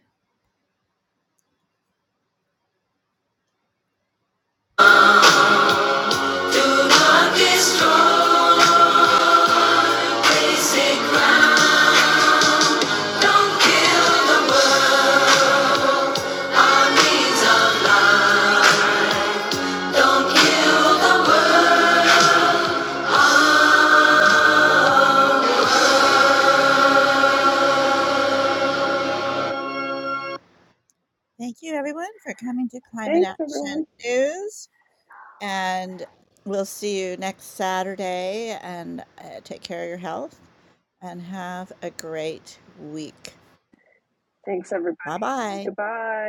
A: Thank you, everyone, for coming to Climate Action News. And we'll see you next Saturday. And uh, take care of your health and have a great week. Bye bye.
C: Bye.